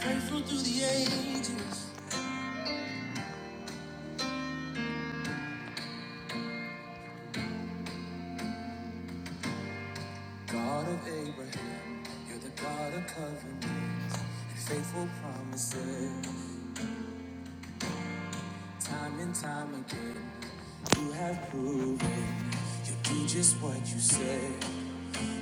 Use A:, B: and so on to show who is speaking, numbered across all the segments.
A: Faithful through the ages, God of Abraham, you're the God of covenants and faithful promises. Time and time again, you have proven you do just what you say.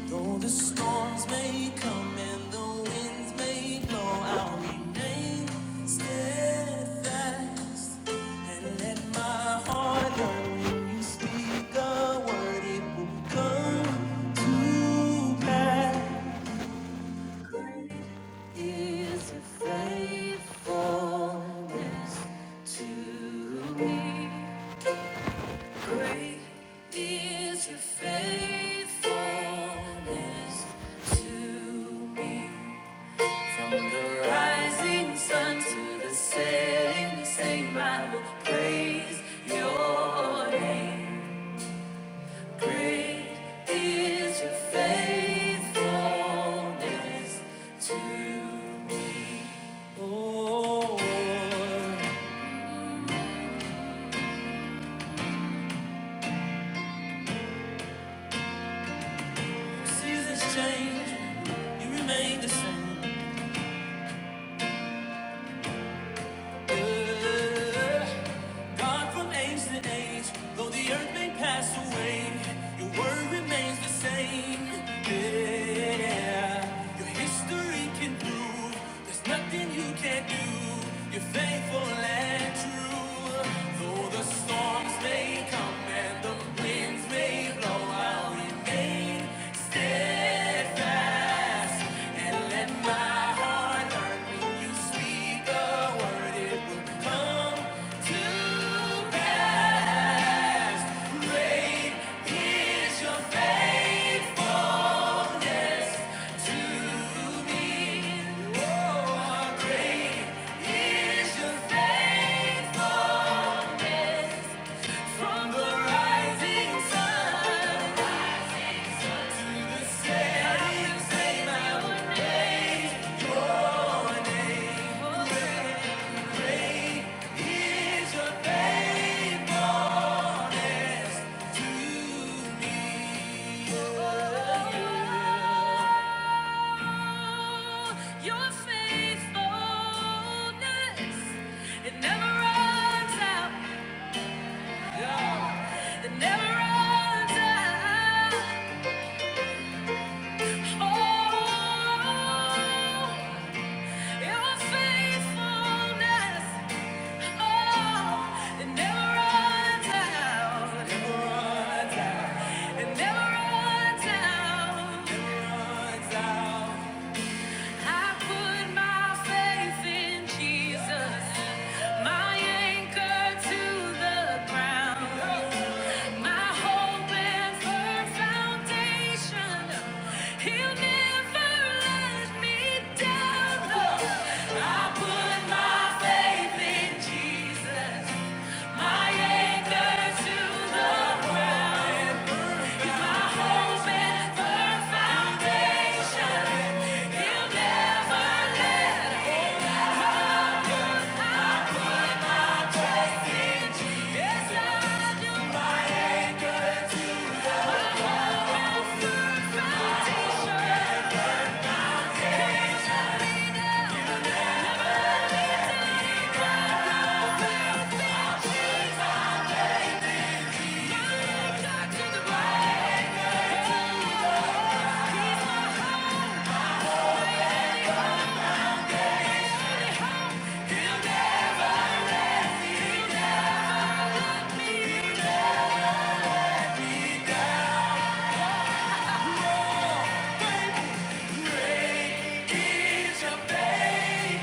A: Though the storms may come and the winds may blow, I'll remain steadfast. And let my heart know when you speak a word, it will come to pass. Is your faithfulness to me great? Is your faithfulness to me? From the rising sun to the setting I will praise your name. Great is your faithfulness to me. Oh, seasons change, you remain the same. Yeah. God from age to age, though the earth may pass away, your word remains the same. Yeah, your history can prove there's nothing you can't do. You're faithful and true. Though the Storms may come and the winds may blow. I'll remain steadfast and let my heart learn when you speak a word, it will come to pass. Great is your faithfulness to me. Great Is your faithfulness from the rising sun? It never runs out. It never runs out. It never runs out. I put my faith in Jesus, my anchor to the ground, my hope and firm foundation. He'll never let me down. I put my faith in Jesus, my anchor to the hope and firm foundation.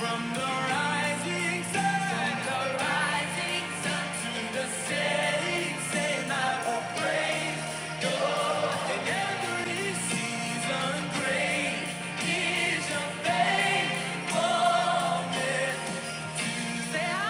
A: From the rising sun, to the setting, say I will praise. In every season, great is your faithfulness. down.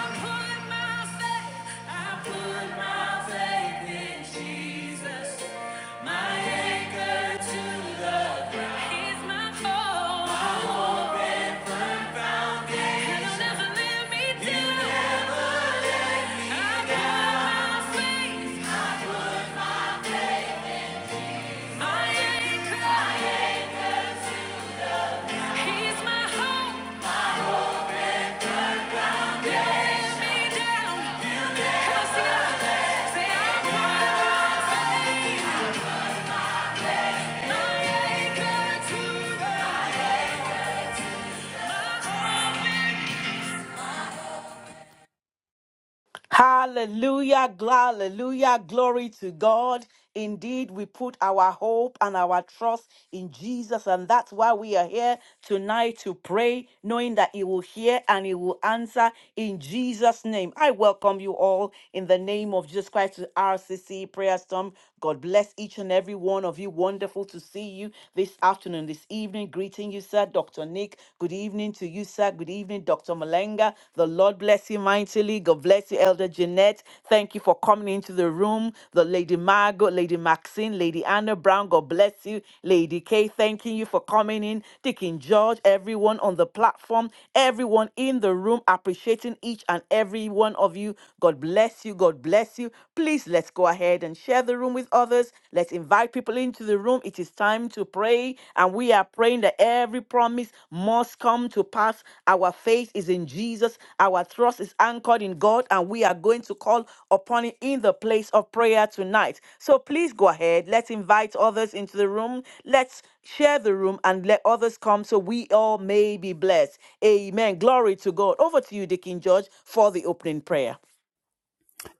B: Hallelujah, gl- hallelujah, glory to God. Indeed, we put our hope and our trust in Jesus, and that's why we are here tonight to pray, knowing that He will hear and He will answer in Jesus' name. I welcome you all in the name of Jesus Christ to RCC Prayer Storm. God bless each and every one of you. Wonderful to see you this afternoon, this evening. Greeting you, sir, Dr. Nick. Good evening to you, sir. Good evening, Dr. Malenga. The Lord bless you mightily. God bless you, Elder Jeanette. Thank you for coming into the room. The Lady Margot, Lady Maxine, Lady Anna Brown. God bless you. Lady Kay, thanking you for coming in. Deacon George, everyone on the platform, everyone in the room, appreciating each and every one of you. God bless you. God bless you. Please let's go ahead and share the room with others. Let's invite invite people into the room. It is time to pray. And we are praying that every promise must come to pass. Our faith is in Jesus. Our trust is anchored in God. And we are going to call upon Him in the place of prayer tonight. So please go ahead. Let's invite others into the room. Let's share the room and let others come so we all may be blessed. Amen. Glory to God. Over to you, Deacon George, for the opening prayer.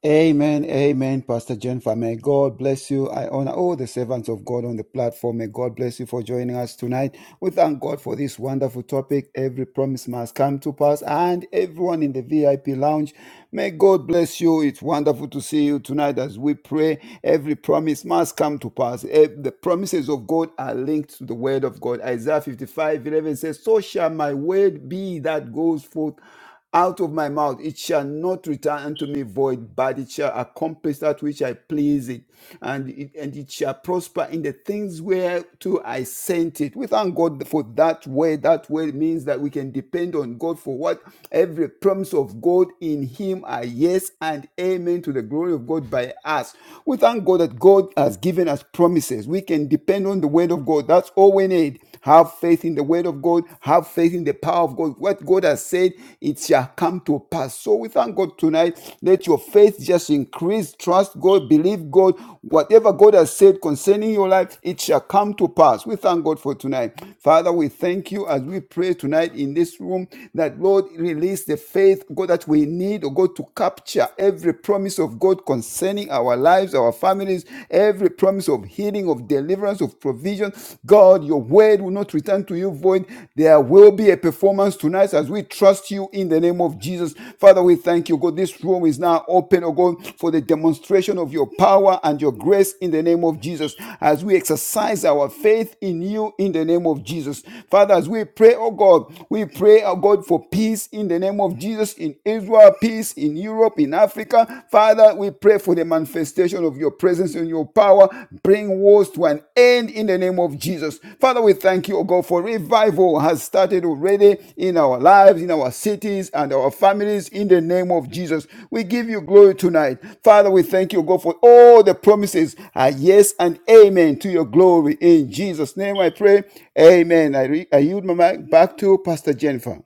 C: Amen, amen, Pastor Jennifer. May God bless you. I honor all the servants of God on the platform. May God bless you for joining us tonight. We thank God for this wonderful topic. Every promise must come to pass, and everyone in the VIP lounge, may God bless you. It's wonderful to see you tonight as we pray. Every promise must come to pass. Eh, The promises of God are linked to the word of God. Isaiah 55 11 says, So shall my word be that goes forth out of my mouth it shall not return unto me void, but it shall accomplish that which I please it, and it, and it shall prosper in the things whereto I sent it. We thank God for that word. That word means that we can depend on God for what every promise of God in Him are yes and amen to the glory of God by us. We thank God that God has given us promises. We can depend on the word of God. That's all we need. Have have faith in the word of God, have faith in the power of God. What God has said, it shall come to pass. So we thank God tonight. Let your faith just increase. Trust God, believe God. Whatever God has said concerning your life, it shall come to pass. We thank God for tonight. Father, we thank you as we pray tonight in this room that Lord release the faith, God, that we need, oh God, to capture every promise of God concerning our lives, our families, every promise great promise of healing, of deliverance, of provision. God, your word will not return to you void. There will be a performance tonight as we trust you in the name of Jesus. Father, we thank you, God. This room is now open, oh God, for the demonstration of your power and your grace in the name of Jesus as we exercise our faith in you in the name of Jesus. Father, as we pray, oh God, we pray, oh God, for peace in the name of Jesus in Israel, peace in Europe, in Africa in Africa. Father, we pray for the manifestation of your presence and your power. Bring wars to an end in the name of Jesus. Father, we thank you, O God, for revival has started already in our lives, in our cities, and our families in the name of Jesus. We give you glory tonight. Father, we thank you, O God, for all the promises are yes and amen to your glory. In Jesus' name I pray. Amen. I, re- I yield my mic back to Pastor Jennifer.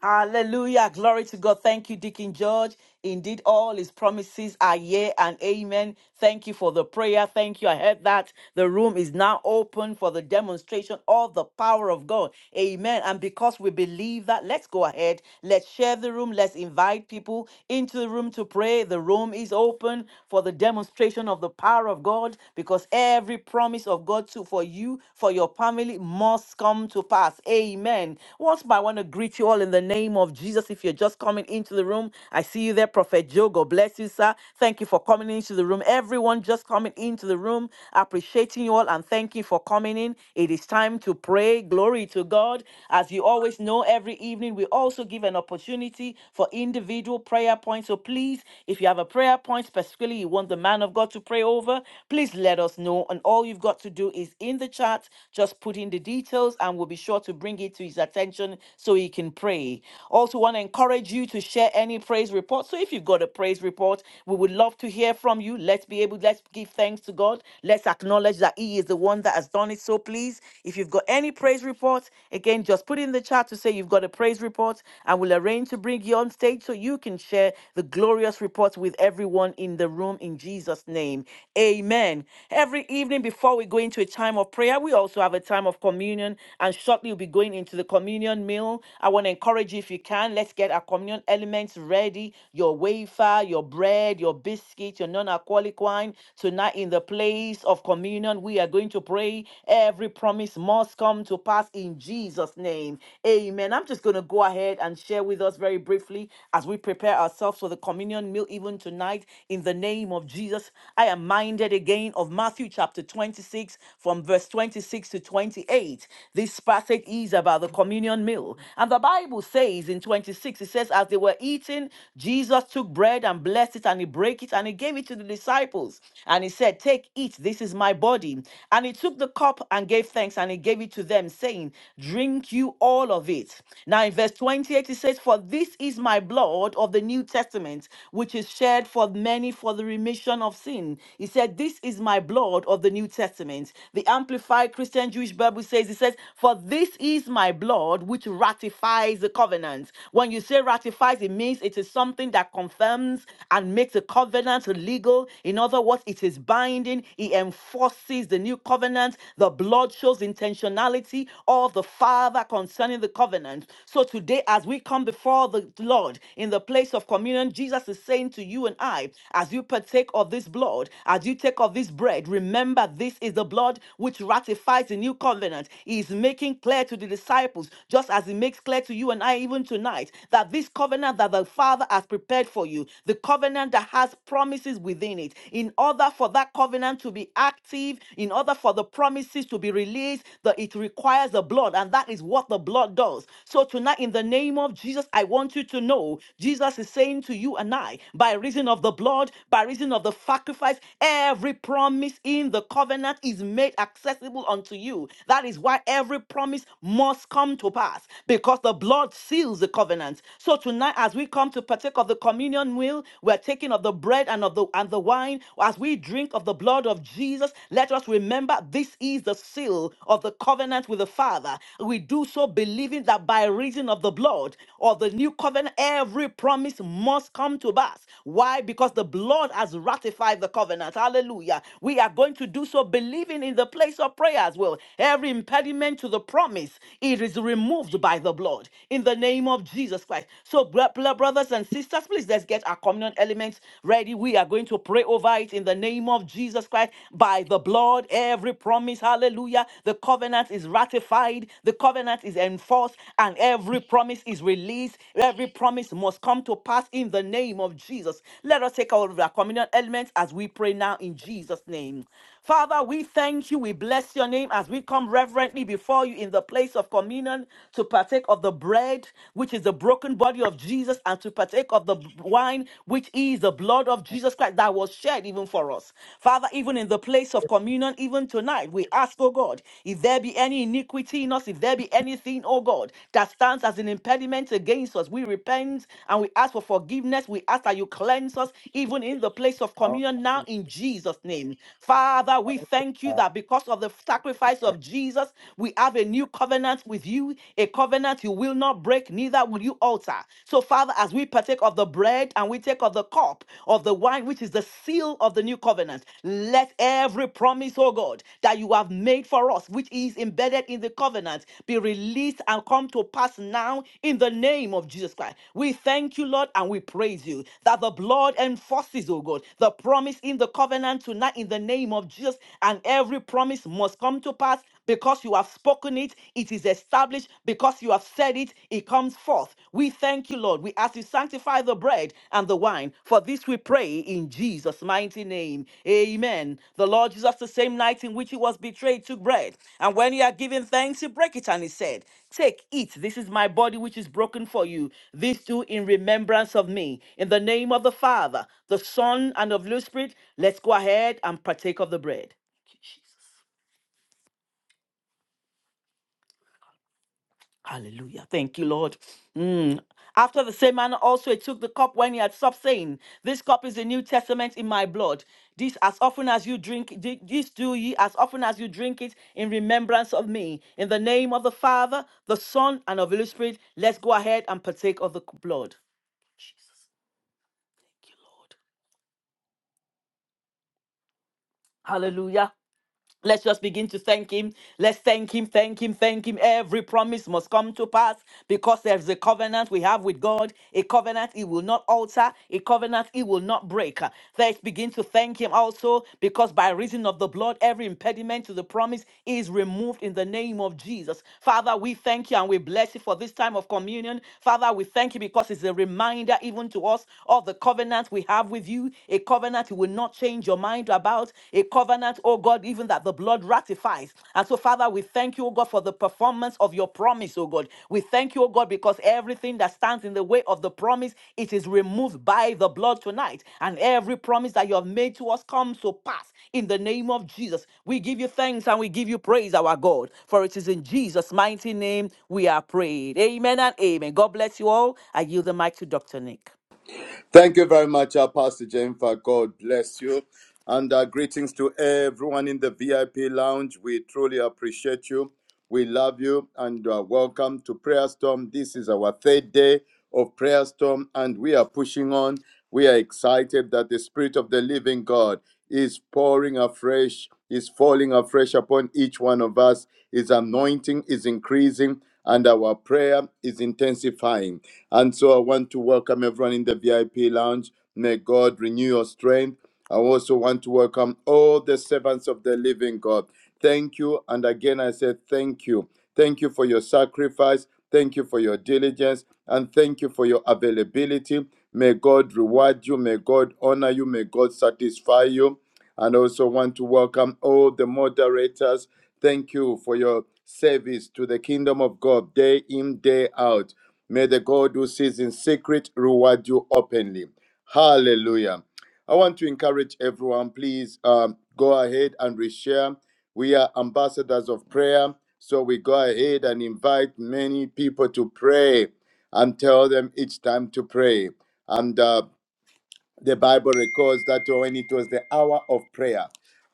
B: Hallelujah. Glory to God. Thank you, Deacon George. Indeed, all his promises are yea and amen. Thank you for the prayer. Thank you. I heard that. The room is now open for the demonstration of the power of God. Amen. And because we believe that, let's go ahead. Let's share the room. Let's invite people into the room to pray. The room is open for the demonstration of the power of God because every promise of God to, for you, for your family must come to pass. Amen. Once more, I want to greet greet you all in the name of Jesus. If you're just coming into the room, I see you there, Prophet Joe. God bless you, sir. Thank you for coming into the room. Everyone just coming into the room, appreciating you all and thank you for coming in. It is time to pray. Glory to God. As you always know, every evening we also give an opportunity for individual prayer points. So please, if you have a prayer point specifically you want the man of God to pray over, please let us know. And all you've got to do is in the chat, just put in the details and we'll be sure to bring it to his attention so you can pray. Also, want to encourage you to share any praise report. So if you've got a praise report, we would love to hear from you. Let's be able, let's give thanks to God. Let's acknowledge that He is the one that has done it. So please, if you've got any praise report, again, just put in the chat to say you've got a praise report, and we'll arrange to bring you on stage so you can share the glorious reports with everyone in the room in Jesus' name. Amen. Every evening before we go into a time of prayer, we also have a time of communion, and shortly we'll be going into the communion communion meal. I want to encourage you if you can, let's get our communion elements ready your wafer, your bread, your biscuit, your non alcoholic wine. Tonight, in the place of communion, we are going to pray. Every promise must come to pass in Jesus' name. Amen. I'm just going to go ahead and share with us very briefly as we prepare ourselves for the communion meal, even tonight, in the name of Jesus. I am minded again of Matthew chapter 26, from verse 26 to 28. This passage is about about the communion meal. And the Bible says in 26, it says, As they were eating, Jesus took bread and blessed it and he broke it and he gave it to the disciples. And he said, Take, eat, this is my body. And he took the cup and gave thanks and he gave it to them, saying, Drink you all of it. Now in verse 28, it says, For this is my blood of the New Testament, which is shed for many for the remission of sin. He said, This is my blood of the New Testament. The Amplified Christian Jewish Bible says, It says, For this this is my blood which ratifies the covenant. When you say ratifies, it means it is something that confirms and makes a covenant legal. In other words, it is binding, it enforces the new covenant. The blood shows intentionality of the Father concerning the covenant. So today, as we come before the Lord in the place of communion, Jesus is saying to you and I, as you partake of this blood, as you take of this bread, remember this is the blood which ratifies the new covenant. It is making clear to the disciples, just as he makes clear to you and I even tonight, that this covenant that the Father has prepared for you, the covenant that has promises within it, in order for that covenant to be active, in order for the promises to be released, that it requires the blood, and that is what the blood does. So tonight, in the name of Jesus, I want you to know Jesus is saying to you and I, by reason of the blood, by reason of the sacrifice, every promise in the covenant is made accessible unto you. That is is why every promise must come to pass because the blood seals the covenant. So tonight, as we come to partake of the communion meal, we're taking of the bread and of the and the wine. As we drink of the blood of Jesus, let us remember this is the seal of the covenant with the Father. We do so believing that by reason of the blood of the new covenant, every promise must come to pass. Why? Because the blood has ratified the covenant. Hallelujah. We are going to do so believing in the place of prayer as well. Every impediment to the promise, it is removed by the blood in the name of Jesus Christ. So, bro- bro- brothers and sisters, please let's get our communion elements ready. We are going to pray over it in the name of Jesus Christ by the blood. Every promise, hallelujah. The covenant is ratified, the covenant is enforced, and every promise is released. Every promise must come to pass in the name of Jesus. Let us take all of our communion elements as we pray now in Jesus' name. Father, we thank you. We bless your name as we come reverently before you in the place of communion to partake of the bread, which is the broken body of Jesus, and to partake of the wine, which is the blood of Jesus Christ that was shed even for us. Father, even in the place of communion, even tonight, we ask, oh God, if there be any iniquity in us, if there be anything, oh God, that stands as an impediment against cleanse us. We repent and we ask for forgiveness. We ask that you cleanse us even in the place of
D: Oh,
B: communion now in Jesus' name. Father, we thank you that because of the sacrifice of Jesus, we have a new covenant with you, a covenant you will not break, neither will you alter. So, Father, as we partake of the bread and we take of the cup of the wine, which is the seal of the new covenant, let every promise, oh God, that you have made for us, which is embedded in the covenant, be released and come to pass now in the name of Jesus Christ. We thank you, Lord, and we praise you that the blood enforces, oh God, the promise in the covenant tonight in the name of Jesus, and every promise must come to pass because you have spoken it, it is established, because you have said it, it comes forth. We we thank you, Lord. We ask you sanctify the bread and the wine. For this we pray in Jesus' mighty name. Amen. The Lord Jesus, the same night in which he was betrayed, took bread. And when he had given thanks, he broke it and he said, Take, eat. This is my body which is broken for you. This do in remembrance of me. In the name of the Father, the Son, and of the Holy Spirit, let's go ahead and partake of the bread. Hallelujah. Thank you, Lord. Mm. After the same manner, also he took the cup when he had stopped, saying, This cup is the New Testament in my blood. This as often as you drink, thi- this do ye as often as you drink it in remembrance of me. In the name of the Father, the Son, and of the Holy Spirit, let's go ahead and partake of the c- blood. Thank you, Lord. Let's just begin to thank him. Let's thank him, thank him, thank him. Every promise must come to pass because there's a covenant we have with God, a covenant he will not alter, a covenant he will not break. Let's begin to thank him also because by reason of the blood, every impediment to the promise is removed in the name of Jesus. Father, we thank you and we bless you for this time of communion. Father, we thank you because it's a reminder even to us of the covenant we have with you, a covenant you will will not change your mind about. A covenant, oh God, even that the blood ratifies. And so, Father, we thank you, oh God, for the performance of your promise, oh God. We thank you, oh God, because everything that stands in the way of the promise, it is removed by the blood tonight. And every promise that you have made to us comes to pass in the name of Jesus. We give you thanks and we give you praise, our God, for it is in Jesus' mighty name we are prayed. Amen and amen. God bless you all. I yield the mic to Dr. Nick.
E: Thank you very much, uh, Pastor Jennifer. God bless you. And uh, greetings to everyone in the VIP lounge. We truly appreciate you. We love you and uh, welcome to Prayer Storm. This is our third day of Prayer Storm, and we are pushing on. We are excited that the Spirit of the Living God is pouring afresh, is falling afresh upon each one of us. His anointing is increasing, and our prayer is intensifying. And so I want to welcome everyone in the VIP lounge. May God renew your strength. I also want to welcome all the servants of the living God. Thank you. And again, I say thank you. Thank you for your sacrifice. Thank you for your diligence. And thank you for your availability. May God reward you. May God honor you. May God satisfy you. And I also want to welcome all the moderators. Thank you for your service to the kingdom of God day in, day out. May the God who sees in secret reward you openly. Hallelujah. I want to encourage everyone, please um, go ahead and reshare. We are ambassadors of prayer, so we go ahead and invite many people to pray and tell them each time to pray. And uh, the Bible records that when it was the hour of prayer,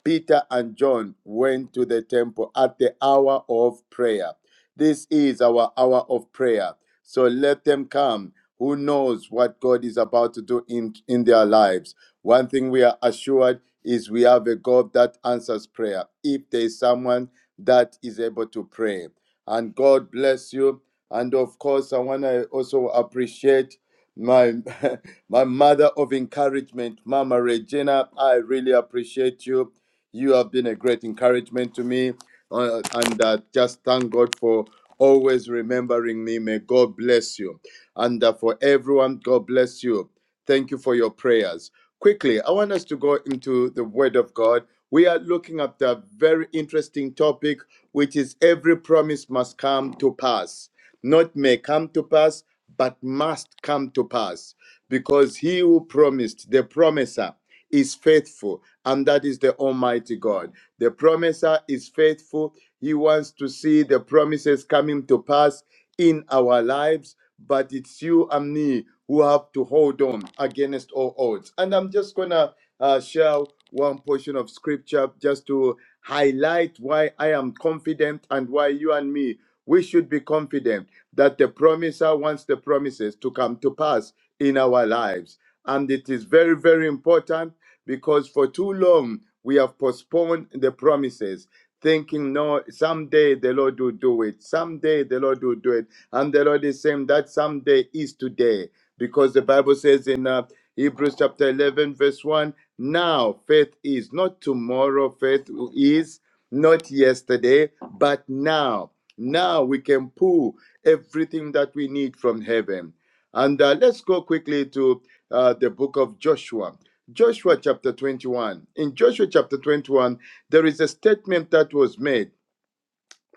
E: Peter and John went to the temple at the hour of prayer. This is our hour of prayer. So let them come. Who knows what God is about to do in, in their lives? One thing we are assured is we have a God that answers prayer. If there is someone that is able to pray, and God bless you. And of course, I want to also appreciate my my mother of encouragement, Mama Regina. I really appreciate you. You have been a great encouragement to me, uh, and uh, just thank God for always remembering me. May God bless you, and uh, for everyone, God bless you. Thank you for your prayers. Quickly, I want us to go into the Word of God. We are looking at a very interesting topic, which is every promise must come to pass. Not may come to pass, but must come to pass. Because he who promised, the promiser, is faithful, and that is the Almighty God. The promiser is faithful. He wants to see the promises coming to pass in our lives, but it's you and me who have to hold on against all odds. And I'm just going to uh, share one portion of scripture just to highlight why I am confident and why you and me. We should be confident that the promiser wants the promises to come to pass in our lives. And it is very, very important because for too long we have postponed the promises, thinking, no, someday the Lord will do it. Someday the Lord will do it. And the Lord is saying that someday is today because the Bible says in uh, Hebrews chapter 11, verse 1 now faith is not tomorrow, faith is not yesterday, but now. Now we can pull everything that we need from heaven. And uh, let's go quickly to uh, the book of Joshua. Joshua chapter 21. In Joshua chapter 21, there is a statement that was made,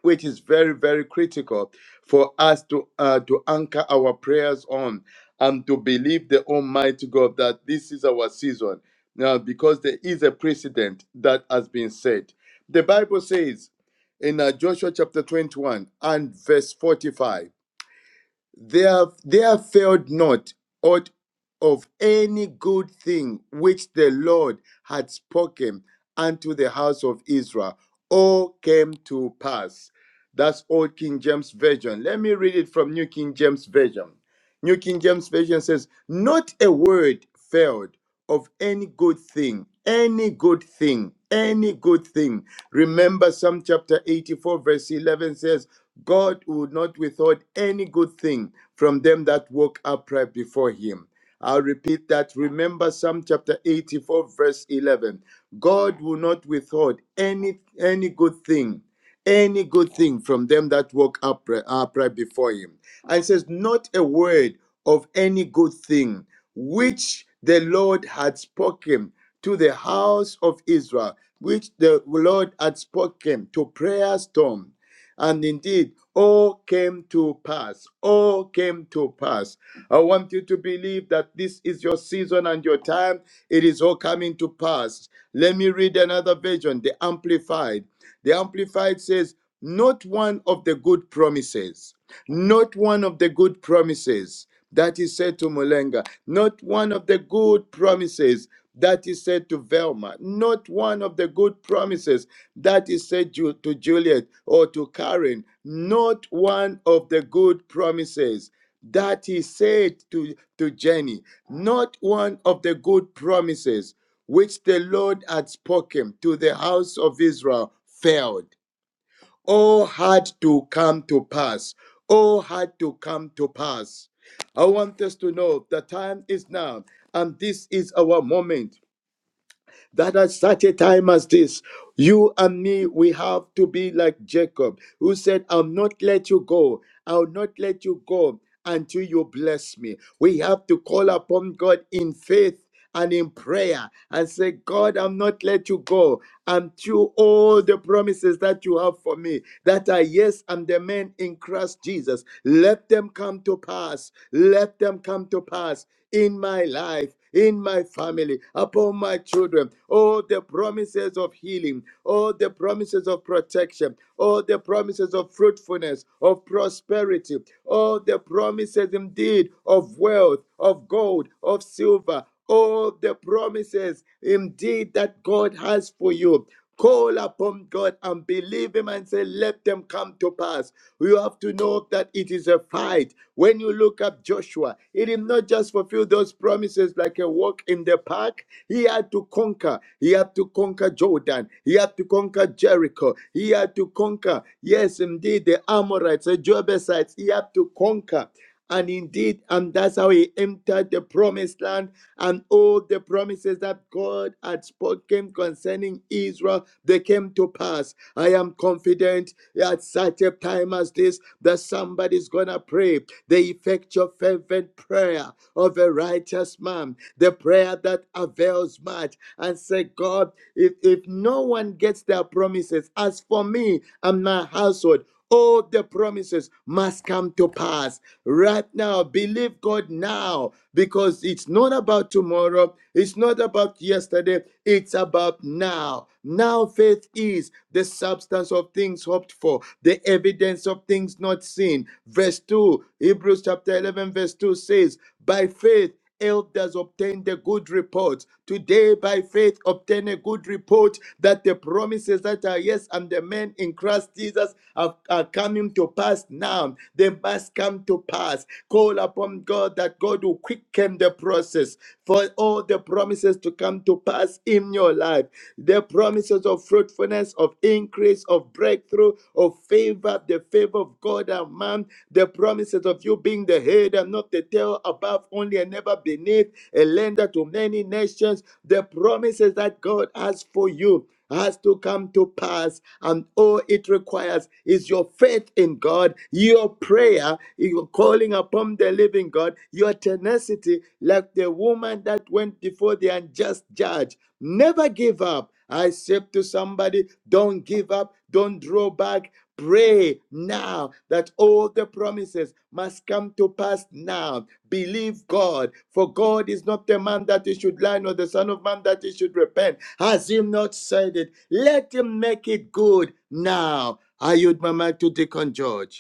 E: which is very, very critical for us to, uh, to anchor our prayers on and to believe the Almighty God that this is our season. Now, because there is a precedent that has been set. The Bible says in uh, Joshua chapter 21 and verse 45 there, there failed not aught of any good thing which the Lord had spoken unto the house of Israel. All came to pass. That's Old King James Version. Let me read it from New King James Version. New King James Version says, Not a word failed of any good thing, any good thing, any good thing. Remember, Psalm chapter 84, verse 11 says, God would not withhold any good thing from them that walk upright before him. I'll repeat that. Remember Psalm chapter 84, verse 11. God will not withhold any, any good thing any good thing from them that walk upright, upright before him. And it says, Not a word of any good thing which the Lord had spoken to the house of Israel, which the Lord had spoken to prayer storm. And indeed, all came to pass. All came to pass. I want you to believe that this is your season and your time. It is all coming to pass. Let me read another version, the Amplified. The Amplified says, Not one of the good promises, not one of the good promises that is said to Mulenga, not one of the good promises that is said to Velma, not one of the good promises that is said Ju- to Juliet or to Karen, not one of the good promises that is said to, to Jenny, not one of the good promises which the Lord had spoken to the house of Israel failed all had to come to pass. All had to come to pass. I want us to know the time is now, and this is our moment that at such a time as this, you and me, we have to be like Jacob, who said, I'll not let you go. I'll not let you go until you bless me. We have to call upon God in faith and in prayer and say, God, I'm not let you go until all the promises that you have for me, that are yes, and the men in Christ Jesus, let them come to pass. Let them come to pass in my life in my family, upon my children. All the promises of healing, all the promises of protection, all the promises of fruitfulness, of prosperity, all the promises indeed of wealth, of gold, of silver, all the promises indeed that God has for you. Call upon God and believe Him and say, Let them come to pass. You have to know that it is a fight. When you look at Joshua, he did not just fulfill those promises like a walk in the park. He had to conquer. He had to conquer Jordan. He had to conquer Jericho. He had to conquer, yes, indeed, the Amorites, the Jebusites. He had to conquer. And indeed, and that's how he entered the promised land, and all the promises that God had spoken concerning Israel, they came to pass. I am confident at such a time as this that somebody's gonna pray. The effectual fervent prayer of a righteous man, the prayer that avails much, and say, God, if, if no one gets their promises, as for me and my household, all the promises must come to pass right now. Believe God now because it's not about tomorrow, it's not about yesterday, it's about now. Now, faith is the substance of things hoped for, the evidence of things not seen. Verse 2, Hebrews chapter 11, verse 2 says, By faith, Elders obtained a good report. Today, by faith, obtain a good report that the promises that are yes and the men in Christ Jesus are, are coming to pass now. They must come to pass. Call upon God that God will quicken the process for all the promises to come to pass in your life. The promises of fruitfulness, of increase, of breakthrough, of favor, the favor of God and man, the promises promises of you being the head and not the tail, above only and never beneath, a lender to many nations. The promises that God has for you has to come to pass and all it requires is your faith in God, your prayer, your calling upon the living God, your tenacity, like the woman that went before the unjust judge. Never give up. I said to somebody, don't give up, don't draw back. Pray now that all the promises must come to pass now. Believe God, for God is not the man that he should lie, nor the Son of Man that he should repent. Has he not said it? Let him make it good now. I yield my mic to Deacon George.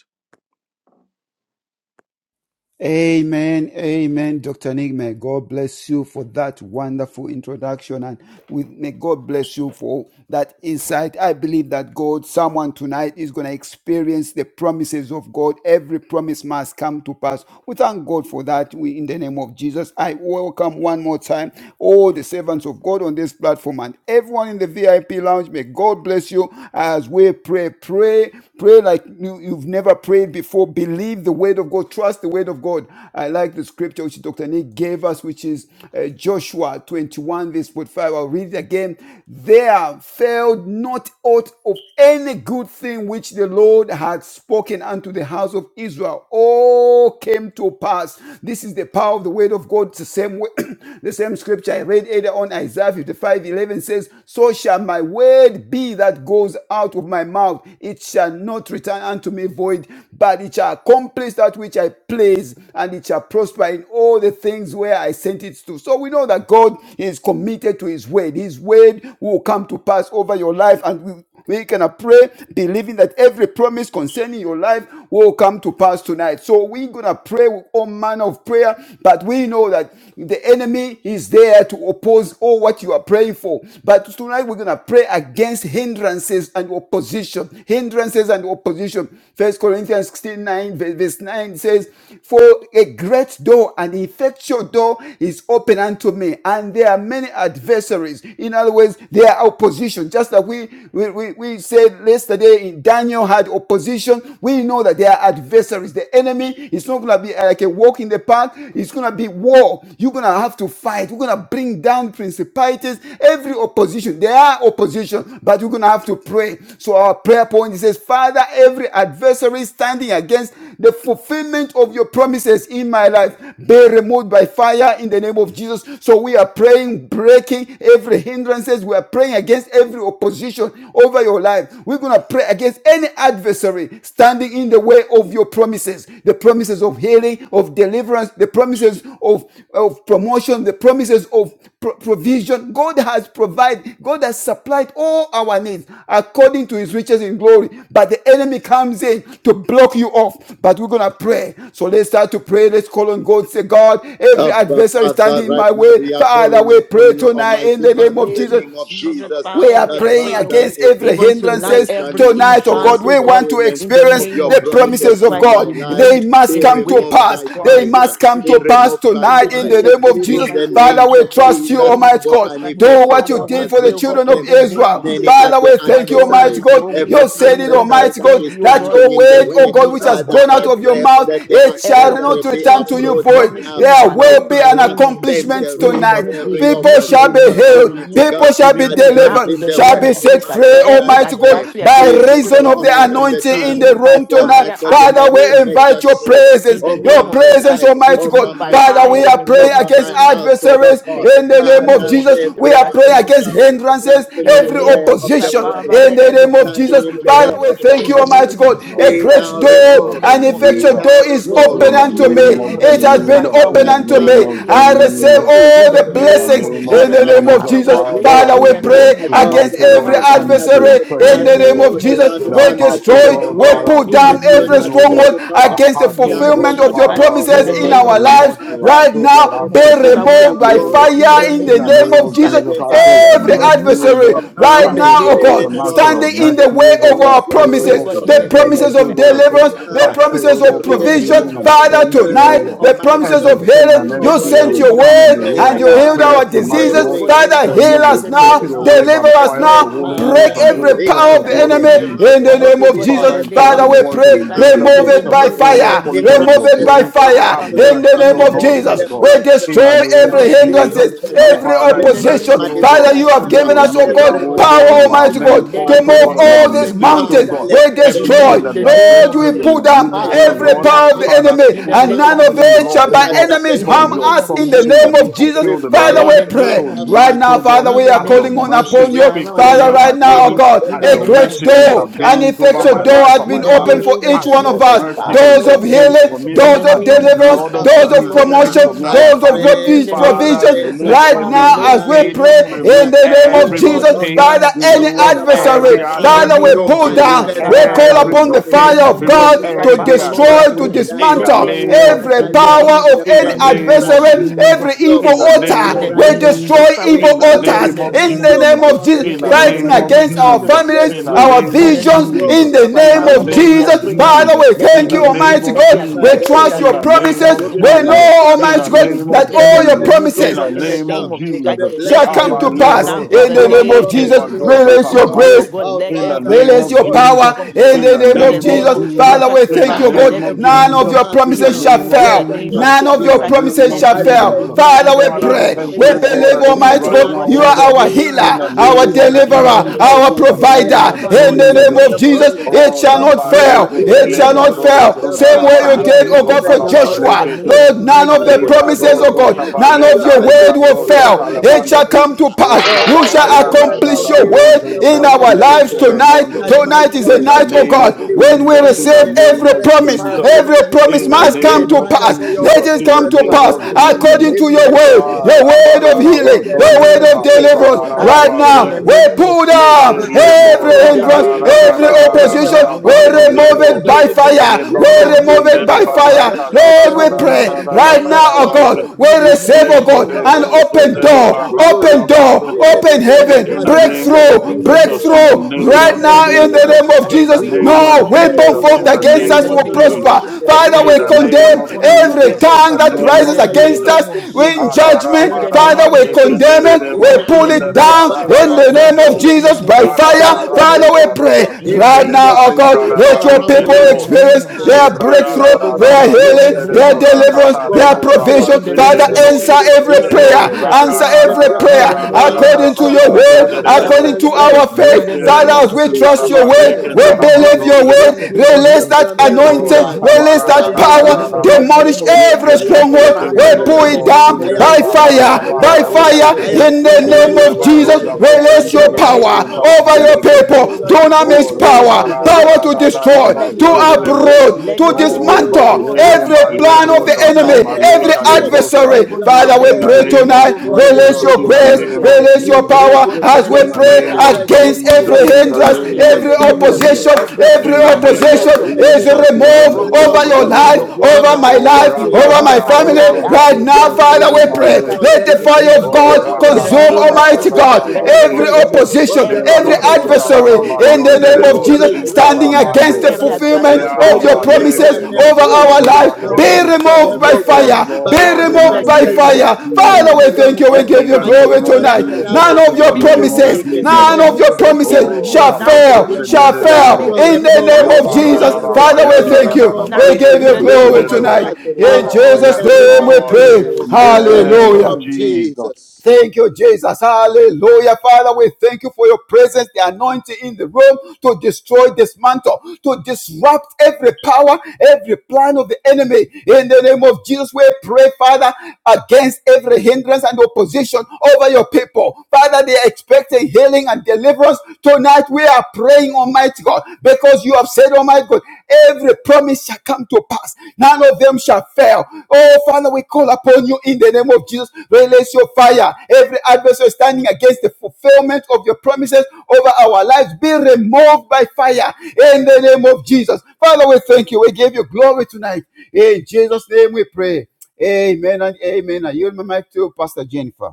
C: Amen, amen, Dr. Nick. May God bless you for that wonderful introduction and with, may God bless you for that insight. I believe that God, someone tonight is going to experience the promises of God. Every promise must come to pass. We thank God for that we, in the name of Jesus. I welcome one more time all the servants of God on this platform and everyone in the VIP lounge. May God bless you as we pray. Pray, pray Pray like you, you've never prayed before. Believe the word of God. Trust the word of God. I like the scripture which Dr. Nick gave us, which is uh, Joshua 21, verse 45. I'll read it again. There failed not aught of any good thing which the Lord had spoken unto the house of Israel. All came to pass. This is the power of the word of God. It's the same way, the same scripture I read earlier on, Isaiah 55 11 says, So shall shall my word be that goes out of my mouth. It shall not return unto me void, but it shall accomplish that which I please, and it shall prosper in all the things where I sent it to. So we know that God is committed to his word. His word will come to pass over your life and we can pray believing that every promise concerning your life will come to pass tonight. So we're gonna pray with all manner of prayer, but we know that the enemy is there to oppose all what you are praying for. But tonight we're gonna pray against hindrances and opposition. Hindrances and opposition. First Corinthians 16 9 verse 9 says, For a great door, an effectual door is open unto me, and there are many adversaries. In other words, there are opposition, just like we we, we, we, we said yesterday in Daniel had opposition. We know that there are adversaries. The enemy is not going to be uh, like a walk in the park. It's going to be war. You're going to have to fight. We're going to bring down principalities. Every opposition, there are opposition, but you're going to have to pray. So our prayer point it says, Father, every adversary standing against the fulfillment of your promises in my life be removed by fire in the name of Jesus. So we are praying, breaking every hindrances. We are praying against against every opposition over your life. We're going to pray against any adversary standing in the way of your promises the promises of healing, of deliverance, the promises of, of promotion, the promises of pro- provision. God has provided, God has supplied all our needs according to his riches in glory. But the enemy comes in to block you off. But we're going to pray. So let's start to pray. Let's call on God. Say, God, every
E: Abba,
C: adversary
E: Father,
C: standing in
E: right
C: my
E: now
C: way,
E: we are
C: Father,
E: calling
C: we
E: upon
C: pray
E: you,
F: Mondele beki
C: tonight in
E: Almighty
B: In
C: the
B: the
F: atalama
C: name
E: Father, in
C: of
E: the
B: name
C: Jesus.
F: sotolo
E: name
B: of
E: of
F: bosha
B: Jesus,
E: Jesus,
F: talama di
C: We
B: Father,
C: are
B: we are
E: that
F: atalama
C: praying
B: praying, oh
E: Father,
F: sotolo
B: God,
C: against
E: every
C: every
F: masia
B: even
F: talama
B: tonight,
E: adversary
C: hindrances
F: boshi
B: every
E: standing
F: atalama
C: tonight,
F: di
C: oh God.
B: hindrance,
E: against
F: atalama
E: the
B: oh
C: We
B: God,
C: want
F: sotolo
C: to
E: fulfillment
B: in the
C: experience
E: of
B: name
F: Yana
E: your
B: of
C: the
F: Mondelebekia
E: promises
C: promises
B: Jesus
C: of
E: in
B: Christ,
C: God.
E: my life
C: They
B: removed
F: talamasotolobo shatalamania talamasotolomasia talamohoshia talamania talamosotolo Yana talamasotoria
C: must
B: in
E: be
B: the
C: come to
B: way
E: removed
B: of
F: talamasotoria
C: pass.
B: the
E: by
C: They
B: promise, oh God,
E: fire,
C: must
B: it
F: talamarolobo
B: is
C: come
E: be
C: to
F: shatala.
C: pass
B: removed.
E: removed by
B: In the
C: tonight in the
B: name
G: Thank
E: fire,
B: of
C: name of
F: Mandela
B: Jesus
C: Jesus.
E: in
B: Christ,
E: the
B: Let it
C: Father,
E: name
B: be, oh
C: we
E: of
B: God, in
C: trust
B: the
C: you,
E: Jesus,
B: name of
C: Almighty
E: for
C: God.
B: Jesus
E: an
B: Christ,
C: Do
E: effectual
C: what you
B: Father,
E: door
B: we
C: did
E: has
C: for
B: pray,
C: the
B: oh
E: been
B: God,
C: children of
B: in
E: opened,
B: the
E: but
B: name
C: Israel.
B: of Jesus
E: many are
C: Father,
B: Christ,
E: the
C: we
B: my
C: thank you,
B: Lord and
C: Almighty
E: adversaries.
B: my
C: God.
B: God, we are
E: Every
C: You
B: praying,
C: said
B: oh
C: it,
B: God,
E: adversary
B: let
C: Almighty
E: that
B: there
C: God,
E: is
B: be, oh
C: that
B: God,
E: standing
C: your
E: in the
C: word,
B: a
C: oh
E: way,
C: God, which
B: removal
C: has
B: of
E: Father,
C: gone out
E: I
C: of
B: every
C: your
B: hindrance
E: pray,
C: mouth,
E: let the
C: it
B: Every
C: shall not
E: adversary be
B: opposition
C: return
B: to
C: to
B: your
C: you void.
E: uprooted
B: promise
E: now
B: in
C: There
B: our
E: by
C: will
B: life in
C: be
B: the
C: an
E: fire.
B: name of
E: Bend
B: Jesus,
C: accomplishment
E: the
B: we
E: roots of
C: tonight.
B: remove, we
E: every
C: People
B: remove, we
C: shall be
B: remove,
E: opposition,
B: we
C: healed.
E: Almighty
B: remove,
C: People
E: God,
B: we
C: shall be
E: that
B: remove now
E: stands
C: delivered,
B: in
E: in
B: the
E: the
C: shall
E: way.
B: name
C: be
B: of Jesus.
C: set
B: that
E: My
C: free,
E: God, I
B: Every
C: Almighty God,
E: pray.
B: adversary against the
C: by
E: This is the
C: reason
B: fulfillment of
C: of
B: the
C: the
E: moment
B: promise
E: and the
C: anointing
B: be
C: in
E: time
C: the
B: removed by
E: that,
C: room
E: Almighty
C: tonight.
B: fire
E: God,
B: as
E: you
B: we
C: Father,
E: make
C: we
E: a
B: pray
E: major
C: invite your
E: shift
C: presence,
B: in the
E: over
C: your
B: name of
E: my
B: Jesus
C: presence,
B: Christ.
E: life,
B: Be
C: Almighty God.
E: over
B: removed by
E: my
C: Father,
B: fire
C: we
B: in
E: family,
C: are
B: the
F: Mondele
C: praying
F: bebi
B: name
E: over
B: of
F: andala
C: against
E: my
B: Jesus.
G: you.
F: basso
E: household,
F: tore
B: Fa-
E: oh
C: adversaries
F: bebi
E: God.
G: Yes,
C: in
F: bebi
C: the
B: Yes,
C: name
F: andala
B: in the
C: of
B: name
E: Father,
B: of
F: bosha
C: Jesus.
F: tala
C: We
B: Jesus
E: every
C: are
B: Christ
F: basso
C: praying
F: ya.
C: against
E: adversary
C: hindrances,
F: Mendele
E: standing
F: de
B: in
E: in
B: the
C: every
E: the
F: soko
B: name
E: way
B: of
F: tore
B: Jesus
E: of the
B: Christ.
C: opposition
F: bosha tala
B: Father,
E: promises,
C: in
B: let
F: basso
C: the
B: every
C: name
F: tala
C: of
B: opposition
E: standing
C: Jesus.
F: basso
E: in
B: be
E: the
F: tala
H: Father,
E: way
C: Father, we
B: removed
E: of
H: much
F: basso
E: the
C: thank
B: in
C: you,
F: tala
B: the
H: focus on
F: bana
E: promises,
C: Almighty
H: the
B: name of
C: God.
H: Lord,
F: bassi
H: Lord,
C: A
B: Jesus
E: be
F: andala
H: Lord,
C: great
B: Christ.
E: thou
B: we
H: Lord,
F: basso.
B: Yes,
H: Lord,
B: in
C: door,
B: the
E: removed,
C: an
B: name of
F: Etele
E: be
F: de
B: Jesus
H: Jesus.
C: effectual
E: thou
B: Christ.
C: door
F: sole
C: is
F: de
B: Yes,
E: removed,
F: beki
C: open
H: In the
B: Lord,
F: andala
B: in
C: unto
B: the
E: be
C: me.
H: name
F: mandala
E: thou
B: name
H: of
B: of
F: basso
C: It
E: removed
C: has been
B: Jesus
F: tori
C: been
B: Christ.
H: Jesus,
B: I
F: andala
H: in
C: open
E: right
H: the
B: will
F: mandala
C: unto
B: pray,
E: now
H: name
C: me.
F: basso
B: God,
H: of
E: in
F: tora
E: the
B: even
C: I
B: tonight,
F: bana
E: name of
C: receive
B: God.
F: basso
H: Jesus,
E: Jesus.
B: In
F: tere
C: all
B: the
C: the
F: bebi
H: in the
F: andala
B: name
C: blessings
B: of
H: name of
F: basso.
C: in the
B: Jesus
E: Abba,
C: name
B: Christ,
C: of
B: Father,
E: Father,
H: Jesus,
B: we
C: Jesus.
E: I
F: Eketele
B: pray.
H: Father,
E: pray
F: basso
C: Father,
B: In
H: oh
C: we
B: the
F: tora
E: that
C: pray
H: God,
B: name
E: my
F: basso
B: of
E: God,
F: nele
H: tonight,
B: Jesus
C: against
E: you are
H: oh
B: Christ,
F: bebi
E: not
C: every
H: God,
E: a
H: we
F: andala
B: Father,
E: man
H: come
B: we
E: that
H: into
F: basso.
E: you
C: adversary
H: your
B: pray.
E: should
B: In
F: tala
E: lie,
C: in
H: presence,
B: the
C: the
H: oh
C: name
H: God,
C: of
E: nor
F: Yanana
B: name
E: the
B: of
C: Jesus.
E: Son
H: with
E: of
B: Jesus
C: We
H: our
E: Man
H: heart,
E: that you
H: oh
E: should
B: Yes,
C: destroy,
H: God,
C: we
B: Lord,
E: repent.
H: Father, of
C: pull
B: in
E: Have
B: the
C: down
E: you
B: name
C: every
H: thanksgiving,
E: not
B: of
H: oh
B: Jesus,
H: God,
E: said
C: stronghold
E: it, O
H: our
E: God?
C: against the
H: heart,
B: in the
H: oh
B: name
E: Shall
B: of
E: you
H: God,
C: fulfillment
E: not
C: of
B: Jesus
C: your
H: Father,
B: Christ,
E: make it
B: in
C: promises
H: oh
B: the
C: in
E: good?
H: God, a
B: name
C: our
B: of
E: My
B: Jesus
C: lives
H: remorseful
E: Father,
H: heart,
C: right
E: I
H: oh God,
C: now.
E: pray
B: name
C: Be
B: of
E: that
H: asking
B: Jesus.
H: for
E: you
B: That
E: make
B: we are
C: removed
E: it
H: mercy,
C: by
B: praying,
H: oh
B: oh
E: good
B: God,
H: God.
B: in the
C: fire in
E: right
H: In
C: the
B: name
H: the
B: of
C: name
E: now
H: name
C: of
B: Jesus
H: of
E: by
B: Christ.
C: Jesus.
H: Jesus,
E: the
H: I
B: Father,
H: pray
B: let
H: for
B: it
E: exceeding
C: Every
B: be
H: mercy,
B: removed
E: greatness
H: oh
E: of
C: adversary
H: God.
E: your
C: right
H: I
B: in
E: power.
B: the
H: pray
C: now, oh
H: for
B: name
E: Release
C: God,
B: of
E: your
H: supernatural
B: Jesus
C: standing
B: Christ.
C: in the
E: anointing,
H: mercy,
C: way
H: oh
C: of
H: God. I
C: our
E: release your
B: We
G: Yes,
H: pray, oh
B: pray, oh
H: God,
B: God,
C: promises,
H: for
E: virtue,
B: in
C: the
B: the name of
H: forgiveness,
E: release,
C: promises
B: Jesus
H: oh
C: of
E: O
B: Christ,
H: God,
E: God.
H: of
B: anything
C: deliverance,
B: that
C: the
H: I
B: stands,
E: Father,
H: pray,
B: oh God,
C: promises
H: O
E: the
C: of
H: God,
B: in
H: for
B: the
E: real
C: provision.
B: name
H: healing
B: of
H: and
B: Jesus
E: fire.
B: Christ
C: Father,
H: cleansing,
B: against us,
H: O
B: oh
E: Burn,
C: tonight,
H: God.
C: the
B: God, be
E: Almighty
C: promises
E: God,
C: of
B: removed
H: Everything
C: healing.
E: every
H: and
B: in the
C: You
H: anything that
C: sent
H: will
B: name
C: your
B: of
E: opposition,
H: stand in
C: word
H: the
B: Jesus
H: way
C: and
H: of
C: you
B: Christ,
E: every
H: our
C: healed
B: Father.
C: our
E: delay
H: prayers
B: We
H: tonight,
B: pray,
C: diseases.
B: oh
H: Lord,
E: every
B: God, even
C: Father,
B: for
H: that
E: hindrance
H: you
B: this
C: heal
B: in
E: in
H: will
C: us
B: the
E: my
H: take
C: now.
H: it
B: name of
E: path.
H: away
B: Jesus
H: by
B: Christ.
C: Deliver
H: the
E: I
C: us
H: fire of the
E: pray,
B: Lord
C: now.
H: Holy
B: God, in
C: Break
H: Ghost
B: the
H: and
E: Father,
H: through
C: every
H: the
B: name of
C: power
B: Jesus
E: enough
H: precious
C: of the
B: Christ,
F: Thank
E: is
F: you.
H: blood
C: enemy
H: of
B: let it
H: Jesus
B: be
E: enough
C: in the
H: Christ.
E: of
F: You
B: moved,
C: name
F: know,
B: oh
F: I'm
C: of
B: God, in
C: Jesus.
H: Father,
B: the
E: delay.
H: in
F: so proud
H: thought,
F: of
E: Oh
B: name
C: Father,
H: in
C: we
B: of
E: God,
H: words,
C: pray,
H: and
B: Jesus
H: in
B: Christ,
E: enough
H: deeds that
E: is
B: be
C: remove
H: will,
C: it
H: stop,
C: by
E: enough
B: removed
H: O
B: in
E: of
H: God,
B: the
C: fire.
H: falling short
B: name
H: of
B: of
C: Remove
H: your
C: it
E: hindrances.
B: Jesus
C: by
H: glory,
B: Christ,
E: Look go
C: fire
H: have
B: Father,
E: to
B: Lord,
E: the
C: in the
H: mercy
B: in
C: name
H: on
B: the
C: of
E: promises,
H: us,
B: name
H: O
B: of
C: Jesus.
E: the
C: We
H: God.
B: Jesus
E: promises
H: In
E: of
H: the
C: destroy
E: God
H: name
E: that
B: in
C: every
H: of
B: the
E: are yes
B: name
H: Jesus,
B: of
C: hindrances
E: and
B: Jesus
H: that
E: amen.
B: Christ,
C: every
H: Father,
E: They
B: in
H: in
B: the
E: must
H: mercy,
B: name
C: opposition.
B: of
H: O
B: Jesus
H: God,
C: Father,
E: manifest
C: you
B: Christ,
C: have
H: you
B: Father,
E: now.
C: given
H: will
B: we are
C: us, oh
H: look
B: praying,
H: down,
B: oh
C: God,
H: O
B: God,
E: Everything
C: power,
E: that
H: God, on
E: is
B: even
H: our
C: Almighty
B: tonight,
H: many
C: God,
E: entering the
B: let
C: to
B: it
H: faults,
B: be
H: O
C: move
H: God, and
B: removed
H: our
C: all
B: in
E: manifestation.
B: the
C: these
H: mistakes,
B: name
H: O
B: of
C: mountains
E: Father,
B: Jesus
H: God
C: we
E: let
B: Christ.
E: it be burned
C: destroy.
H: Everything
B: Remove in
H: that the
B: the name
E: by
C: Lord,
B: of
C: we
H: adversary
G: Thank
B: Jesus
E: fire,
H: will
C: pull
B: Christ.
C: down
E: by
H: use,
B: Father,
H: oh
C: every
B: Lord,
E: fire,
H: God,
B: we are
C: power of the
E: by
B: praying
H: Father, to
E: fire,
B: in
C: enemy,
B: the
H: put a
C: and
E: by
B: name
C: none
B: of
C: of
H: stumbling
B: Jesus
C: it
H: block,
C: shall
B: Christ,
E: fire.
H: oh
C: by
B: oh
E: Right
H: God,
B: God,
E: now, in the
C: enemies
B: in the
E: name
H: from
C: harm
E: of
H: your
B: name
C: us
B: of
C: in the
E: Jesus
H: promises
B: Jesus
C: name
B: Christ,
E: Christ,
H: being
C: of Jesus.
E: we
H: fulfilled in our
E: pray
C: Father,
B: in
H: life
C: we
B: the
C: pray
B: name of
E: Abba
C: right
B: Jesus
H: tonight,
B: Christ.
C: now,
H: oh God,
C: Father,
B: In
E: Father.
C: we
B: the
C: are
H: as your
C: calling
B: name
C: on
B: of
H: mercy
B: Jesus,
C: upon
E: We
C: you.
E: are
H: speak
B: Father,
H: for
E: calling
B: Lord,
H: me
C: Father,
B: we
H: and
B: are
H: my
C: right
E: upon
C: now,
B: praying,
E: you,
C: oh
B: oh
H: family,
B: God,
C: God,
E: the
B: in
H: as
B: the
C: a
H: your
B: name
E: covenant
C: great
B: of
H: mercy
B: Jesus
E: keeping
C: door, an
E: God,
H: intervenes over
C: effectual
H: my
E: the
B: Father,
C: door
H: life
C: has
E: righteous
H: and
B: in
H: my
C: been
B: the
E: God,
H: family,
C: opened for
B: name
E: the
B: of
H: as
C: each one
H: your
C: of
B: Jesus
F: you.
E: merciful
C: us.
B: Christ,
H: mercy
E: God,
B: Father,
C: Doors
B: Lord,
E: the
C: of
B: we
E: all
H: intercedes
B: declare
C: healing,
H: for
B: it.
H: me,
E: powerful
B: in
C: doors
B: the
H: as
C: of
E: God,
H: the
F: In the name of Jesus, I did the bullshit. I did the bullshit. I did the
B: name of
C: deliverance,
B: Jesus
H: blood
E: Abba
B: Christ,
H: of
B: Yes,
C: doors of
B: Lord,
H: Jesus
B: in the
E: Father.
H: speak
C: promotion,
H: for
B: name
H: me
B: of
H: and
E: I
H: my
C: doors
B: Jesus,
H: family,
E: pray
B: in
C: of
B: the
E: for the
B: name
H: Father,
B: of
C: provision
B: Jesus
E: grace of
H: remove
B: Christ,
C: right
E: God
H: every
B: Father,
C: now as
B: Lord, in
E: that
C: we
B: the
E: is
H: blockade,
C: pray
B: name
E: upon
B: of
C: in
B: Jesus,
E: my
H: remove
C: the name
B: oh
C: of
H: every
E: life.
B: God, in the
E: Oh
C: Jesus.
H: blockade,
E: God,
B: name
C: Father,
B: of
E: that you
C: any
B: Jesus
E: poured
B: Christ,
H: remove
E: upon
B: Father,
H: every
C: adversary,
E: my
B: in
E: life
B: the
C: Father, we
H: adversary
B: name of
E: to
C: pull
B: Jesus
H: Remove
B: Christ,
C: down,
E: manifest
C: we
E: oh God,
B: Father,
C: call
E: the
H: every
B: Lord.
C: upon the
B: In
E: promises.
B: the
H: blockade.
C: fire of
B: name of
E: You
H: Remove
B: Jesus
C: God
B: Christ,
C: to
E: promised
H: every
B: Father,
E: me, oh
B: Lord, we are
C: destroy,
E: God,
C: to
H: adversary.
B: praying.
E: that
H: In
E: your
B: Let
H: the
C: dismantle
B: there, oh
H: name
E: promises
B: God,
H: of
E: that
B: be
C: every
E: are yes
H: Jesus.
B: everything,
C: power
B: oh
E: and
B: God,
C: of
B: in
H: In
B: the
H: the
C: any
E: amen in
B: name
G: you.
B: of
H: name
E: Christ
H: of
C: adversary,
B: Jesus
E: Jesus.
H: Jesus.
B: Christ.
C: every
E: You
C: evil
H: In the
G: Thank
E: promised
H: name
E: me
B: In the
C: altar.
H: of
C: We
B: name of
E: righteousness
C: destroy
H: Jesus.
B: Jesus, Father, we
E: in
C: evil
H: In the
B: call, oh
E: Christ
B: God, in
C: altars
H: name
B: the
E: Jesus.
H: of
B: name
C: in
B: of
C: the
E: You
B: Jesus.
C: name
H: Jesus.
C: of Jesus,
E: promised
B: Oh
H: In the
E: me,
B: God, in the
C: fighting
H: name of
B: name
E: Almighty
B: of
C: against our
E: God,
H: Jesus.
B: Jesus,
E: yes,
H: In
B: yes,
C: families,
H: the
B: Lord,
C: our
H: name
B: in the
H: of
E: fruitfulness.
F: bullshit.
B: name
C: visions
B: of
E: You
H: Jesus.
C: in
B: Jesus
C: the
F: I
B: Christ,
E: promised
H: In
C: name
F: did
H: the
E: me,
B: Father,
C: of
B: Lord,
H: name
B: we are
H: of
E: Almighty
C: Jesus.
B: praying,
F: the
B: oh
E: God,
B: God,
C: Father,
H: Jesus.
C: we
E: that
F: bullshit.
B: let it
H: In
C: thank
E: to
B: be
H: the
C: you,
E: be
H: name
B: removed,
C: Almighty
E: blessed
H: of
B: every
E: in
F: Yellow,
C: God.
E: my
C: We
H: Jesus.
E: going
B: adversary
C: trust
H: In
C: your
H: the
B: against your
H: name
C: promises.
H: of
E: to
B: promise in
E: be
B: our
C: We
E: blessed
B: life.
H: Jesus.
C: know,
E: in my
H: In
B: Let
H: the
B: it
C: Almighty
B: be
C: God,
E: coming,
H: name of
C: that
B: removed.
E: to
B: Let it
E: be
C: all
B: be
C: your
H: Jesus.
E: blessed
B: removed, oh
E: when
H: In
E: I
H: the
B: God,
C: promises
B: in
E: lie
B: the
H: name of
B: name
E: down,
B: of Jesus
E: to
B: Christ.
E: be
H: Jesus.
C: shall
E: blessed
B: Let it be
C: come
E: when
H: Abba
C: to
E: I
B: removed
C: pass
E: arrive.
B: now
H: lebro
B: in
C: in
B: the
C: the
E: You
H: zakara
C: name
H: ba
C: of
B: name of
E: promised
C: Jesus.
H: kemba
E: me
B: Jesus
E: all
B: Christ.
H: doza
E: this,
C: Release
E: O
C: your
B: We
E: God.
B: pray,
H: talamande
B: oh
C: grace
B: God,
E: Our
B: let
H: in the
B: every
E: Father,
H: name
E: I am
C: Release
H: of
B: promise
C: your
B: of
E: calling
B: yours will
C: power
H: Jesus,
B: come
E: upon
B: to
C: in
E: you
B: pass
H: in
C: the
H: the
C: name
B: in
E: that
C: of
B: the
H: name of
E: all
B: name
C: Jesus.
B: of
E: these
B: Jesus
H: Jesus,
C: Father,
B: Christ.
C: we
E: promises,
H: in the
C: thank you,
B: Father,
E: let
C: God.
H: name
B: let
E: them
H: of
B: it be
E: come
C: None of
E: to
H: Jesus,
C: your
B: removed,
E: pass
H: in
B: be
H: the
C: promises
E: now.
C: shall
H: name
B: removed in
H: of
E: Let
B: the
E: them
C: fail.
B: name
H: Jesus,
B: of
E: come
C: None
E: to
C: of
H: in
B: Jesus
C: your
E: pass
H: the
B: Christ.
E: now.
H: name
C: promises
H: of
B: Let
C: shall
B: the
E: I
B: name
C: fail.
B: will be
E: pray,
H: Jesus.
B: moved in
E: Father,
C: Father,
B: the
C: we
E: that
H: Father,
B: name
H: I
E: these
B: of
C: pray.
H: thank
E: promises,
H: you,
C: We
H: O
B: Jesus Christ.
E: let
H: God,
C: believe,
E: them
H: that
B: We
E: come
H: even
C: Almighty
E: to
B: pray,
H: right
B: oh
E: pass
C: God,
H: now,
B: God,
C: you
B: in
H: O
E: now.
B: the
C: are
G: you.
H: God,
C: our
B: name
C: healer,
H: in
B: of
H: the
E: Father, this
C: our
H: name
E: is
B: Jesus.
H: of
E: my
B: In
C: deliverer,
B: the
G: Yekesetelebo,
E: prayer,
B: name
E: O
H: Jesus,
B: of
C: our
E: God.
H: in the
B: Jesus
E: I
G: yekesetelebo,
B: Christ,
H: name
E: am
C: provider.
H: of
B: Father,
C: In
B: Lord,
E: trusting
B: in
C: the
B: the
E: you
H: Jesus.
E: for
C: name of
E: the
B: name
G: yekesetelebo,
B: of
C: Jesus,
B: Jesus
E: promises
B: Christ,
E: to
C: it
H: Oh,
E: come
C: shall
H: the
G: yekesetelebo,
B: we
E: to
C: not
B: pray,
E: pass
B: oh
C: fail.
B: God,
H: barreke
B: in the
C: It
E: even
C: shall
B: name of
G: yekesetelebo,
C: not
E: now.
H: telebrodo
C: fail.
B: Jesus
E: The
B: Christ,
C: Same
G: yekesetelebo,
C: way
H: zundaraba
C: you
E: Father, your
B: Father,
C: did,
H: yeke
C: oh
B: let
C: God,
B: it
E: promises
C: for
B: be, oh
E: shall
H: zontaraba
B: God,
G: yekesetelebo,
E: not
B: in the
C: Joshua.
H: rekete
B: name
E: fail.
G: shetelebo,
B: of
C: Lord,
E: My
C: none
B: remove,
C: of
B: oh
E: God,
C: the
E: you
B: God,
E: can
C: promises,
H: librado
C: oh
E: never
G: yekeshetelebo,
B: everything,
C: God,
B: oh
H: zotaba
E: fail.
C: none
B: God,
H: le
B: that
C: of
E: Your
C: your
G: yekeshetelebo,
E: hand
B: stands,
C: word
E: is
B: oh God,
C: will
E: not
H: calibrado
E: too
B: in
C: fail.
E: short
B: the
E: not
G: yekeshetelebo,
E: to
C: It
B: name
H: satalabande.
C: shall
G: bobo,
B: of
E: deliver.
C: come to
B: Jesus Christ.
C: pass
H: Oh,
B: Ah,
C: us.
E: Oh
C: You shall
E: God,
B: Father,
E: I
G: yekeshetelebo,
B: Lord,
E: pray
B: in
H: tarabayanda
B: the
H: da
C: accomplish
E: for
H: da
C: your
B: name
E: few
B: of
G: yekeshetelebo,
C: word
E: of the
B: Jesus Christ,
C: in
H: zontarebo
B: we are
C: our
E: promises
H: sike
B: praying, oh
C: lives
G: yekeshetelebo,
B: God,
E: now
C: tonight.
H: telemondo.
B: in
E: that
B: the
G: shetelebo,
E: my
C: Tonight
B: name
C: is
G: yekeshetelebo,
B: of
C: a
H: In
E: joy
H: the
E: may
C: night, oh
E: be
B: Jesus
H: name
B: Christ,
H: of
B: oh
C: God,
E: complete,
B: God,
C: when
B: in
C: we
B: the
H: Jesus,
E: that
H: in
E: I
G: yekeshetelebo,
B: name
H: the
C: receive
E: may
B: of
E: have
B: Jesus
G: shetelebo,
C: every
H: name
B: Christ,
H: of
E: rest on
C: promise.
H: Jesus,
B: Father,
E: every
C: Every
B: Lord, we
E: side.
G: Yekeshetiribo,
B: pray,
C: promise
H: in
B: oh
H: the
E: I
B: God,
C: must
B: in
E: pray,
B: the
C: come
H: name
C: to
H: of
G: yekeshetiribo,
B: name
E: Father,
B: of
C: pass.
E: for your
B: Jesus
C: Let
B: Christ.
H: Jesus,
C: it
H: in the
C: come
E: promises
C: to
E: to
G: yekeshetiribo,
H: name
C: pass
H: of
B: Father, Lord,
E: manifest
B: in the
G: yekeshetiribo,
C: according
H: Jesus.
C: to
E: in
B: name
C: your
E: the
B: of
E: life of
C: word,
B: Jesus,
H: Ah,
E: my
C: your
B: let
G: yekeshetiribo,
C: word
B: it
E: family,
C: of
B: be, but
E: in
C: healing,
B: in
E: the
B: the
C: your
G: yekeshetiribo,
E: life of
B: name
C: word of
B: of
E: Nick
B: Jesus,
C: deliverance.
B: ah,
G: yekeshetiribo,
E: Malenganatan
C: Right
E: and
B: in the
C: now,
H: rabararabazonderebakobarararabazenke.
C: we
E: Russell
B: name
G: yekeshetiribo,
B: of
C: pull
E: Joshua.
B: Jesus,
G: shetiribo,
B: that we
C: down
E: Father,
B: pray,
C: every
E: let
B: in the
E: there
C: hindrance,
E: be
G: yekeshetiribo,
B: name of
C: every
B: Jesus, that
G: yekeshetiribo,
B: even
E: manifestation
C: opposition.
B: now, in the
C: We
E: of the
B: name of Jesus,
C: remove
H: Lekeleborakarararararararabazonderebo.
G: yekeshetiribo,
C: it
E: promises
G: bo,
B: be
E: of
C: by
G: bo, bo,
E: God.
G: bo,
B: removed.
C: fire.
G: bo, bo,
E: Let
G: bo,
B: Be
C: We
E: there be,
B: removed
C: remove it
E: oh
B: every
C: by
E: God,
C: fire.
G: yekeshetiribo,
E: the
B: opposition.
C: Lord,
B: Be
C: we
B: removed
E: manifestation
C: pray
B: in
G: yekeshetiribo,
B: the
E: of
C: right
B: name
E: the
B: of
C: now, oh
B: Jesus.
G: yekeshetiribo,
H: Lebrorozunderebarakazararararararabaze.
E: promises
C: God.
E: of
C: We
B: Be
C: they
E: God.
B: removed
C: receive,
B: in
G: yekeshetiribo,
C: oh
G: yekeshetiribo,
B: the
E: My
C: God,
B: name of
C: an
E: God,
B: Jesus.
E: I
B: Be
C: open
E: am
G: yekeshetiribo,
B: removed
C: door,
B: as
E: trusting
B: we
E: you.
C: open
B: pray.
E: I am
C: door,
H: Lekerebozunderebaradarabazenke.
C: open
E: believing you.
B: In the
C: heaven,
H: In
E: At
B: name
H: the
B: of
E: such
G: yekeshetiribo,
H: name
B: Jesus,
G: yekeshetiribo,
E: a
H: of
C: breakthrough,
B: be
E: time as
H: Jesus,
E: this,
B: removed
E: oh
G: yekeshetiribo,
H: in
B: as
H: the
E: God,
B: we
C: breakthrough
B: pray.
H: name
C: right
H: of
B: In the
E: knowing
C: now
E: that,
C: in
H: Jesus,
C: the
B: name
E: my
B: of
C: name
B: Jesus,
C: of
E: God,
H: in
C: Jesus.
H: the
B: we
G: yekeshetiribo,
E: you
H: name
B: call
H: of
C: No
E: are
B: upon
G: shetiribo,
B: you,
C: weapon
H: Jesus, in
C: formed
E: able,
B: Jehovah.
H: the
C: against
B: In
C: us
H: name
B: the
E: able
H: of
C: will
G: Yekeşeterebo,
E: to
B: name of
E: do
C: prosper.
H: Jesus,
B: Jesus, oh
C: Father,
H: in
C: we
E: exceeding
H: the
B: God, we are
E: and
H: name
B: calling
C: condemn
H: of
B: upon you, God,
E: abundantly
C: every
H: Jesus,
B: let
H: in
B: it
C: tongue
H: the
B: be.
C: that
E: above all
H: name
B: In
E: that
C: rises
H: of
B: the
E: I am
C: against
H: Jesus.
C: us
B: name of
E: asking,
C: in
B: Jesus
E: above all
B: Christ.
C: judgment.
B: In
E: that
B: the
E: I
C: Father,
E: am
H: Abarabaraba
B: name
C: we
B: of
E: thinking,
B: Jesus.
C: condemn it, we
E: even
B: Lord,
H: zekenderebo
B: in
E: now.
C: pull
B: the
C: it
B: name of
C: down
B: Jesus
E: Above,
B: Christ.
C: in the
E: Father,
C: name
B: Lord
H: zunderebarabazode.
E: I
C: of
B: God, in the
C: Jesus
E: pray.
C: by
B: name of Jesus
C: fire.
E: Father, in the
C: Father, we
E: name of
H: Radabarakubaruba
E: death
C: pray
B: in the
C: right
B: name
C: now,
E: hindrances,
B: of
C: oh
B: Jesus.
C: God,
E: be
C: let
E: thou
G: Yekeshe
C: your
B: Father,
C: people
G: terrible,
B: Lord, in
H: shekelebarinkarabarikirebo.
B: the
E: uprooted
B: name
C: experience
G: yekeshe
B: of
C: their
B: Jesus.
E: Father, yourself
C: breakthrough
B: Father,
E: you
C: miracle,
E: shall
B: Lord,
C: their
B: we pray in
E: rebuke
B: the
C: healing,
E: the
G: terrible,
B: name
H: Libradarabarabazonderebo
C: their
B: of Jesus.
E: devourer
C: deliverance,
E: for
C: their
H: rakataribo
E: my
B: Father,
E: sake.
B: Lord,
C: provision.
B: in the
C: Father,
B: name
E: Rebuke
B: of
H: rabazenderebo.
E: the
C: answer
B: Jesus.
C: every
B: Yes,
E: devourer right
B: Lord,
H: Eh,
B: we
C: prayer.
B: are
E: now.
H: raka
C: Answer
B: praying, oh
H: ra
B: God.
H: ra
C: every
E: Rebuke
H: ra
B: In
H: ra
E: the
C: prayer
B: the
H: ra ra ra
B: name
E: devourer
B: of
E: right
H: ra
C: according to
H: ra
B: Jesus
C: your
E: now.
H: ba
B: Christ, Father,
E: My
C: word,
H: zindere
B: we
H: de
B: are
E: God,
C: according
E: I
H: bo.
C: to
B: praying, oh
E: pray.
B: God.
C: our
B: In the
C: faith.
H: Reke
E: Answer
H: de
C: Father,
B: name
C: as
B: of
H: bo
C: we
B: Jesus
H: zindara
C: trust
E: speedily.
B: Christ,
C: your
H: ba
E: Let
B: let
H: reke
C: word,
E: there
B: it
C: we
B: be
E: be
H: ndara ba
C: believe
B: removed.
H: do
C: your
B: Let
H: zika.
C: word.
B: it
E: manifestation
B: be
E: of
C: Release
E: the
B: removed.
C: that
B: Let
E: promises
B: it
E: of
B: be
H: O
C: anointing,
E: God
H: raka
B: removed.
H: ba
E: that
C: release
H: ra
B: Let
E: I
H: ra
C: that
B: it
H: ra
B: be
E: am
H: ra
C: power,
H: ra
E: blessed
H: ra
B: removed in
H: ba.
E: in
B: the
E: my
B: name
C: demolish
B: of
E: goings.
H: Yeke
C: every
E: I
B: Jesus
H: de
E: am
B: Christ,
H: ke
E: blessed
C: stronghold. We
E: in
B: Father,
E: my
H: zindele
B: Lord,
C: pull
H: de
B: in the
C: it
H: bo
E: comings.
B: name
C: down
E: I
B: of
H: zindere
E: am
B: Je-
C: by
H: ba
E: blessed
H: ra
B: Jesus
E: when
H: da
E: I
B: Christ,
C: fire,
H: ba
E: lie
H: ra
C: by
B: Father,
H: o
B: we
E: down.
B: are
C: fire
H: sike.
E: I
B: praying.
E: am
C: in the
B: In
E: blessed
B: the
E: when
C: name
H: Reke
E: I
C: of
B: name
H: ba
B: of
H: ro
C: Jesus.
E: arise.
H: da
B: Jesus
H: ba
B: Christ.
E: That
C: Release your
B: In
H: zintele
B: the
H: ba
G: yekeshe
E: Almighty
C: power
B: name of
E: God,
H: zintala
B: Jesus
C: over
H: ba
B: Christ.
C: your
E: yes,
H: yeke
B: We
H: de.
C: people.
B: pray
E: Almighty
G: terrible,
E: God,
B: over
E: my,
B: even for
E: my
C: Dunamis
H: O
B: this
G: Yekeshe
E: field
B: now. In
C: power,
H: raka
B: the
E: is
H: ra
G: terebo
B: name
H: ra
B: of
E: blessed.
C: power
H: ra
B: Jesus
C: to
H: ra
B: Christ.
H: ra
E: My
H: ra
C: destroy,
H: ba
B: Let it
C: to
B: be
E: animals
G: Yekeshe
E: are
H: zindere
B: removed.
H: bo.
E: blessed.
G: terebo
C: uproot,
B: Let
C: to
B: it be
E: My
G: yekeshe
H: Oh,
B: removed,
E: field
G: terebo.
B: oh
H: ba
E: is
C: dismantle
B: God,
H: reke
E: blessed.
B: as we
C: every
H: ba
G: Yekeshe
B: pray.
C: plan
G: terebo
C: of
H: lebros
C: the
B: In
E: Father,
B: the
E: I
H: ata
C: enemy,
B: name
H: ma
B: of
E: pray
C: every
E: for
H: leka
B: Jesus
E: you.
H: lebros
B: Christ.
C: adversary.
E: What you
B: Even
E: have
B: now,
C: Father, we
B: let
H: in
B: it
H: the
B: be
C: pray
E: declared
H: name of
B: removed,
C: tonight,
B: oh God, in
E: according
B: the
C: release
H: Jesus,
E: to
C: your
H: in
B: name
H: the
B: of
C: grace,
B: Jesus
E: Deuteronomy
H: name
B: Christ.
H: of
E: chapter
C: release
B: We
C: your
H: Jesus,
B: pray, oh
C: power
E: 28,
B: God, in
C: as
B: the
C: we
H: in
E: verse
H: the
B: name of
C: pray
E: 1
B: Jesus
H: name
E: to
B: Christ. We
H: of
B: call
E: 13.
C: against
B: upon you, oh
C: every
H: Jesus,
E: Let
B: God,
H: in
E: there
B: even
H: the
E: be
B: this
C: hindrance,
H: name
B: evening.
H: of
C: every
B: Be
E: manifestation
H: Jesus,
B: removed
C: opposition,
E: of
B: every
E: the
C: every
H: in
E: oh
H: the
E: my
B: hindrance,
E: God
H: name
E: of
H: of
E: the
C: opposition
B: every
C: is
E: blessings
B: opposition
H: Jesus,
E: of
B: to
H: in
E: the
B: your
H: the
E: Lord
C: removed
E: that
H: name
E: you
B: promise, oh
H: of
C: over
E: have
B: God,
C: your
B: to
E: promised.
C: life,
B: your
H: Jesus.
B: word in
C: over
B: our
C: my
B: life
E: Father,
H: Oh,
C: life,
B: be
E: genuinely
C: over
E: let
C: my
B: removed
E: them
B: right
C: family.
H: Rakararaba
B: now
E: manifest.
H: Zomba
B: as
C: Right
B: we pray
C: now,
H: Libros
B: in the
E: Genuinely
C: Father,
E: let
C: we
B: name of Jesus
C: pray,
E: them
G: Yeke
H: Mandete.
B: Christ.
C: let
E: locate
B: It
C: the
G: şetere
B: is
E: my
G: bo,
C: fire of
B: removed,
H: Oh,
B: oh
E: family.
C: God
B: God, in
G: yekeshetelebo,
B: the
C: consume,
E: Genuinely
B: name of
E: let there
C: Almighty
B: Jesus
E: be
C: God,
B: Christ.
G: yekeshetelebo, bo, yeke şetere bo,
H: Rakararaba
B: Every
G: bo, bo,
C: every
B: God, in
H: Zinke.
G: bo,
B: the
G: bo.
E: manifestation
B: name
G: bo,
B: of
G: bo,
E: of
C: opposition,
E: the
B: every
C: every
H: Leraba
G: Yeke
E: promises
B: opposition,
E: of
G: şetere bo,
C: adversary
E: God
H: Zontaraba
B: go
G: yeke
C: in
B: out
C: the
B: of the
G: şetere
C: name
B: way
G: bo,
E: until
C: of
B: in
H: Yonderebo
B: the
E: there
G: yeke
E: is
B: name
C: Jesus
B: of
E: rest
G: şetere bo,
C: standing
B: Jesus
E: on
B: Christ.
C: against
E: every
H: Zintaramando.
C: the
B: Every
G: Yeke
E: side,
C: fulfillment
B: adversary
G: şetere bo,
E: until
H: Ea
C: of
B: standing
C: your
G: yeke
E: you
B: against the
E: make
G: şetere
C: promises
G: bo,
E: our
H: Balete
E: name
B: fulfillment
C: over
G: yekeshetelebo, yekeshetelebo, bo,
H: Lebo
E: great
C: our
B: of
E: and
B: your
C: lives.
H: Zumba
G: yekeshetelebo,
C: Be
E: comfort
H: Libros.
B: promise,
E: us on
C: removed
B: of
C: by
E: every
B: your
H: Yes,
E: side
C: fire.
G: yekeshetelebo, bo.
B: promise.
C: Be
E: by
H: Lord,
B: God,
H: in the
C: removed
B: let it
C: by
B: be
H: name
G: Yekeshetere
E: manifestation
H: of
G: bo
C: fire.
B: removed.
E: of
G: shetere
B: Let it
C: Father,
E: the
G: bo.
H: Jesus.
B: be
C: we thank
B: removed.
C: you. We
E: promises.
B: Every
C: give
H: In
C: you
H: the
E: And
G: Yekeshetere
C: glory
E: do
H: name
G: bo
B: opposition,
H: of
G: bo
E: not
G: bo
C: tonight.
B: every
G: bo bo
E: allow
G: bo
C: None
H: Jesus,
E: the
G: bo
B: hindrance,
C: of
H: in
G: bo
H: the
C: your
G: bo.
B: be
E: enemy to
H: name of
C: promises,
B: removed,
E: stand in
B: be
E: the
H: Jesus.
C: none
E: way.
G: Yekeshetere
C: of your
G: bo
B: removed,
G: bo
E: Send
G: bo
B: be
E: the
G: bo
C: promises
G: bo
H: Oh,
G: bo
B: removed
C: shall
B: now
E: reinforcement
B: in the
G: shetere
E: of
G: bo.
C: fail,
H: kabazete
E: your
B: name of
C: shall
B: Jesus.
E: angels
B: Be
C: fail
H: nededebo.
E: to
C: in
B: removed
G: Yekeshetere
C: the
G: bo
E: remove
C: name
E: the
B: now
C: of
B: in the
C: Jesus.
G: yekeshetere
B: name of
G: bo
E: hindrances,
H: Rabaradaba
G: bo
B: Jesus.
C: Father,
G: bo
C: we
B: Be
E: to
G: bo bo.
C: thank
B: removed
C: you.
E: remove
C: We
E: the,
B: now
E: God,
C: give
B: in
C: you
H: yandanabazete
E: the
B: the name
E: evil
G: Yekeshetere
C: glory
B: of
G: bo
E: of
B: Jesus
H: nededebo.
C: tonight.
B: Christ.
E: us,
G: shetere bo.
C: In
E: to
B: Father,
H: Oh,
B: Lord,
E: remove
B: we are
C: Jesus'
H: yes,
E: every
B: praying
C: name
B: for
C: we
B: this,
H: Lord.
B: O
G: Yekeshetere
B: God,
C: pray.
G: bo.
E: contention.
B: in
E: In
B: Jesus'
E: the
B: name.
H: Amen,
E: name
H: Lord
C: Hallelujah.
G: Amen.
E: of
B: Amen.
H: Jesus.
E: Jesus.
C: Thank you, Jesus. Hallelujah. Father, we thank you for your presence, the anointing in the room to destroy, dismantle, to disrupt every power, every plan of the enemy. In the name of Jesus, we pray, Father, against every hindrance and opposition over your people. Father, they are expecting healing and deliverance. Tonight, we are praying, Almighty God because you have said, Oh my God, every promise shall come to pass. None of them shall fail. Oh Father, we call upon you in the name of Jesus. Release your fire. Every adversary standing against the fulfillment of your promises over our lives be removed by fire in the name of Jesus. Father, we thank you. We give you glory tonight. In Jesus' name we pray. Amen and amen. I yield my mic to Pastor Jennifer.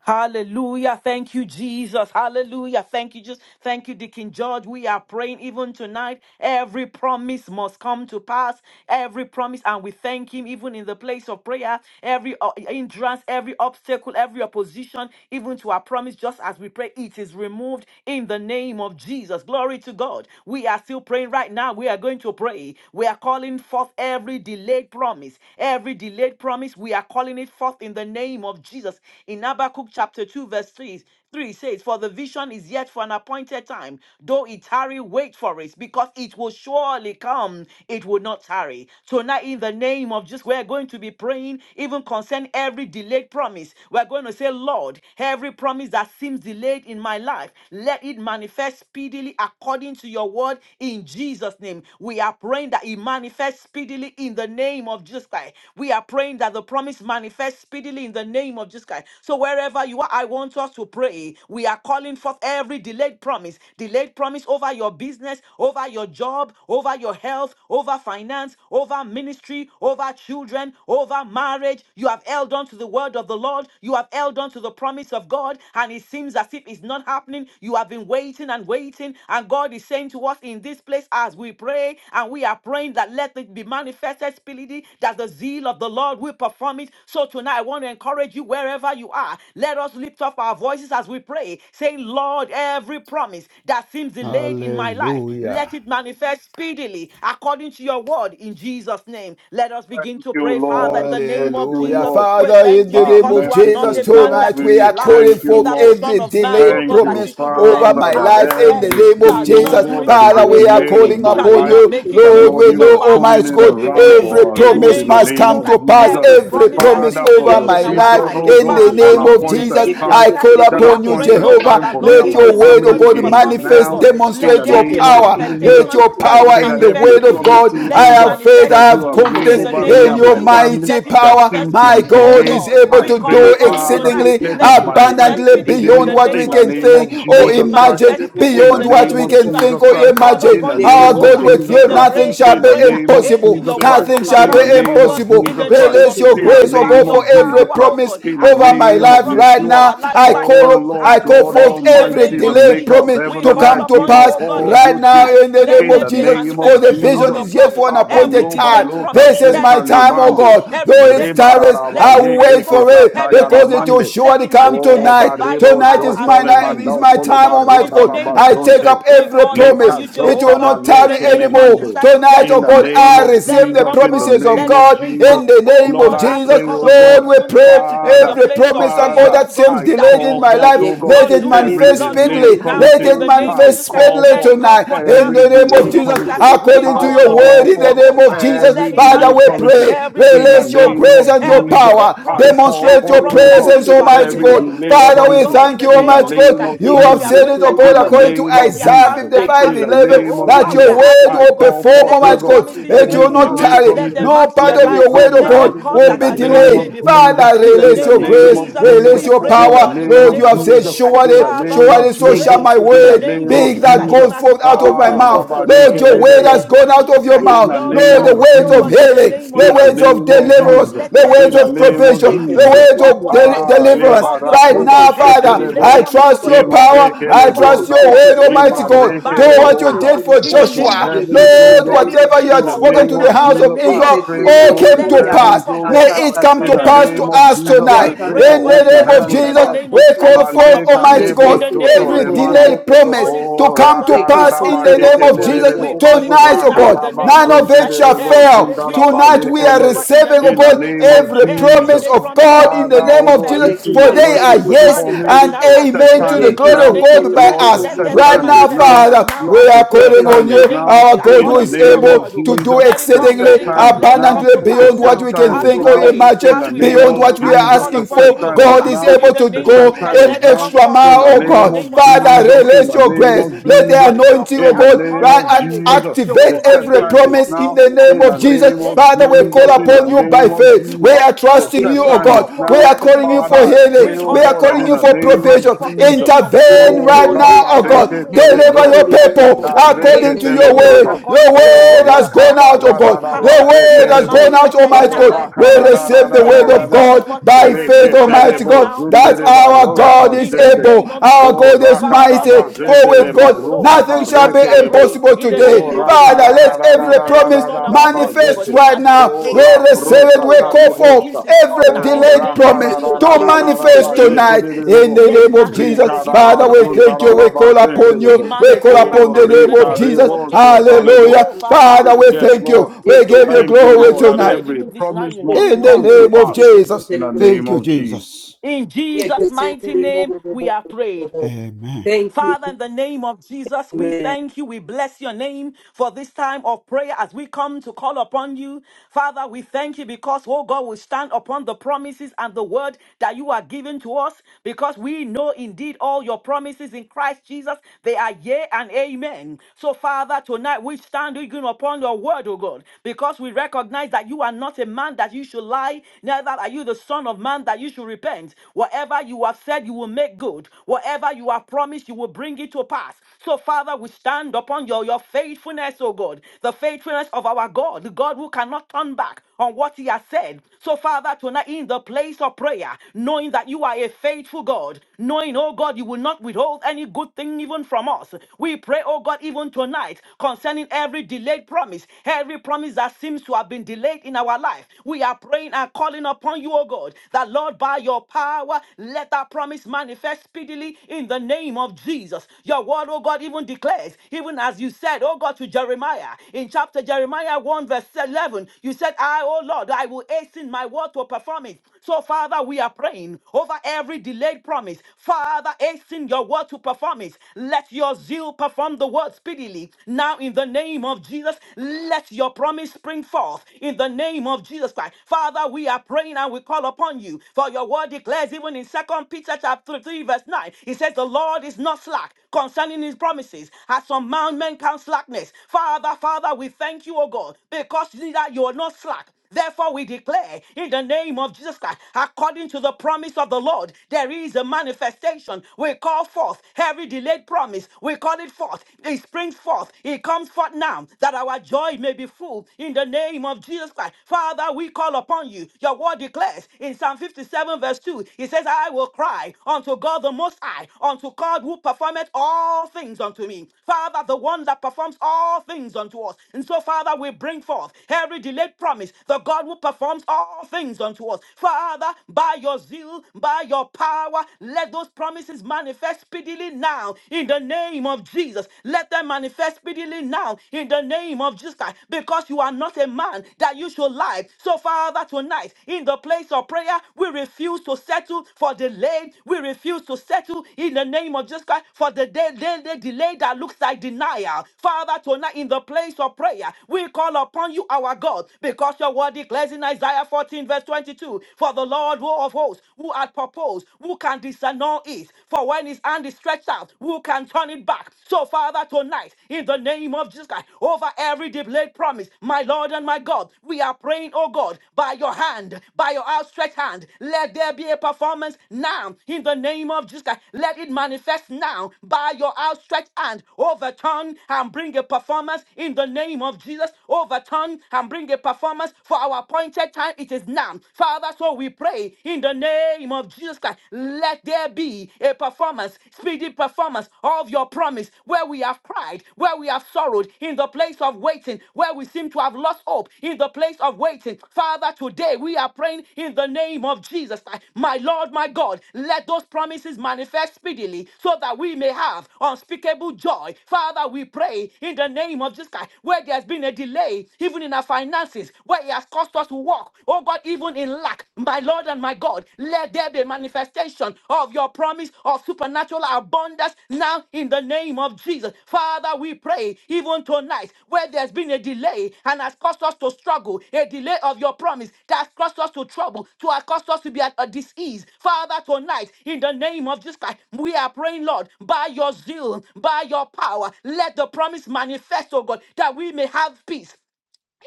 B: Hallelujah. Thank you, Jesus. Hallelujah. Thank you, just thank you, Deacon George. We are praying even tonight. Every promise must come to pass. Every promise, and we thank him even in the place of prayer. Every uh, hindrance, every obstacle, every opposition, even to our promise, just as we pray, it is removed in the name of Jesus. Glory to God. We are still praying right now. We are going to pray. We are calling forth every delayed promise. Every delayed promise, we are calling it forth in the the name of Jesus. In Habakkuk chapter 2, verse 3, 3 says, For the vision is yet for an appointed time, though it tarry, wait for it, because it will surely come, it will not tarry. Tonight, in the name of Jesus, we're going to be praying, even concern every delayed promise. We're going to say, Lord, every promise that seems delayed in my life, let it manifest speedily according to your word in Jesus' name. We are praying that it manifests speedily in the name of Jesus Christ. We are praying praying that the promise manifests speedily in the name of Jesus Christ. So wherever you are, I want us to pray. We are calling forth every delayed promise, delayed promise over your business, over your job, over your health, over finance, over ministry, over children, over marriage. You have held on to the word of the Lord. You have held on to the promise of God, and it seems as if it's not happening. You have been waiting and waiting, and God is saying to us in this place as we pray, and we are praying that let it be manifested manifested speedily that the zeal of the Lord will perform it. So tonight, I want to encourage you wherever you are. Let us lift up our voices as we pray, saying, Lord, every promise that seems delayed in my life,
C: Hallelujah.
B: let it manifest speedily according to your word in Jesus' name. Let us begin
H: Thank
B: to pray,
H: you,
B: Father, in the
H: Lord.
B: name
H: Thank
B: of
H: you,
C: Hallelujah.
B: Jesus.
H: Lord.
B: We
C: Father, in
B: thank you
C: the
H: Ah,
C: name
B: because
C: of
B: you are
F: Thank you,
B: not
H: merciful
C: Jesus,
B: a man
F: Jesus.
H: God,
B: that
C: tonight
B: you
C: we
B: should
H: we
C: are
B: lie,
H: thank
C: calling
F: Thank
H: you,
F: you,
C: forth
B: neither the
H: Lord.
F: Jesus.
B: Son
C: every
B: of
F: Thank
B: Man,
F: you,
B: oh
C: delayed
H: Thank
B: God, that you
H: you,
C: promise
B: should
C: over
B: repent.
F: Jesus.
H: Father,
C: my
B: Have you
C: life
H: that
C: in
B: said
C: the
B: it?
C: name of
B: Shall
H: everything,
B: you
H: oh
B: not
C: Jesus.
F: Thank
B: do it?
H: God, that is a
C: Father,
B: Have you
C: we are
H: delay
B: spoken it?
H: in
C: calling
H: my
G: Yekeshetere
B: Shall you
C: upon
H: life,
B: not
C: you.
B: make it good?
H: that
C: Lord,
B: good.
H: Lord,
C: we
H: you
B: So,
C: know,
H: are
B: Father,
C: Almighty
H: turning it
B: today
C: God,
B: we
H: around
B: pray
C: every
H: for our
B: in the
G: Yekeşeterebo,
H: good in
C: promise
H: the
B: name of
C: must
H: name
B: Jesus.
C: come
G: keterebo,
H: of
C: to
B: Christ,
C: pass.
H: Jesus.
B: Every
C: Every
B: promise that
G: yekeşeterebo,
C: promise
B: seems
H: Father, for
C: over
H: your
B: delayed
C: my
B: in our
C: life
H: vision,
B: life,
G: yekeşeterebo,
H: oh
C: in
H: God,
C: the
H: is for
B: Father,
H: an
C: name
B: Lord,
G: yekeşeterebo,
C: of
B: in the
C: Jesus.
H: appointed
B: name of
H: time.
C: I
B: Jesus, Christ,
C: call
G: yekeşeterebo,
H: That
B: we are
C: upon you,
B: praying,
H: appointed
B: oh God,
G: yekeşeterebo,
H: time
C: Jehovah.
B: that
H: for me
G: yekeşeterebo,
B: Lord,
H: and
C: Let
H: my
C: your
B: hasten your
C: word, oh
H: family
B: word
G: yekeşeterebo,
B: to
C: God,
G: yekeşeterebo,
H: is
B: perform it, oh
C: manifest,
H: now
B: God.
G: yekeşeterebo,
H: in
B: Let
H: the
C: demonstrate
B: there
C: your
B: be a
H: name of
C: power.
H: Jesus.
C: Let
B: manifestation.
C: your
H: I
B: Let it
C: power
G: yekeşeterebo,
H: pray
C: in
H: that
C: the
B: manifest
H: every
C: word of
B: speedily.
C: God.
H: promises,
C: I
B: Let
H: oh
B: it
H: God,
C: have faith said,
B: manifest
H: that
C: I
H: you
C: have
H: have
B: speedily
H: made
B: in
C: confidence
B: the
H: over
B: name
H: me
G: yekeşeterebo,
C: in
B: of
H: and
C: your
H: my
B: Jesus.
G: şeterebo,
H: family
C: mighty
B: Let it
H: that
C: power.
B: manifest
H: seems
F: you.
H: to
C: My
H: be
B: speedily, oh
C: God
H: delayed,
C: is
B: God.
C: able
H: I
B: We
C: to
F: Jesus.
B: call
H: pray,
C: do
B: upon you
F: Allahu
H: Father,
B: tonight.
C: exceedingly
G: yekeşeterebo,
H: let
G: bo,
H: it
B: Let it
H: manifest
G: şeterebo,
B: manifest
C: abundantly
G: bo,
H: in
G: bo,
B: speedily
H: the
B: in
G: bo,
C: beyond
B: the
H: name
G: bo,
C: what
G: bo,
B: name
C: we
H: in the
B: of
C: can
G: bo, bo, bo,
H: name
B: Jesus.
C: think
H: of
C: or
B: Let it
H: Jesus Christ.
B: manifest
C: imagine,
G: yekeşeterebo, bo,
B: speedily
H: In
G: bo,
B: in
H: the
C: beyond
G: bo,
B: the
C: what
H: name
G: bo,
B: name
G: bo,
C: we
B: of
H: of
B: Jesus.
C: can
G: bo,
H: Jesus
C: think
G: bo,
C: or
B: We
G: bo,
H: Christ.
G: bo,
B: call call
C: imagine.
H: In the
B: upon you,
C: Our
H: name of
C: God,
B: Jehovah,
C: with
H: Jesus
G: yekeşeterebo,
B: in
C: you,
B: the
H: Christ.
C: nothing
B: praise
C: shall
G: şeterebo,
B: of
H: In
C: be
H: the
B: prayer.
H: name of
B: It's in
C: impossible.
H: Jesus
B: your word
H: Christ.
B: to
C: Nothing shall
H: In
C: be
H: the
B: perform it,
G: yekeşeterebo,
B: oh
H: name of
B: God,
C: impossible.
B: in
H: Jesus
B: the
H: Christ.
B: name
C: Release
B: of
C: your
B: Jesus,
H: In the
C: grace,
G: yekeşeterebo,
C: oh
B: by
H: name
C: God,
B: your
C: for
H: of
C: every
H: Jesus
B: power, oh
H: Christ.
C: promise
B: God.
H: In the
C: over my
B: Accomplish
H: name
B: your
H: of
C: life
B: promise
C: right
B: in
H: Yeshua.
C: now.
B: our lives
C: I
B: right now
H: Oh
C: call, I
H: Lord
B: as we
C: call
H: God
B: pray
C: forth
B: in the
C: every
H: Almighty,
B: name
H: the
B: of
C: delayed
H: maker
B: Jesus.
H: of
C: promise
H: heaven
B: We
C: to
H: and
B: call
C: come
H: earth,
C: to
B: upon
H: giver
B: you,
H: of
C: pass
B: oh God,
H: all
B: even
C: right
H: good
C: now
H: gifts.
B: tonight.
C: in the
B: Let
C: name
H: In
B: there
C: of
H: the
B: be a
C: Jesus.
H: name
C: For for
H: of
C: the
B: manifestation of
C: vision
H: Jesus.
B: your
C: is yet
B: promise.
C: for an
B: Every
C: appointed
H: Abaloba
B: delayed
C: time.
H: loka
B: promise,
C: This is
B: let
C: my
H: sheka
B: it come
C: time, O
B: forth.
H: lebande.
C: God.
B: Every
C: Though it's
B: delayed
H: Reba
B: promise,
C: tireless,
B: let
C: I
B: it
C: will
B: spring
H: yeke
C: wait
B: forth.
C: for it
B: Every
H: zataya
B: delayed
C: because it
B: promise,
C: will
H: lamande.
B: let
C: surely
B: it
C: come
H: Oh,
B: manifest by
C: tonight.
B: your
H: Barebo
C: Tonight
B: power
C: is
B: as
C: my
B: we
H: Jotole
B: pray,
C: night, is
B: even
H: Mandao
C: my
B: this
H: Kolo
C: time,
B: evening, in
C: Almighty
B: the
H: Baroda
C: God.
B: name of
C: I take
B: Jesus.
H: Rabazonte.
C: up
B: We
C: every
B: call
H: Le
B: upon
C: promise.
B: you,
C: It will
H: Kazonta
B: Jehovah,
C: not
B: in
H: Bale
B: the
C: tarry
H: Kele
B: name of
C: anymore.
B: Jesus.
H: Mande.
B: Let
C: Tonight,
H: In
C: O
B: it
H: the
C: God,
B: come
H: name
B: forth,
C: I
H: of
B: let
C: receive
B: it
C: the
H: Jesus,
B: come
H: in the
B: forth,
C: promises of
B: let
H: name
B: it
H: of
C: God
B: spring
H: Jesus,
B: forth,
C: in the
B: oh
C: name
H: Lord,
C: of
B: God,
H: I
B: as we
C: Jesus.
H: pray,
B: call
H: oh
B: upon you,
H: God,
C: Lord, we
B: even
C: pray
B: tonight, in
H: Father,
B: the
C: every
B: place of
C: promise, oh
B: prayer,
C: God,
H: Father,
B: oh
C: that
B: God,
C: seems
H: I
B: that
C: delayed
B: you
C: in
H: call
B: will
C: my
B: do
H: forth,
C: life,
B: it,
H: oh
G: Yes,
H: God,
C: let
B: Lord,
C: it
B: do it,
H: every
C: manifest
B: Lord, do
H: delayed
C: speedily.
B: it now,
C: Let
H: promises.
B: in
C: it
B: the name
H: I
B: of Jesus.
C: manifest
H: call
C: speedily
B: Let
H: forth
B: it
C: tonight
B: come
C: tonight.
B: forth
C: In
B: now,
H: every
C: the
B: in the
C: name of
B: name
H: delayed
B: of
C: Jesus,
B: Jesus.
H: promises.
B: We
C: according
H: I
C: to
B: call
C: your
B: upon
C: word,
H: call
B: you,
C: in the
H: forth
C: name of
B: Jehovah.
C: Jesus,
H: every
B: Let it
C: Father,
H: delayed
C: we
B: manifest
H: promises.
C: pray.
B: every
H: In the
B: delayed
C: Release your
H: name
B: promise,
C: grace
H: of
C: and your
B: every
H: Jesus,
C: power.
B: delayed
H: I
B: promise,
H: call
C: Demonstrate
B: every
C: your
H: forth,
B: promise
H: oh
B: that
H: God
C: presence,
B: seems to have been
C: Almighty
B: delayed
H: every
B: delay.
C: God.
H: delayed
B: Oh
C: Father,
B: my
C: we
H: promises
B: God, in
C: thank
B: the
C: you,
H: in the
B: name
C: Almighty
B: of Jesus
H: name
B: Christ,
C: God.
H: of
C: You
B: where
C: have
B: we have
C: said
H: Jesus.
C: it, oh
B: waited
C: God,
B: and
H: In the
C: according
B: waited,
C: to
H: name
B: where
H: of
B: we have
C: Isaiah
H: Jesus.
B: tarried and
C: 55
H: In
B: tarried,
H: the
C: 11,
H: name of
C: that
B: Jehovah, we
C: your
B: are
H: Jesus.
C: word
B: asking,
H: I
B: oh
C: will
B: God,
H: call
C: perform,
H: forth,
B: let
H: oh
B: those
C: Almighty
H: God,
C: God.
B: promises
C: It
H: every
C: will
B: spring
G: Yekesetelebo
C: not
B: forth,
H: delayed
C: tarry.
B: let
G: boshetelebo.
H: promises,
B: them
C: No part
H: let
C: of
H: it
C: your
B: materialize,
C: word,
H: come
C: oh
B: let them
H: now.
C: God,
G: Yekeshetelebo
B: cause
C: will
H: In
B: that
C: be
H: the
B: our
H: name
B: joy may
H: of
C: delayed.
B: be
G: yekeshetelebo.
B: full.
H: Jesus.
C: Father,
B: In the
H: In
C: release
H: the
C: your
B: name of
H: name
C: grace,
G: Yekesetelebo
H: of
B: Jesus,
G: bo bo
H: Jesus.
C: release
B: we
G: bo
C: your
G: bo
B: pray,
G: bo
H: In
B: oh
H: the
G: bo
B: God,
C: power.
G: bo
B: in
G: bo
B: the
H: name
C: Lord,
G: bo
C: you
H: of
G: bo
B: name
C: have
B: of
G: bo
C: said,
H: Jesus.
B: Jesus
G: bo
B: Christ.
G: bo bo
H: In
C: surely,
H: the
G: bo bo.
B: Father,
H: name
B: Lord,
H: of
C: surely,
B: we
C: so shall
H: Jesus.
C: my that
B: pray
C: my
B: in
H: In
B: the
H: the
G: Yekesetelebo
C: word
B: name
H: name
B: of
C: being
H: of
B: Jesus
C: that
B: Christ,
G: shetelebo.
H: Jesus.
B: even
C: goes
B: as we
C: forth out
B: call
C: of my
B: upon
H: Ah,
B: you, oh
C: mouth.
B: God,
G: Yekesetelebo
C: Lord,
B: in
C: your
B: the
C: word
H: Baba
C: has
B: name
G: shetelebo.
B: of
C: gone out of
B: Jesus
C: your
B: Christ.
H: in
C: mouth.
H: the
B: Lord, we
H: name
C: Lord,
B: are
C: the
H: of
G: Yekeshetelebo
B: praying,
C: words
B: oh
C: of
B: God,
G: shetelebo.
B: in
H: Jesus,
B: the
C: healing,
B: name
C: the
B: of
H: in the
B: Jesus
C: words
B: Christ.
C: of
H: name of
B: Oh
G: Yekesetelebo
B: God,
C: deliverance,
H: Jesus,
B: let
C: the
B: there
H: in
C: words
B: be,
H: the
G: yekeshetelebo.
B: oh
C: of
B: God, a
H: name of
C: provision, the
B: manifestation
H: Jesus.
C: words
B: of
G: Yekesetelebo
C: of
B: what
G: bo
B: you
G: bo
B: have
C: de-
G: bo
H: Ah,
G: bo
B: said,
G: bo
H: le
G: bo.
C: deliverance.
B: of your
C: Right
B: promise.
H: barakoba
C: now,
B: Every
C: Father,
G: Yekesetelebo
B: delayed
H: shekelebo,
C: I
B: promise, oh
C: trust
B: God,
C: your
H: yema
G: yekesetelebo.
B: let it
C: power.
B: spring
C: I
H: dekele
B: forth.
C: trust
H: broza,
C: your
B: Let it
C: word,
G: Yekeshetelebo
B: spring
G: bo
C: Almighty
H: yema
B: forth
G: bo
B: now
G: bo
C: God.
G: bo
C: Do
B: by
G: bo
H: rekele
G: bo
B: your
C: what you
H: boza.
C: did
B: power
C: for
G: shetelebo.
B: in the
H: Open
B: name
C: Joshua.
B: of
G: Ye
H: heavens,
B: Jesus.
H: O
C: Lord,
B: Let
H: God.
G: Yekesetere
B: it
G: bo
C: whatever
G: bo
B: spring
C: you
H: In
G: bo
C: had
H: the
B: forth
G: bo bo
C: spoken
B: right
H: name
G: bo
C: to
H: of
C: the
B: now
G: bo.
B: in
C: house
B: the
C: of
H: Jesus,
G: ye
B: name
H: I
B: of
C: Israel
H: pray
B: Jesus
C: all
H: for
B: Christ.
G: Yekesendere
C: came
G: bo
H: open
B: Let it
C: to
B: this
G: ya
B: bring
G: ka
C: pass.
H: heavens,
B: forth,
H: O
G: ka
C: May
B: oh
H: God.
G: ka
C: it
B: God,
G: ka.
C: come
G: ka
H: In
B: in
C: to
H: the
B: the
G: ka ka,
C: pass
B: name
C: to
H: name
B: of
G: ka
H: of
B: Jesus
C: us
B: Christ.
H: Jesus,
G: Ya
H: I
C: tonight.
B: We
G: ka
H: pray
B: pray,
G: ka
B: oh
C: In
H: for
G: ka
B: God,
C: the
G: ya ka
H: open
G: ka
B: even
C: name
B: for
C: of
B: this
H: heavens.
G: kaka
B: in the
C: Jesus,
H: Ah,
G: kaka
B: name
C: we
B: of Jesus Christ.
G: shetere
C: call
B: We
G: bo.
C: for
B: call
H: Male
C: forth,
B: upon you
G: ye
C: Almighty
B: in
H: kalebo
B: the
C: God,
B: name
H: shoto
G: Yekesetere
B: of
C: every
G: bo
B: Jesus
G: bo
B: Christ.
H: mande.
G: bo
C: delay
G: bo
B: We
G: bo bo
C: promise
B: call it
G: bo bo.
C: to
H: O
B: forth, oh
C: come
B: God.
G: ye
C: to
B: We
C: pass
B: call
H: rakaraba
C: in
B: it
C: the
G: Yekesetere
B: forth,
G: bo
C: name
B: oh
G: bo
C: of
B: God.
G: bo
C: Jesus
G: bo
B: We
H: yekelelebo.
G: bo bo
B: call it
G: bo
B: forth
C: tonight, oh
B: now
G: shetere
B: in the
G: bo.
C: God.
H: Rakaraba
B: name
C: None
B: of
C: of
B: Jesus
C: it
B: Christ.
C: shall
H: zondelelebo
B: Every
C: fail.
B: delay, we
H: zundaraba
B: call you
C: Tonight we
B: forth,
C: are
B: oh
H: yekele.
B: God, in the
C: receiving, oh
H: In
B: name
H: the
B: of
C: God,
B: Jesus
H: name
B: Christ.
H: of
C: every
B: Every
H: Jesus.
C: promise
B: delay
C: of
B: promise, oh
C: God
B: God
C: in the
H: Father,
C: name
H: oh
C: of
H: God,
G: ye
B: manifest,
C: Jesus,
H: hasten
C: for
H: your
C: they
H: word
G: Yekesetere
H: to
C: are
B: manifest,
G: bo bo
C: yes
H: perform it.
B: manifest
G: shetere
C: and
G: bo.
B: now
H: The
B: as we
H: set
C: amen to
H: time
B: pray
C: the
H: is
B: in the
C: glory of
H: now.
B: name of
G: Yekesetere
C: God
B: Jesus
G: bo
C: by
B: Christ.
G: bo
H: Lord,
G: bo
H: the
C: us.
B: Let
G: bo
H: set
B: there
G: bo
B: be
G: bo
B: a
C: Right
H: time is
C: now,
G: shetere
H: now.
G: bo.
C: Father,
B: manifestation now
H: Lord,
C: we
B: as we
H: the
C: are
H: set
B: pray
C: calling
B: in
C: on
H: time
B: the
H: is
C: you,
B: name of
H: now.
C: our
B: Jesus,
G: Yekesetere
C: God
H: In
C: who
H: the
B: according
C: is
B: to your
H: name
C: able
H: of
B: word, oh
C: to
B: God.
C: do
H: Jesus,
B: Let it
H: the
B: come,
H: set
C: exceedingly
B: let it come,
H: time is
B: let it
H: now.
B: come
C: abundantly
B: to
G: bo bo bo bo
B: pass
H: The
C: beyond
H: set
C: what
B: now
C: we can
H: time
B: as
H: is
C: think
G: bo
B: we
C: or
G: bo bo
H: now.
G: bo
B: pray,
C: imagine,
H: In
B: as
H: the
B: we
H: name
C: beyond
H: of
B: pray,
C: what we
B: as we
C: are
H: Jesus,
B: call
G: se
H: the
C: asking
G: te
C: for.
B: upon
H: set
G: de
B: you,
G: bo,
C: God,
H: time is
C: God
B: Jehovah.
C: is
G: ye
H: now
B: In
C: able
B: the
C: to
H: the
B: name of
H: set
C: go
B: Jesus,
G: shetere
H: time
C: an
H: is
B: let it
H: now.
B: come
C: extra
B: forth, oh
H: In the
B: God.
C: mile, oh
B: In the
H: name
C: God.
H: of
B: name of Jesus,
G: bo.
B: as we
C: Father,
H: Jesus, in
C: release
B: pray
H: the
C: your
H: name
B: in
C: grace.
B: this
H: of
G: the
B: place,
C: Let
B: oh
C: the
H: Jesus,
B: God, listen of
C: anointing,
B: prayer
C: oh
H: in the
B: as we
C: God,
B: call
H: name
C: right,
H: of
B: upon
C: and
B: you, oh God.
H: Jesus.
C: activate
H: The
B: Jehovah,
H: set
B: in the
C: every
H: time
B: name
H: is
B: of
C: promise in
H: now.
B: Jesus
C: the
B: Christ,
C: name
H: In
B: oh
H: the
C: of
B: God,
H: name
C: Jesus.
H: of
B: let it
C: Father, we call
H: Jesus,
B: manifest, oh
H: in the
B: God.
C: upon you
B: Every
C: by
H: name of
B: delay, we
C: faith. We
H: Jesus.
B: call
C: are
B: it
H: The
B: forth.
C: trusting
H: set
C: you, oh
B: We
H: time
B: call
H: is
C: God.
B: forth
C: We
H: now.
C: are
B: every
C: calling you
B: delayed
H: Father,
C: for
H: I
B: promise.
C: healing.
H: pray,
B: We
H: oh
C: We
B: call
C: are
B: it
H: God, and
C: calling
H: in
B: forth.
C: you
H: the
C: for
B: We
H: name
B: call
H: of
B: it
C: provision.
B: forth in the
H: Jesus.
B: name of Jesus Christ.
C: Intervene
H: Oh,
B: No
C: right now,
B: longer
H: Rabba
C: oh
B: shall
C: God.
B: we
H: Reke
B: wait and wait
C: Deliver
H: Telebro,
B: and
C: your
B: wait and seem
C: people
B: to
H: Yada
B: wait in
H: Reke
C: according
B: vain.
C: to your
B: But Lord,
H: Telebosa,
C: word. Your
B: according to your
H: Oh,
C: word
B: word
C: has
B: and
C: gone
H: Rakaba
C: out,
B: according
C: oh
B: to your
C: God. Your
H: Radaraba
B: power, it
C: word
B: is
C: has
H: Zekerebo,
C: gone
G: Fulfillment
C: out,
B: manifested
G: of
C: Almighty
H: Oh,
B: now.
G: my
C: God. We
B: In the
G: promise in
B: name of
G: the
C: receive
B: Jesus
C: the
G: name
B: Christ,
C: word word
G: of
B: it
C: of
H: Rakara
B: springs
G: Jesus.
C: God,
B: forth now
G: Be
C: by
B: now. He
C: faith,
G: removed right
C: Almighty
B: manifests
C: God,
H: Reketerebo
G: now.
B: now. He
C: that
H: zundere
B: comes forth
C: our
H: maroda
B: now
C: God
B: in
C: is
B: the
H: bazente.
C: able,
B: name of
C: our
H: O
B: Jesus.
C: God is
H: rakara
B: Father,
C: mighty.
B: Lord, we thank you
C: For
H: bazendele
C: with
B: because it
C: God,
B: is
H: maroka
B: so.
C: nothing
B: Even
C: shall
B: as
C: be
B: we are
H: barekerebo.
B: prayed
C: impossible
B: in the
C: today.
H: O
B: name of
C: Father,
B: Jesus
H: rakara ra
C: let
B: Christ,
H: ra ra
B: we
C: every
H: ra ra
B: thank you,
C: promise
H: ra
B: Lord,
H: ra
B: and we
H: ra
B: praise you.
C: manifest
B: But
H: bazente.
B: even
C: right
B: as we are
C: now.
H: O
C: We
B: prayed,
C: receive
B: even
C: it,
H: raproza
B: so,
C: we
B: Lord
C: call
B: God,
C: for
H: taliboshka.
B: it is so
C: every
B: now in
H: O
B: the
C: delayed
B: name of
C: promise
H: rakara ra
B: Jesus
H: ra
C: to
H: ra
B: Christ.
H: ra
B: In
H: ra
B: the
C: manifest
H: ba
B: name
C: tonight
B: of Jesus Christ,
C: in
H: yekerebo.
C: the
B: let it
C: name of
B: manifest.
C: Jesus.
B: It
H: Rikara
C: Father, we
B: manifests.
H: bazonta
C: thank
H: ra
C: you,
B: In
H: ra
B: it
C: we
G: Yes,
C: call
H: bazente
B: manifest,
C: upon you,
B: it
H: rebo.
C: we
G: Esta
C: call
B: manifests right
G: queremos
H: O
C: upon
B: now
C: the
B: in
C: name
B: the
C: of
G: contigo.
B: name
C: Jesus.
B: of
H: rikarebo so
B: Jesus
G: Esta
B: Christ.
G: queremos
H: talebo.
C: Hallelujah.
B: Oh Father, we
H: Ah,
C: Father, we
B: thank you,
G: contigo.
H: yes,
B: God,
C: thank
H: Lord.
B: because
C: you,
B: it is
G: E
C: we
G: que
C: give
B: so.
C: you
G: você
H: Thank you,
B: Even
G: tem
C: glory
B: as
G: no
B: we
H: Lord,
B: are
H: that
G: filho.
C: tonight.
B: prayed,
H: every
B: even this night,
H: promise
G: E que
H: must
C: In the
G: você
H: come
B: ooh,
H: to
G: no
C: name of
H: pass
C: Jesus.
H: in the
C: Thank
H: name
C: you,
H: of Jesus.
C: Jesus.
B: in
G: E
B: Jesus' mighty
G: no
B: name, we are prayed.
C: Amen.
G: Thank you,
B: Father, in the name of Jesus, we
G: man.
B: thank you. We bless your name for this time of prayer as we come to call upon you. Father, we thank you because, oh God, we stand upon the promises and the word that you are giving to us because we know indeed all your promises in Christ Jesus. They are yea and amen. So, Father, tonight we stand even upon your word, oh God, because we recognize that you are not a man that you should lie, neither are you the son of man that you should repent. Whatever you are you have said you will make good. Whatever you have promised, you will bring it to pass. So, Father, we stand upon your, your faithfulness, oh God, the faithfulness of our God, the God who cannot turn back on what he has said. So, Father, tonight in the place of prayer, knowing that you are a faithful God, knowing, oh God, you will not withhold any good thing even from us. We pray, oh God, even tonight concerning every delayed promise, every promise that seems to have been delayed in our life. We are praying and calling upon you upon you, O God, that Lord, by your power, let that promise manifest speedily in the name of Jesus. Your word, O God, even declares, even as you said, O God, to Jeremiah in chapter Jeremiah 1, verse 11, you said, I, O Lord, I will hasten my word to perform it. So, Father, we are praying over every delayed promise. Father, hasten your word to perform it. Let your zeal perform the word speedily. Now, in the name of Jesus, let your promise spring forth In in the name of Jesus Christ. Father, we are praying and we call upon you. For your word declares, even in Second Peter chapter 3, verse 9, it says, The Lord is not slack concerning his promises, as some men count slackness. Father, Father, we thank you, O God, because that you are not slack. Therefore, we declare in the name of Jesus Christ, according to the promise of the Lord, there is a manifestation. We call forth every delayed promise. We call it forth. It springs forth. It comes forth now that our joy may be full in the name of Jesus Christ. Father, we call upon you. Your word declares in Psalm 57, verse 2, it says, I will cry unto God the Most High, unto God who performeth all things unto me. Father, the one that performs all things unto us. And so, Father, we bring forth every delayed promise promise, the God who performs all things unto us. Father, by your zeal, by your power, let those promises manifest speedily now in the name of Jesus. Let them manifest speedily now in the name of Jesus Christ, because you are not a man that you should lie. So, Father, tonight, in the place of prayer, we refuse to settle for delay. We refuse to settle in the name of Jesus Christ for the day, day, day delay that looks like denial. Father, tonight, in the place of prayer, we call upon you, our God, forth because your word declares in Isaiah 14, verse 22 For the Lord who of hosts, who hath proposed, who can disannul it? For when his hand is stretched out, who can turn it back? So, Father, tonight, in the name of Jesus Christ, over every delayed promise, my Lord and my God, we are praying, oh God, by your hand, by your outstretched hand, let there be a performance now, in the name of Jesus Christ, let it manifest now, by your outstretched hand, overturn and bring a performance in the name of Jesus, overturn and and bring a performance for our appointed time. It is now. Father, so we pray in the name of Jesus Christ. Let there be a performance, speedy performance of your promise where we have cried, where we have sorrowed, in the place of waiting, where we seem to have lost hope, in the place of waiting. Father, today we are praying in the name of Jesus Christ. My Lord, my God, let those promises manifest speedily so that we may have unspeakable joy. Father, we pray in the name of Jesus Christ where there's been a delay, even in our finances, where it has caused us to walk, oh God, even in lack, my Lord and my God, let there be a manifestation of your promise of supernatural abundance now in the name of Jesus. Father, we pray even tonight where there's been a delay and has caused us to struggle, a delay of your promise that has caused us to trouble, to have caused us to be at a disease. Father, tonight, in the name of Jesus Christ, we are praying, Lord, by your zeal, by your power, let the promise manifest, oh God, that we may have peace,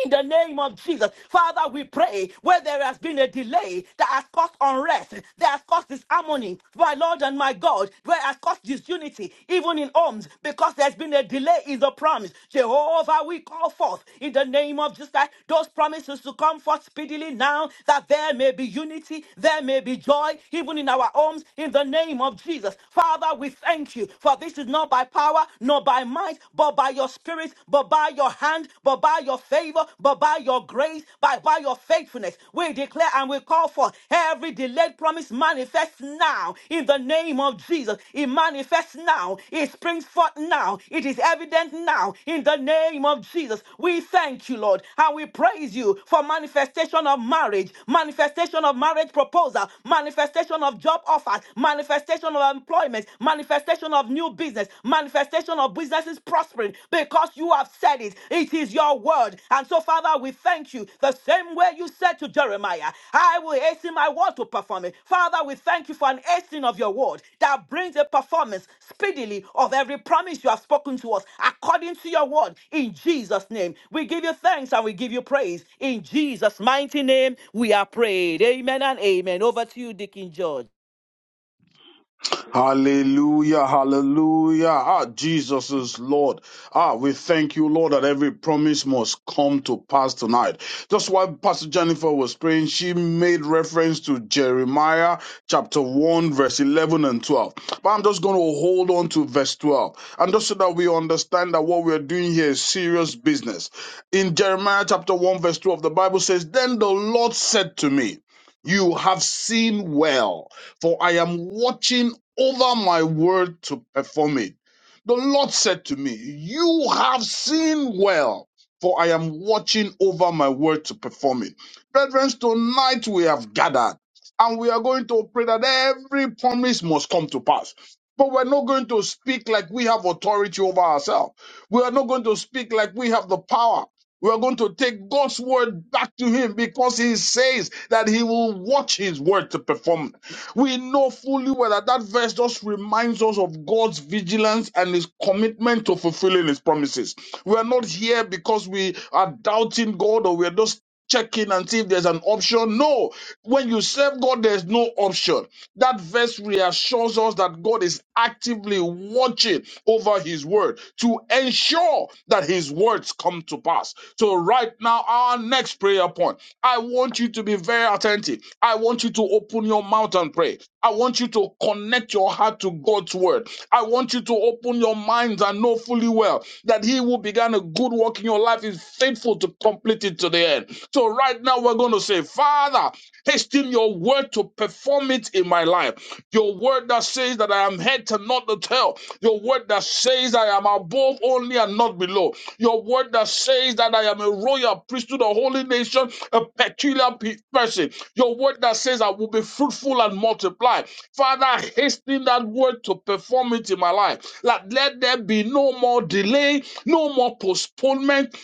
B: in the name of Jesus, Father, we pray where there has been a delay that has caused unrest, that has caused disharmony, my Lord and my God, where has caused disunity, even in homes, because there's been a delay in the promise. Jehovah, we call forth in the name of Jesus that those promises to come forth speedily now, that there may be unity, there may be joy, even in our homes, in the name of Jesus. Father, we thank you, for this is not by power, nor by might, but by by your spirit, but by your hand, but by your favor, but by your grace, by, by your faithfulness. We declare and we call for every delayed promise manifests now in the name of Jesus. It manifests now. It springs forth now. It is evident now in the name of Jesus. We thank you, Lord, and we praise you for manifestation of marriage, manifestation of marriage proposal, manifestation of job offers, manifestation of employment, manifestation of new business, manifestation of businesses prospering because you have said it. It is your word. And so, Father, we thank you the same way you said to Jeremiah, I will hasten my word to perform it. Father, we thank you for an hastening of your word that brings a performance speedily of every promise you have spoken to us according to your word in Jesus' name. We give you thanks and we give you praise. In Jesus' mighty name, we are prayed. Amen and amen. Over to you, Deacon George.
H: Hallelujah, hallelujah. Ah, Jesus is Lord. Ah, we thank you, Lord, that every promise must come to pass tonight. Just while Pastor Jennifer was praying, she made reference to Jeremiah chapter 1, verse 11 and 12. But I'm just going to hold on to verse 12. And just so that we understand that what we're doing here is serious business. In Jeremiah chapter 1, verse 12, the Bible says, Then the Lord said to me, You have seen well for I am watching over my word to perform it. The Lord said to me, You have seen well, for I am watching over my word to perform it. Brethren, tonight we have gathered and we are going to pray that every promise must come to pass. But we're not going to speak like we have authority over ourselves. We are not going to speak like we have the power. We are going to take God's word back to Him because He says that He will watch His word to perform we know fully well that that verse just reminds us of God's vigilance and his commitment to fulfilling his promises. We are not here because we are doubting God or we are just checking and see if there's an option. No, when you have God, there's no option. That verse reassures us that God is actively watching over his word to ensure that his word come to pass. So right now, our next point, I want you to be attentive. I want you to and pray. to connect your heart to God's word. I want you to open your minds and know fully well that He who began a good work in your life is faithful to complete it to the end. So, right now, we're going to say, Father, hasten your word to perform it in my life. Your word that says that I am head and not the tail. Your word that says I am above only and not below. Your word that says that I am a royal priesthood, a holy nation, a peculiar pe- person. Your word that says I will be fruitful and multiply. Father, hasten that word to perform it in my life. Let let there be no more delay, no more postponement.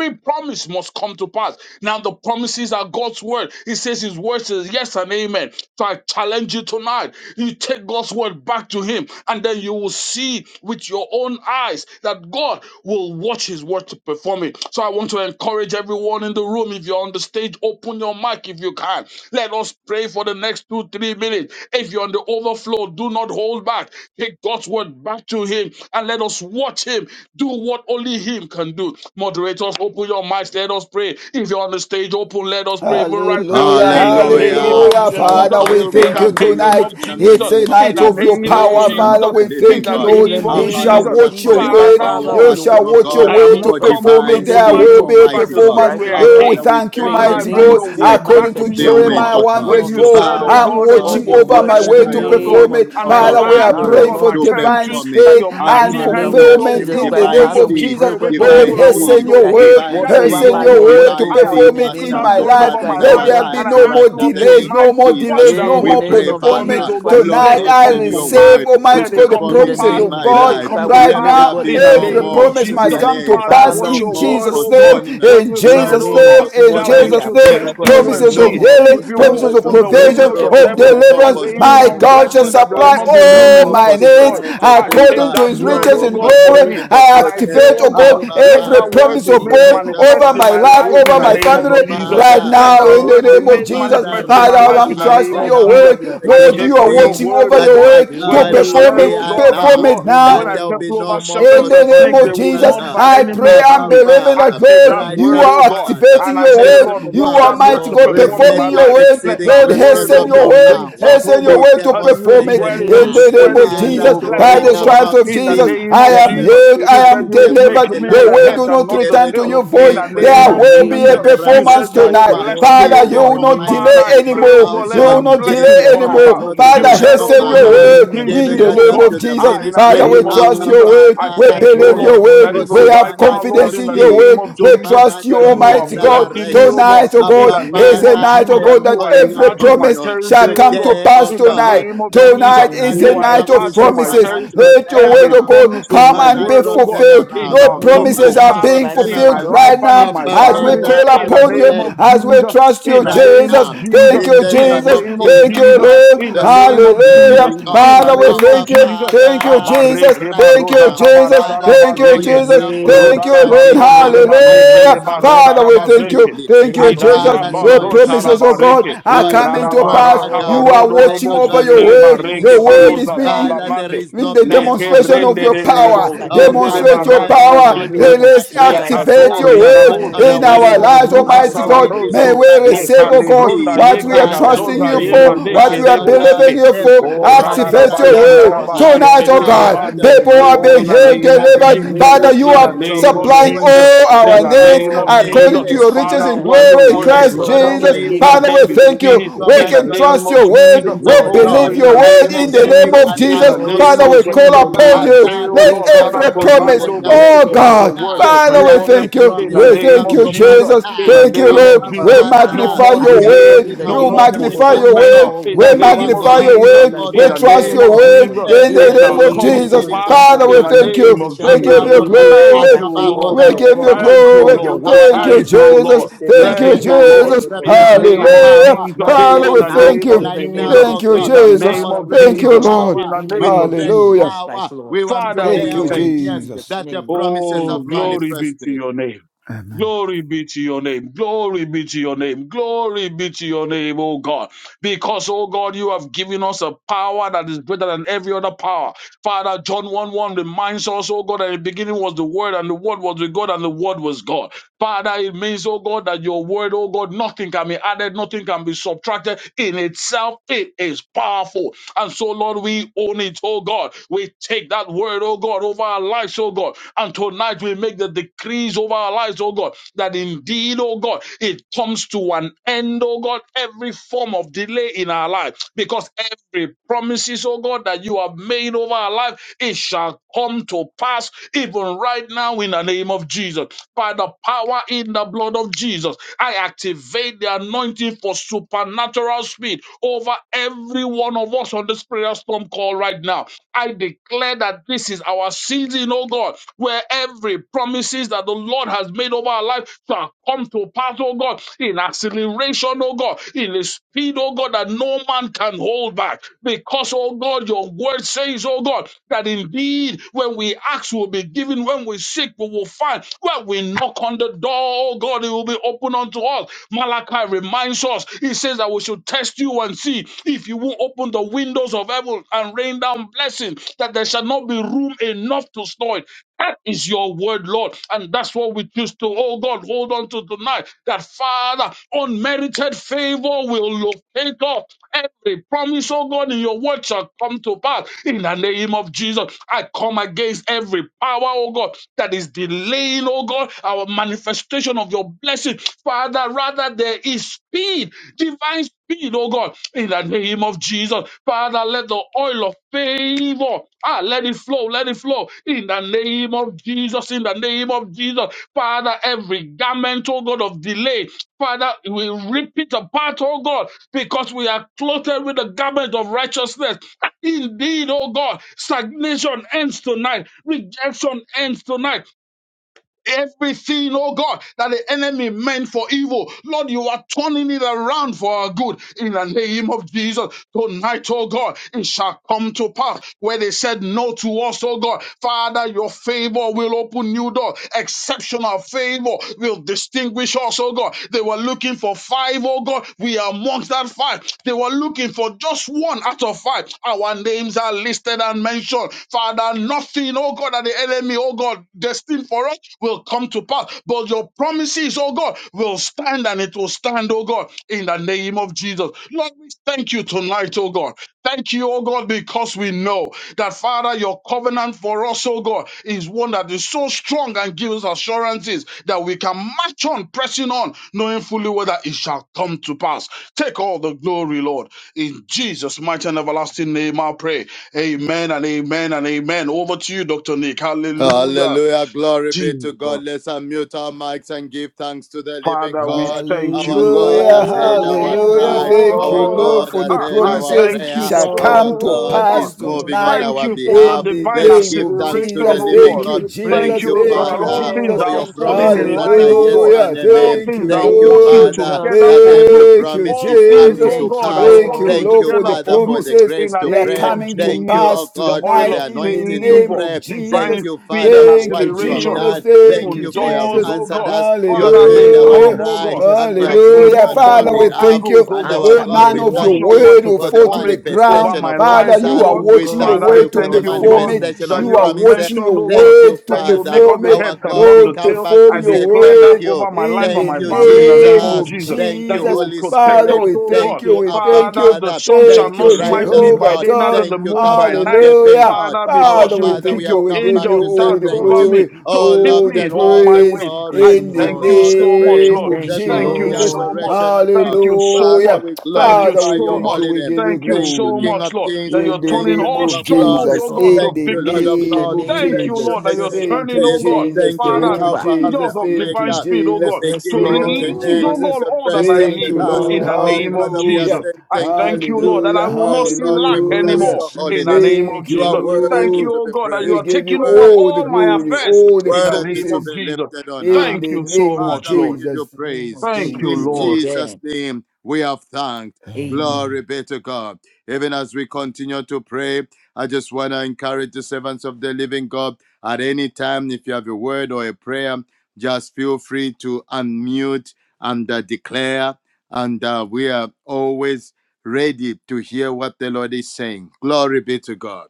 H: Every promise must come to pass. Now the promises are God's word. He says his word says yes and amen. So I challenge you tonight. You take God's word back to him, and then you will see with your own eyes that God will watch his word to perform it. So I want to encourage everyone in the room. If you're on the stage, open your mic if you can. Let us just pray for the next two, three minutes. If you're on the overflow, do not hold back. Take God's word back to Him and let us watch Him do what only Him can do. Moderators, open your mics. Let us pray. If you're on the stage, open. Let us pray even right now.
C: Hallelujah,
B: Yeah, in
H: In
B: the
H: the
B: name
H: name
B: of
E: Hallelujah.
H: of
C: hallelujah.
B: Jesus, we
E: Our
C: Father,
H: Jesus.
B: pray,
E: Father,
C: we
B: oh
E: we
H: In
C: thank
B: God.
H: the
C: you
E: come to you
H: name
F: Akbar.
E: right
C: tonight.
H: of
E: now in the
C: It's
H: Jesus.
C: a
E: name of
H: In
C: night
H: the
C: of
E: Jesus
C: your
H: name
E: Christ,
H: of
E: the
B: Yeah,
C: power,
B: you know,
E: Son of
C: Father.
H: Jesus.
E: the
C: We
H: In
E: living
C: thank
H: the
C: you,
E: God.
B: in
C: Lord.
B: the
H: name of
E: Our
C: You
B: name
E: Father,
C: shall
B: of
H: Jesus.
E: we are
C: watch your
B: Jesus
E: calling
B: Christ,
H: Father,
C: word.
E: upon
H: oh
E: you,
B: Father,
H: Lord.
C: You
B: we
E: asking,
C: shall
B: watch
E: oh
C: watch your
E: God,
H: I
B: all
H: have
C: word to
H: not
E: for
B: over.
H: come, oh
C: perform it.
H: God,
B: In
E: divine
B: the
C: There
H: tonight
E: speed,
B: name
C: will
H: to
B: of
C: be
H: go
C: a
H: back
E: Almighty
H: the
B: Jesus
E: God.
C: performance.
H: same
B: Christ,
H: way
B: oh
H: I
E: Our
C: You
B: God,
C: we
E: Father,
H: came.
E: we
C: thank you,
E: pray
B: pray
E: for
B: in
H: Father,
B: the
H: I
C: mighty
H: bring
B: name
E: divine
B: of
C: God.
H: your
B: Jesus Christ,
E: speed
H: word back
E: and
C: According to
H: to you, oh
B: manifestation, oh
E: fulfillment,
H: God,
C: Jeremiah
E: oh
B: God,
C: 1
B: even
H: where
E: God.
C: verse
B: of
H: you
B: your
H: said,
C: 12,
H: oh
E: Father,
B: promise,
C: I'm
E: oh
H: God, that you
E: God,
B: of
C: watching
B: your
H: will
C: over
E: you
B: word,
C: my
H: bless
B: in
E: said,
C: way
B: the
E: I
H: me,
C: to
E: am
H: oh God,
B: name
C: perform
B: of
C: it.
E: watching
H: and
E: over
B: Jesus
C: Father,
E: my
C: we
B: Christ,
C: are
H: enlarge, oh
B: Father,
E: word
C: praying
H: God,
C: for
B: Lord.
H: my
E: to
C: divine
H: territory,
E: perform
C: speed
E: it.
H: that your
C: speed
E: And
B: In
C: and
H: mighty
B: the
E: Father,
H: hands,
B: name
E: we
H: oh
B: of
E: are
H: God, will
C: fulfillment
E: saying
H: be
B: Jesus
C: in the
B: Christ,
H: upon me
E: divine
C: name
H: to
B: Father,
C: of
B: we
H: keep
E: speed,
H: me
B: pray, oh
C: Jesus.
H: away
B: God, in
H: from
B: the
C: Lord,
H: evil.
E: divine
H: I
B: name
H: will
B: of
H: not
C: hasten
E: speed,
B: Jesus
H: know
C: your
B: Christ,
H: pain.
C: word,
E: divine
H: That
B: watch
H: is
B: over
E: speed
C: hasten
H: your
B: by
C: your
B: your
H: word.
C: word
B: word,
C: to
B: oh
E: Divine
H: I have
B: God, in
E: speed
C: perform
B: the
C: it
E: must
H: spoken
B: name
C: in
H: that
B: of
E: come
C: my
E: to
H: word
C: life.
B: Jesus
E: pass
H: over my
B: Christ,
E: in
B: oh
C: Let
E: our
H: life,
C: there
B: God,
C: be
H: and I
E: lives
C: no
H: ask,
E: right
C: more
E: now in
H: Lord,
E: the
C: delays,
E: name
C: no
H: tonight,
E: of
C: more
H: watch
E: Jesus.
C: delays,
H: that
C: no
B: in the
E: We
H: word
C: more
H: to
B: name
E: pray,
B: of
H: perform it,
C: postponement.
E: Father,
B: Jesus
H: oh God.
B: Christ, oh
E: Lord,
H: Let
C: Tonight
H: it
B: God, in
C: I
B: the
H: come
E: hasten
H: to
B: name
E: your
B: of
H: pass.
C: receive,
E: word to
C: Almighty
H: Let it
C: God, the
H: come
E: perform
B: In
H: to
B: the
E: it
C: promises
H: pass.
E: in
B: name
C: of
E: my
B: of
H: Let
C: God.
H: it
B: Jesus
E: life.
H: come
B: Christ,
H: to
B: we
C: Right
E: Let
H: pass
B: pray, oh
E: there
B: God,
C: now,
E: be
H: in
B: in
H: the
B: the
E: no
C: every
B: name
H: name
B: of
H: of
E: more
C: promise
B: Jesus
C: must
H: Jesus.
B: Christ.
C: come to
E: delay,
H: Father,
C: pass
H: what
B: Father,
E: no
C: in
H: your
E: more
H: word,
C: Jesus'
H: oh
C: name,
H: God, when
E: postponement,
C: in
H: you
B: in the
E: no
H: said,
C: Jesus'
H: oh
B: name
E: more
B: of
H: God,
C: name, in
B: Jesus
H: that
B: Christ,
E: postponement
H: we
B: we
E: of
B: are
C: Jesus'
H: should
B: praying, oh
H: test
C: name
B: God,
H: you
B: in
E: miracles,
B: the
H: and
C: promises
E: no
C: of
B: name
H: see
B: of
E: more
C: healing,
H: if
B: Jesus
H: you
B: Christ.
H: will
C: promises
E: postponement
C: of
H: open
B: We
E: of
H: the
B: pray, oh
C: provision,
B: God,
H: windows
E: breakthrough,
H: of
B: every
C: of
H: heaven
E: no
B: promise, oh
E: more
C: deliverance.
H: and
B: God,
H: rain
B: let
C: My
B: there be
E: postponement
H: down
E: of
C: God shall
H: blessings
B: now.
H: that there will
B: In
C: supply
E: contracts,
B: the
H: not be
E: no
H: room
B: name
C: all
E: more
B: of
H: enough
C: my
H: to
B: Jesus
H: store
C: needs
H: it.
B: Christ,
E: postponement of
H: I
B: Father,
H: take
B: Lord,
C: according
E: favor,
B: we
C: to
H: that
C: his
B: pray,
E: no
H: word,
C: riches
H: oh
E: more
C: and
B: in
C: glory.
H: God,
B: the
H: for me.
B: name
E: postponement
B: of
E: of
C: I
H: And
B: Jesus
H: I
B: Christ,
H: say,
E: goodness.
C: activate,
B: let
C: oh
H: oh
B: it be,
H: God,
B: oh
C: God,
E: Abba,
B: God,
H: let
B: come
C: every
H: that
B: forth
E: Father,
H: word
B: in
C: promise
H: be
B: the
C: of
H: made
B: name of
C: God
E: righteous
H: manifest
B: Jesus
C: over
H: in
B: Christ.
C: my
H: my
E: Father,
C: life,
H: life
B: Oh
H: in
C: over
H: the
C: my
B: God, in
H: name
B: the
H: of
C: family,
E: merciful
B: name of
H: Jesus.
C: right
E: Father.
B: Jesus
H: Let
C: now
B: Christ,
H: that
C: in
E: Oh,
C: the
H: word be
C: name
E: Abba
C: of
H: made
B: in
C: Jesus.
E: Father,
B: the
H: manifest in
E: right
C: Father,
H: my
B: name of
H: life
E: now
C: I'm
H: in the
E: I
B: Jesus
H: name
C: trusting
E: call
H: of
B: Christ,
C: your
E: upon
B: Father,
H: Jesus.
C: word.
B: we
E: you,
B: are
E: the
H: I
C: Lord,
E: King
B: praying,
E: of
C: you
H: check
C: are
H: on your
E: Kings,
C: watching
H: word,
C: over
H: oh
E: that
C: your
H: God
E: my
C: word
B: in
H: where
B: the
C: to
E: God
H: you
B: name
C: perform
H: said,
B: of
C: it.
H: oh
B: Jesus
E: appear
H: God,
B: Christ.
H: that
E: now,
C: Perform it
H: Lord,
B: In the
H: when
E: that
C: now
H: I
B: name
E: there'll
B: of
E: be
H: trample over
E: no
B: Jesus
E: more
C: in
H: serpents
C: the
H: and snakes,
C: name
H: they
C: of
E: postponement,
H: will
E: oh
B: name
C: Jesus,
B: of
H: not by
E: God.
B: Jesus.
C: I
H: any
C: pray
H: means harm
C: and
E: Abba
H: me.
C: believe in
H: I
C: that,
E: Father,
H: take that
C: Lord, you
H: word,
E: righteous
H: oh
C: are
H: God,
E: Father,
H: and
C: activating
H: I
C: your
H: say, Lord,
C: word.
E: merciful
C: You
H: watch
C: are
H: that
B: Yes,
H: word
E: Father.
C: mighty
H: to
B: Lord, in
C: God,
B: the
E: we-
H: perform in
E: Let
B: name
H: my
C: performing
B: of
E: your
C: your
H: life.
B: Jesus.
C: word.
H: Let
E: exceeding
H: that
C: Lord,
H: word,
E: greatness
B: We-
H: oh
C: hasten
E: of
B: In the
C: your
E: your
H: God,
C: word,
B: name
H: bring
B: of
H: forth,
E: power
B: Jesus.
H: oh
C: hasten your
H: God,
E: be
C: word to
H: a new
C: perform
B: In
C: it.
B: the
E: demonstrated
H: dwelling, a
B: name of
H: new
C: In
E: now,
C: the
B: Jesus. Hey,
C: name
H: swelling,
C: of
H: a
B: sin it,
E: Father,
H: new
C: Jesus,
B: oh
E: to
H: blessing,
C: by
E: bring
C: the
H: oh God,
C: stripes
B: God.
E: about
C: of
H: in the
C: Jesus,
E: speed,
H: name
C: I
H: of
E: the
C: am
E: same
H: Jesus.
C: healed,
E: speed
H: You
C: I
E: that
H: said
C: am
E: you
H: you will
E: gave to
H: make
C: delivered.
H: me
C: Your
H: the
E: Elijah
C: word
H: head
C: do
H: and
C: not
H: not the
E: Give
C: return
E: it
C: to
H: tail.
E: to
C: your
H: In
C: void.
H: the
E: Nick
H: name
B: In
C: There
B: the
E: Malenga,
H: of
C: will be
B: name
E: Natasha,
C: a
H: Jesus,
B: of
E: and
H: you
E: Rasep
B: Jesus
C: performance
H: said you will
B: Christ,
C: tonight.
B: oh
E: Joshua.
H: bless
B: God.
H: me,
E: Give
H: oh
C: Father, you
B: In
E: it,
H: God.
B: the
C: will not
B: name
E: Almighty
B: of
C: delay
H: Father,
E: God,
H: I
B: Jesus.
E: to
H: pray,
E: my
H: oh
C: anymore.
H: God,
C: You
H: let
E: household.
C: will
H: that
B: In
C: not
E: Give
B: Jesus
C: delay
H: blessing
E: it,
B: Christ,
H: come to
B: Father,
H: pass.
E: Almighty
C: anymore.
E: God,
B: Lord, we
E: to the
H: You
C: Father,
B: pray
E: work
B: for.
H: said, oh
E: of
C: hasten
H: God,
E: my
B: In
H: you
C: your
B: the
H: will
C: word
E: hands.
B: name
C: word
B: of
H: increase
E: Give
C: in
E: it,
H: me,
C: the
E: I
B: Jesus.
H: oh
C: name
E: God,
H: God.
C: of
E: to the
C: Jesus.
H: Ah, in the
E: ministry.
C: Father, we
H: name of
C: trust
E: Abba,
C: your
H: Jesus,
E: Father,
B: Oh,
C: word.
H: I
C: We
B: we
E: I
H: thank you, oh
C: believe
B: call
H: Lord,
E: pray
C: your
B: upon
H: that
B: you.
C: word.
E: for
H: even
C: We
H: right
B: Jesus.
C: have
H: now, Lord,
E: supernatural
C: confidence
H: in
C: in
H: the
C: your
E: speed,
H: name
C: word.
H: of
C: We
H: Jesus,
C: trust you,
H: that
E: supernatural
B: In
H: you
B: the
H: are
C: Almighty
B: name
C: God.
B: of
H: blessing me, oh
B: Jesus
E: acceleration.
H: God.
C: Tonight,
B: Christ.
C: oh
B: In the
H: In
C: God,
E: Abba,
H: the
B: name of
C: is
H: name
B: Jesus.
E: Father,
C: a
H: of
C: night, oh
E: I
H: Jesus,
C: God,
E: am
H: you
C: that
H: are
E: calling
C: every
H: enlarging
E: upon
H: my
C: promise
E: you
C: shall
H: territory, oh
C: come to
H: God.
E: today, oh
C: pass
H: In the
C: tonight.
E: God.
H: name of
E: The
B: In
H: Jesus,
C: Tonight
B: the
E: Father,
C: is a
H: you
E: let
B: name
H: are
B: of
E: there
C: night of
E: be
B: Jesus
H: enlarging
B: Christ,
H: my
C: promises.
B: Father.
H: territory.
E: supernatural
C: Let your word,
H: Every
C: oh
E: turnaround,
H: promise
C: God,
H: in
C: come
H: your
C: and be
H: word, oh
E: supernatural
H: God,
C: fulfilled.
H: it
E: turnaround
B: In the
C: Your
H: shall
B: name
H: come
B: of
C: promises
H: to
C: are
H: pass
B: Jesus
E: supernatural
C: being
B: Christ.
H: in
B: In the
H: my
C: fulfilled
B: name
E: turnaround.
H: life
C: right
B: of
H: and in
C: now
H: my
E: Abba,
C: as we
H: family.
B: Lord.
E: Father,
C: call
H: In
E: I
H: the
C: upon you,
H: name
E: pray
H: of
C: as we
H: Jesus,
C: trust
H: in
C: you,
H: the
E: right
H: name
C: Jesus.
H: of
E: now
H: Jesus,
C: Thank you,
E: in
C: Jesus.
E: the
H: in the
E: name
C: Jesus.
E: of
H: name of
C: Thank
E: Jesus
C: you,
H: Jesus
E: Christ,
C: Lord.
H: in
E: the
H: the
E: Son
H: name
E: of
H: of
B: In
E: the
B: the
C: Hallelujah.
H: Jesus,
E: living
B: name of
E: God.
H: in the
C: Father,
B: Jesus.
C: we
H: name of
E: Abba,
C: thank you.
H: Jesus.
C: Thank you,
E: Father,
C: Jesus.
H: Abareke
E: right
C: Thank you,
H: barosa
E: now,
C: Jesus.
H: tabarara
E: Father,
C: Thank you,
E: show
B: In the
H: rabazeke.
C: Jesus.
E: yourself
B: name
E: strong
B: of
C: Thank
E: on
H: Roda
C: you,
E: my
B: Jesus,
C: Lord.
B: we pray
H: rabazonde
E: behalf
H: le
B: God. In
E: and
B: the
H: baleke
C: Hallelujah.
H: le
B: name,
E: answer my
H: baroda
C: Father, we
E: prayer
C: thank you.
H: rabazeke.
E: speedily.
C: Thank
B: yes,
C: you,
E: And
H: Rida
B: Lord. In the
C: Jesus.
E: Father,
B: name
C: Your
E: show
B: of
H: dabazonta
C: promises,
E: yourself,
C: oh
B: Jesus.
E: oh
C: God,
H: rabareke.
E: my
C: are
E: God,
B: Oh
C: coming
H: Rada
C: to
E: strong,
C: pass.
E: oh
H: baraka
E: God,
C: You are
B: God,
H: barodo
E: by,
C: watching
E: oh
B: we
C: over
E: God,
H: robozunte
C: your
B: pray in
E: by
H: le
B: the
C: word.
B: name
E: bringing
B: of
H: bareke
C: Your word
E: speed.
B: Jesus
C: is
H: baloza
B: Christ.
C: being in-
E: Father, there
C: in-
H: talamande.
E: is
C: in
E: no
C: the
H: Le
E: time,
B: In
E: oh
B: the
C: demonstration
E: God,
B: name
C: of
E: to
H: kerende
B: of
C: your
H: de de de
E: delay.
G: Que
C: power.
B: Jesus
G: você
B: Christ.
G: tem
E: Oh,
G: no
H: bozunde de
G: filho,
E: Father,
B: Father,
G: tem
C: Demonstrate
G: no
C: your
G: filho,
E: time
B: Lord,
H: barada
E: is
G: tem
B: pray
G: no
B: in
C: power.
B: the
E: not
H: bazete.
B: name
E: on
G: filho.
B: of
E: my
C: Release,
B: Jesus
G: E a
E: side
B: Christ.
G: você
C: activate
G: tem
C: your
E: time
G: no
B: Yes,
H: Rekatoria
E: is
C: word
E: not
G: filho,
B: Lord,
E: on
G: tem no
B: in
C: in
B: the
G: filho.
E: our
H: rabozende de
C: our
B: name of
E: side.
C: lives,
G: E
E: And
H: boruka
G: que
C: Almighty
B: Jesus.
E: so
G: você
C: God.
E: we
G: tem
E: need
G: no
H: talabrosa.
C: May we
H: Ye
C: receive,
E: supernatural
C: oh
G: filho,
C: God,
H: kalibronda
E: speed,
B: Father,
H: ye
C: what we
B: Lord,
H: ke
C: are
G: e
B: we
G: que
E: Father,
B: pray
C: trusting
G: você tem no E no no E no no E
E: to
B: in
H: kazonda
B: the
C: you
E: bring
H: ye
C: for,
E: to
B: name
H: mande
B: of
H: ke
C: what
E: pass,
B: Jesus.
C: we
B: Christ.
C: are
E: oh
B: Yes,
E: God,
C: believing
H: reboske.
B: Lord,
C: you for.
E: every
B: for
H: O
B: a
E: promise
C: Activate
E: that
H: radaraba
C: your
E: you
B: manifestation
E: have for
C: word
B: of your
E: us.
H: yandarabaske
C: tonight,
H: ke
C: oh
B: promise
C: God.
B: now
E: Father,
B: in
E: the
H: telebando.
B: the
G: no
C: People are
E: promise
B: name
H: Oh,
B: of
C: being
E: of
H: in the
B: Jesus.
G: no
C: healed,
B: Christ.
H: name of
B: We
E: prosperity,
C: delivered.
B: pray,
H: Jesus,
B: oh
E: the
C: Father,
B: God,
C: you
B: in
H: in the
B: the
C: are
G: Yekese
E: promise
B: name
E: of
H: name
B: of
H: of
G: terebo,
C: supplying
B: Jesus.
G: she
H: Jesus,
E: fruitfulness,
C: all
B: Christ.
H: in
C: our
E: the
G: terebo.
H: the
B: Yes,
C: needs
E: promise
H: name
B: Lord,
E: of
H: of
B: in the
H: Jesus.
C: according
B: name
C: to
B: of
E: increase,
C: your
G: Yekese
C: riches
H: Father,
E: the
B: Jesus.
C: in
H: what
B: Christ.
G: terebo,
E: promise,
C: glory
H: your
G: she
C: in
H: word to
B: Yes,
E: Almighty
C: Christ
G: terebo.
E: God, of
B: Lord,
H: perform
B: in
C: Jesus.
H: it.
B: the name
H: Let
E: favor,
B: of
C: Father,
H: there
C: we
G: Yekese
H: be
E: the
B: Jesus.
C: thank you.
G: terebo,
E: promise,
H: peace
G: she
C: We
H: in
E: Almighty
H: the
C: can
E: God,
G: terebo.
E: of
H: name
C: trust
E: the
H: of
C: your
H: Jesus.
C: word.
E: blessings
C: We
E: of the
B: Lord, in
G: Yekese
H: Oh,
E: Lord
B: the
C: believe
H: in
B: name
C: your
H: the
B: of
E: that
G: terebo,
C: word
H: name
G: she
C: in
H: of
B: Jesus.
C: the
E: maketh
B: Christ,
E: rich
H: Jesus,
C: name
G: terebo.
C: of
E: and
B: Yes,
H: in
E: add
C: Jesus.
H: the
B: Lord,
E: no
B: we
H: name
C: Father,
B: pray,
H: of
C: we
B: God,
G: Yekese
E: sorrow.
B: in
C: call
H: Jesus.
B: the
C: upon
G: terebo,
B: name
H: I
B: of
G: she
H: pray,
B: Jesus.
C: you.
E: Father,
H: oh
E: let
G: terebo.
C: Let
B: We
H: God,
E: those
B: call
H: Father,
C: every
B: upon you,
E: Almighty
B: O
H: tonight,
C: promise,
E: God
B: God,
H: oh
B: and
H: God,
G: Yekese
E: come
B: let
E: to
C: oh
B: there
H: what
E: pass
B: be
G: terebo.
H: your
C: God,
E: now
H: word to
B: faith,
C: Father, we
E: let
B: divine
H: perform
E: the
H: it?
C: thank you.
B: speed in
H: in
B: the
H: the
C: We
G: Thank
E: promises
G: you,
B: name
H: name
B: of
C: thank
E: come
H: of
C: you,
E: to
G: Jesus.
B: Jesus
E: pass
H: Jesus,
C: Jesus.
B: Christ.
H: in
E: now.
H: the
B: In
C: Thank
B: the
C: you,
H: name
G: Thank
B: name
H: of
G: you,
B: of
E: Abba,
C: Lord. We
H: Jesus.
B: Jesus.
G: Father.
B: Now,
H: No
E: Father,
C: magnify
H: more
B: as
C: your
E: we
B: we
E: are
G: Yekese
B: pray
H: delay,
B: in
E: calling
C: word.
B: the
H: no
C: You
B: name
G: terebo,
E: upon
H: more
B: of
E: you
G: bo bo
B: Jesus
C: magnify
G: bo
E: because
B: Christ,
C: your
G: bo
E: we
G: bo.
H: postponement,
C: word.
E: know
B: Lord, we
H: in the
C: We
E: that
B: say in the
H: name
E: our
H: of
C: magnify
B: name
G: Yekese
E: God,
B: of
C: your
E: you
H: Jesus,
E: are
B: Jesus
G: terebo,
C: word.
B: Christ,
E: more
B: we
H: in
C: We
E: than
H: the
G: yekese
B: call
C: trust
H: name
C: your
H: of
G: terebo.
B: upon you,
E: able,
B: O
C: word
B: God.
H: Jesus.
C: in
B: In
E: able
C: the
H: It
B: the
E: to
H: shall
C: name
E: do
G: Yekese
C: of
B: name
H: come
B: of
H: to
C: Jesus.
G: terebo,
E: exceeding
B: Jesus
H: pass
G: she
E: and
B: Christ.
C: Father, we
H: in the
B: There's
G: terebo.
C: thank
E: abundantly.
H: name
C: you.
H: of
B: manifestation
C: We
B: in the
C: give
H: Jesus.
E: Above
G: Thank
C: you
G: you,
E: all
B: name of
E: that we
B: Jesus
H: Thank
G: Jesus.
E: ask,
B: Christ
C: glory.
H: you,
E: above
G: Thank
E: all
G: you,
H: Lord.
B: of
C: We
E: that
B: your
E: we
C: give
G: Father.
C: you
E: think,
B: promise,
H: Thank
E: according
H: you,
B: of
C: glory.
E: to the
B: your
H: Lord.
G: Thank you,
B: word.
E: power
C: Thank
E: that
B: It
C: you,
H: Thank
E: is
B: is
G: Jesus.
E: at
H: you,
G: You
C: Jesus.
E: work.
G: can
H: Lord.
B: manifest.
G: say
B: It
C: Thank
E: Let
B: is
C: you,
E: the
H: Thank
B: made
G: terrible,
H: you,
G: share
H: Lord.
E: exceeding
C: Jesus.
B: manifest.
G: terrible.
B: It
H: In
B: is
H: the
E: greatness of
B: made
E: your
H: name of
C: Hallelujah.
B: manifest.
E: power
H: Jesus,
E: be
G: You
C: Father,
H: in
B: Manifest
E: at
C: we
G: can
H: the
G: say
E: work
B: now
C: thank
H: name
C: you.
H: of
B: in
E: right
B: the
G: terrible,
B: name
E: now,
H: Jesus,
B: of
G: bullshit
C: Thank
E: oh
C: you,
B: Jesus
H: in
E: God.
H: the
G: terrible.
B: Christ.
C: Jesus.
H: name
B: Father,
H: of
B: we
E: Demonstrate
C: Thank
G: Thank
B: thank
E: your
C: you,
B: you,
G: you,
H: Jesus,
B: God.
G: Lord.
C: Lord.
E: power
H: in the
B: In the
E: with
H: name
B: name
H: of
B: of
E: great
H: Jesus.
C: Hallelujah.
B: Jesus Christ,
E: power.
B: Lord.
E: We
B: We
E: want to
H: Father,
B: thank
C: Thank
H: we
B: you,
E: bear
C: you,
B: Lord,
H: thank
B: in
H: you.
E: witness
B: Jesus'
C: Jesus.
E: that the
B: name.
E: promises
H: Oh,
E: have
B: Amen.
H: glory be to
E: manifested.
H: your name.
C: Amen.
H: Glory be to your name. Glory be to your name. Glory be to your name, oh God. Because, oh God, you have given us a power that is greater than every other power. Father, John 1 1 reminds us, oh God, that in the beginning was the Word, and the Word was with God, and the Word was God. Father, it means, oh God, that your Word, oh God, nothing can be added, nothing can be subtracted. In itself, it is powerful. And so, Lord, we own it, oh God. We take that word, oh God, over our lives, oh God. And tonight we make the decrees over our lives, oh God, that indeed, oh God, it comes to an end, oh God, every form of delay in our life. Because every promises, oh God, that you have made over our life, it shall come to pass even right now in the name of Jesus. By the power in the blood of Jesus. I activate the anointing for supernatural speed over every one of us on this prayer storm call right now. I declare that this is our season, oh God where every promises that the Lord has made over our life shall come to pass, oh God, in acceleration, oh God, in a speed, oh God, that no man can hold back. Because, oh God, your word says, oh God, that indeed when we ask, we'll be given, when we seek, we will find. When we knock on the door, oh God, it will be open unto us. Malachi reminds us, he says that we should test you and see if you will open the windows of heaven and rain down blessings, that there shall not be room enough to store it. That is your word, Lord. And that's what we choose to, oh God, hold on to tonight. That Father, unmerited favor will locate us. Every promise, oh God, in your word shall come to pass. In the name of Jesus, I come against every power, oh God, that is delaying, oh God, our manifestation of your blessing. Father, rather there is speed, divine speed, oh God, in the name of Jesus. Father, let the oil of favor, ah, let it flow, let it flow, in the name of Jesus, in the name of Jesus. Father, every garment, oh God, of delay, Father, we rip it apart, oh God, because we are clothed with the garment of righteousness. Indeed, oh God, stagnation ends tonight, rejection ends tonight, Everything, oh God, that the enemy meant for evil, Lord, you are turning it around for our good in the name of Jesus. Tonight, oh God, it shall come to pass where they said no to us, oh God. Father, your favor will open new doors. Exceptional favor will distinguish us, oh God. They were looking for five, oh God. We are amongst that five. They were looking for just one out of five. Our names are listed and mentioned. Father, nothing, oh God, that the enemy, oh God, destined for us will come to pass. But your promises, oh God, will stand and it will stand, oh God, in the name of Jesus. Lord, we thank you tonight, oh God. Thank you, oh God, because we know that, Father, your covenant for us, oh God, is one that is so strong and gives assurances that we can march on, pressing on, knowing fully whether it shall come to pass. Take all the glory, Lord. In Jesus' mighty and everlasting name, I pray. Amen and amen and amen. Over to you, Dr. Nick. Hallelujah.
E: Hallelujah. Glory be
H: Jesus.
E: to God. Let's unmute our mics and give thanks to the living
H: Father, we
E: God.
H: thank you,
E: Our God
C: Hallelujah,
E: has
B: Father,
E: heard
B: we
E: our
B: thank
C: hallelujah.
E: cry.
B: you,
C: Thank you,
E: Our
B: God.
C: Lord,
H: Lord.
E: God
C: for
E: has
C: the
H: Ah,
E: heard
H: I
B: We
E: our
C: promises
H: thank
B: thank you,
H: you
E: prayer.
C: shall
B: God.
E: Our
C: come
B: We
C: to
H: so
E: God
B: thank
H: much.
C: pass
B: you,
E: is
B: God.
E: moving on
C: tonight
H: Thank
E: our
H: you for the
C: in
E: behalf.
C: the
H: divine
E: Let's
C: name
E: give
C: of
E: thanks
H: acceleration,
E: to the
C: Jesus.
H: oh
B: We
E: living
H: God.
C: Thank
B: give
C: you,
E: God.
B: you
E: Thank
H: Thank
C: Jesus.
B: praise,
H: you,
E: you,
B: oh
H: oh God,
C: Thank
H: that
C: you,
H: all
E: Father,
H: things
B: God.
C: Jesus.
E: for
H: are
E: your
B: Thank you,
H: falling in
E: promises
B: Lord.
E: that
H: line,
E: are
B: Mm.
H: oh
E: yes
H: God.
C: Hallelujah.
E: and
H: All
E: amen.
C: Thank
H: things
C: you,
H: are
B: Thank
E: Thank
B: you,
E: you,
H: working
C: Lord.
E: Father,
H: together
B: Jesus.
E: that
H: for
E: every
H: good.
C: Thank you,
E: promise
H: All
E: is
H: things,
E: coming
H: oh
C: Jesus.
E: to
B: Thank you,
H: God, are
E: pass.
C: Thank you,
H: working
B: Lord.
E: Thank
C: Lord,
E: you,
C: for
H: together
C: the
E: Father,
H: for
E: for
H: good.
E: the
C: promises.
H: In
E: grace
H: the
E: to
C: They are
H: name
E: pray.
H: of
C: coming to
E: Thank you,
H: Jesus,
C: pass
E: oh
H: the
E: God, for
H: oil of
C: tonight
E: the
C: in the
E: anointing to
C: name
H: favor,
C: of
E: pray. Thank
C: Jesus.
H: divine
E: you,
H: speed
E: Father,
H: and
E: for
C: Thank you,
E: what
B: Thank
E: you
B: you,
E: have
H: acceleration,
C: Jesus.
B: Lord.
E: done.
B: We
C: Thank
E: Thank
B: give
C: you,
B: you
H: open
E: you for you
B: thanks,
E: have
H: doors,
C: Jesus.
H: oh
E: answered
B: Jehovah.
H: God.
E: us. You
B: In
E: have
B: the
H: Father, they
E: heard our
B: name
H: come,
B: of
C: Hallelujah.
H: oh
E: cry
H: God.
B: Jesus
E: and you have
B: Christ, we
E: moved
C: Hallelujah.
H: Favor
E: on
B: thank
H: from
B: you,
E: our
C: Father, we
H: all
B: Lord,
E: behalf.
C: thank
H: angles,
C: you.
B: for
H: oh
E: And
H: God.
E: our
B: answer
C: Lord,
B: in
E: God,
H: Your
B: the
C: none
E: we
C: of
B: name
H: watch,
C: your
E: thank
B: of
H: your
B: Jesus.
E: you
H: word
C: word
H: to
C: will
E: for the
C: fall to
H: perform
C: the
H: it over
C: ground.
E: manifestation
H: my
E: of
H: life,
C: Father,
H: oh
C: you
E: answers.
C: are
H: God
B: Oh
E: We
C: watching
B: God, we
C: your
H: Father,
E: thank
H: I
C: word
E: you
B: thank you,
C: to
E: for
H: thank
E: the
B: Lord,
H: you,
B: in
H: O
B: the
C: perform
H: God,
B: name
C: it.
B: of
E: manifestation
H: that
E: of
C: You
H: you
C: are
H: have
B: Jesus.
C: watching
E: promises.
H: mentioned,
C: your
H: O God,
E: Thank
C: word
E: you,
C: to
H: that you will make
E: Father.
H: us
C: perform
H: the
C: it.
E: Our
H: head and
E: God,
H: not
E: we
H: the
C: Lord,
E: come
H: tail.
E: back
H: I
C: perform
E: to
C: your
E: say
H: declare
E: thank
H: that
C: word
E: you.
H: over my life
C: in
H: and
C: the
B: In
E: Thank
H: my
B: the
E: you,
H: family in
B: name
H: the
B: of
H: name
C: name
E: Jesus.
H: of
C: of
B: Jesus.
H: Jesus.
E: Thank
H: That
E: you,
H: you
C: Jesus.
H: will
E: Holy
H: protect
C: Father,
H: us,
E: Spirit.
C: we
H: O God.
C: thank
E: Thank
C: you,
E: you,
C: we
E: Abba
C: thank
H: Father,
C: you,
H: the
E: Father.
H: sun shall
E: Thank
C: thank
H: not
E: you,
C: you,
H: smite
B: Thank you,
H: me
E: righteous
H: by
C: Jehovah
B: Lord.
E: God.
H: day, neither
C: God.
H: the
E: Thank you,
H: moon by
E: covenant
H: night.
E: keeping
C: Hallelujah.
E: God.
H: Father,
E: Our
H: because
C: Father,
H: you
C: we
H: will
E: Father,
H: keep
E: we
C: thank you.
E: have
H: your
C: We
E: come
C: give
E: back
H: angel
C: you
E: to
B: Thank
E: say
B: you,
C: all
H: charged
C: the
E: thank
B: Lord.
H: over
E: you.
H: me
C: glory,
H: to
E: Oh
H: keep
E: Lord,
C: all the
H: me in
E: take
H: all
E: all
H: my
E: the
C: praise
H: ways.
E: glory,
H: I
B: Yes,
C: in the
E: take
H: thank
B: Lord.
H: you
E: all the
H: so much,
E: praise,
C: name
H: Lord.
C: of
E: take
B: Thank you,
H: Thank
E: all
H: you
E: the
C: Jesus.
B: Lord.
H: so much.
E: adoration of
H: Thank
E: God.
H: you so
E: Father,
H: much.
C: Hallelujah.
E: we
H: Thank you
C: Father,
E: glorify
C: we
H: so
E: your
C: thank
H: much.
C: you.
E: holy
C: We
E: name.
C: give you
H: Thank you
E: Thank you,
H: so
C: glory.
E: King
H: much,
E: of
H: Lord,
E: Kings.
H: that
C: In
H: you're
C: the
E: Thank
H: turning
E: you,
C: name
H: all
E: King
C: of
E: of
B: Thank you,
H: struggles,
E: Glory.
H: oh
C: Jesus,
H: God,
B: Lord.
C: in
H: to
E: Thank
C: the
E: you, Lord
H: victories.
E: of
B: In the
C: name
E: Lords.
C: of
B: name
H: Thank
B: of
E: Thank
H: you,
E: you,
C: Jesus.
H: Lord, that you're
B: Jesus,
E: Ancient of
C: Thank
H: turning,
C: you,
B: we
H: oh
E: Days.
H: God,
B: thank you,
C: Jesus.
E: Thank you, the
C: Thank
H: Father,
C: you,
B: Jehovah.
E: Alpha and the
H: angels
C: Jesus.
H: of
C: Thank
H: divine
C: you,
E: Omega,
H: speed, oh
E: the
C: Jesus.
H: God,
B: Yes,
H: to
E: beginning and
C: Thank you,
E: the
B: Lord.
H: release,
E: end
H: oh God,
C: Jesus.
E: the
H: all
B: We
H: that
E: first
H: I
E: and
C: Thank
B: thank
E: the
H: need
B: you,
C: you,
E: last.
C: Lord.
H: in the
B: Lord.
E: Our
H: name of
E: Father, we are
H: Jesus.
C: Hallelujah.
E: saying
H: I
E: thank you
H: thank
E: to
H: you, Lord,
E: you.
H: that I
C: Hallelujah.
H: will not
E: Oh
H: see
E: Lord, we
H: lack
B: In the name
E: bless
B: of
C: Hallelujah.
H: anymore
E: your
H: in
E: holy
H: the
B: Jesus.
E: name.
H: name of
C: Thank
E: You
C: you,
E: are
H: Jesus. Thank
E: worthy
H: you,
C: Lord.
E: to
H: oh
E: be
H: God, that you
C: We
E: praised,
H: are
C: give you
H: taking over
E: worthy
C: all the
H: all
E: to be
H: my
C: glory,
E: worshipped,
H: affairs
C: all the
H: in the
E: worthy
H: name
E: to
H: of
C: promises
E: be
H: Jesus.
E: lifted on high.
C: in
H: Thank
C: the
H: you so
C: name of
H: much,
E: Father, we
H: Lord.
E: give you
C: Jesus.
B: the name of
E: praise.
H: Thank you,
C: Thank
B: Jesus.
C: you,
E: In
H: Lord.
C: Lord.
E: Jesus'
B: Amen.
E: name, we have thanked.
B: Amen.
C: Amen.
E: Glory be to God. Even as we continue to pray, I just want to encourage the servants of the living God at any time. If you have a word or a prayer, just feel free to unmute and uh, declare. And uh, we are always ready to hear what the Lord is saying. Glory be to God.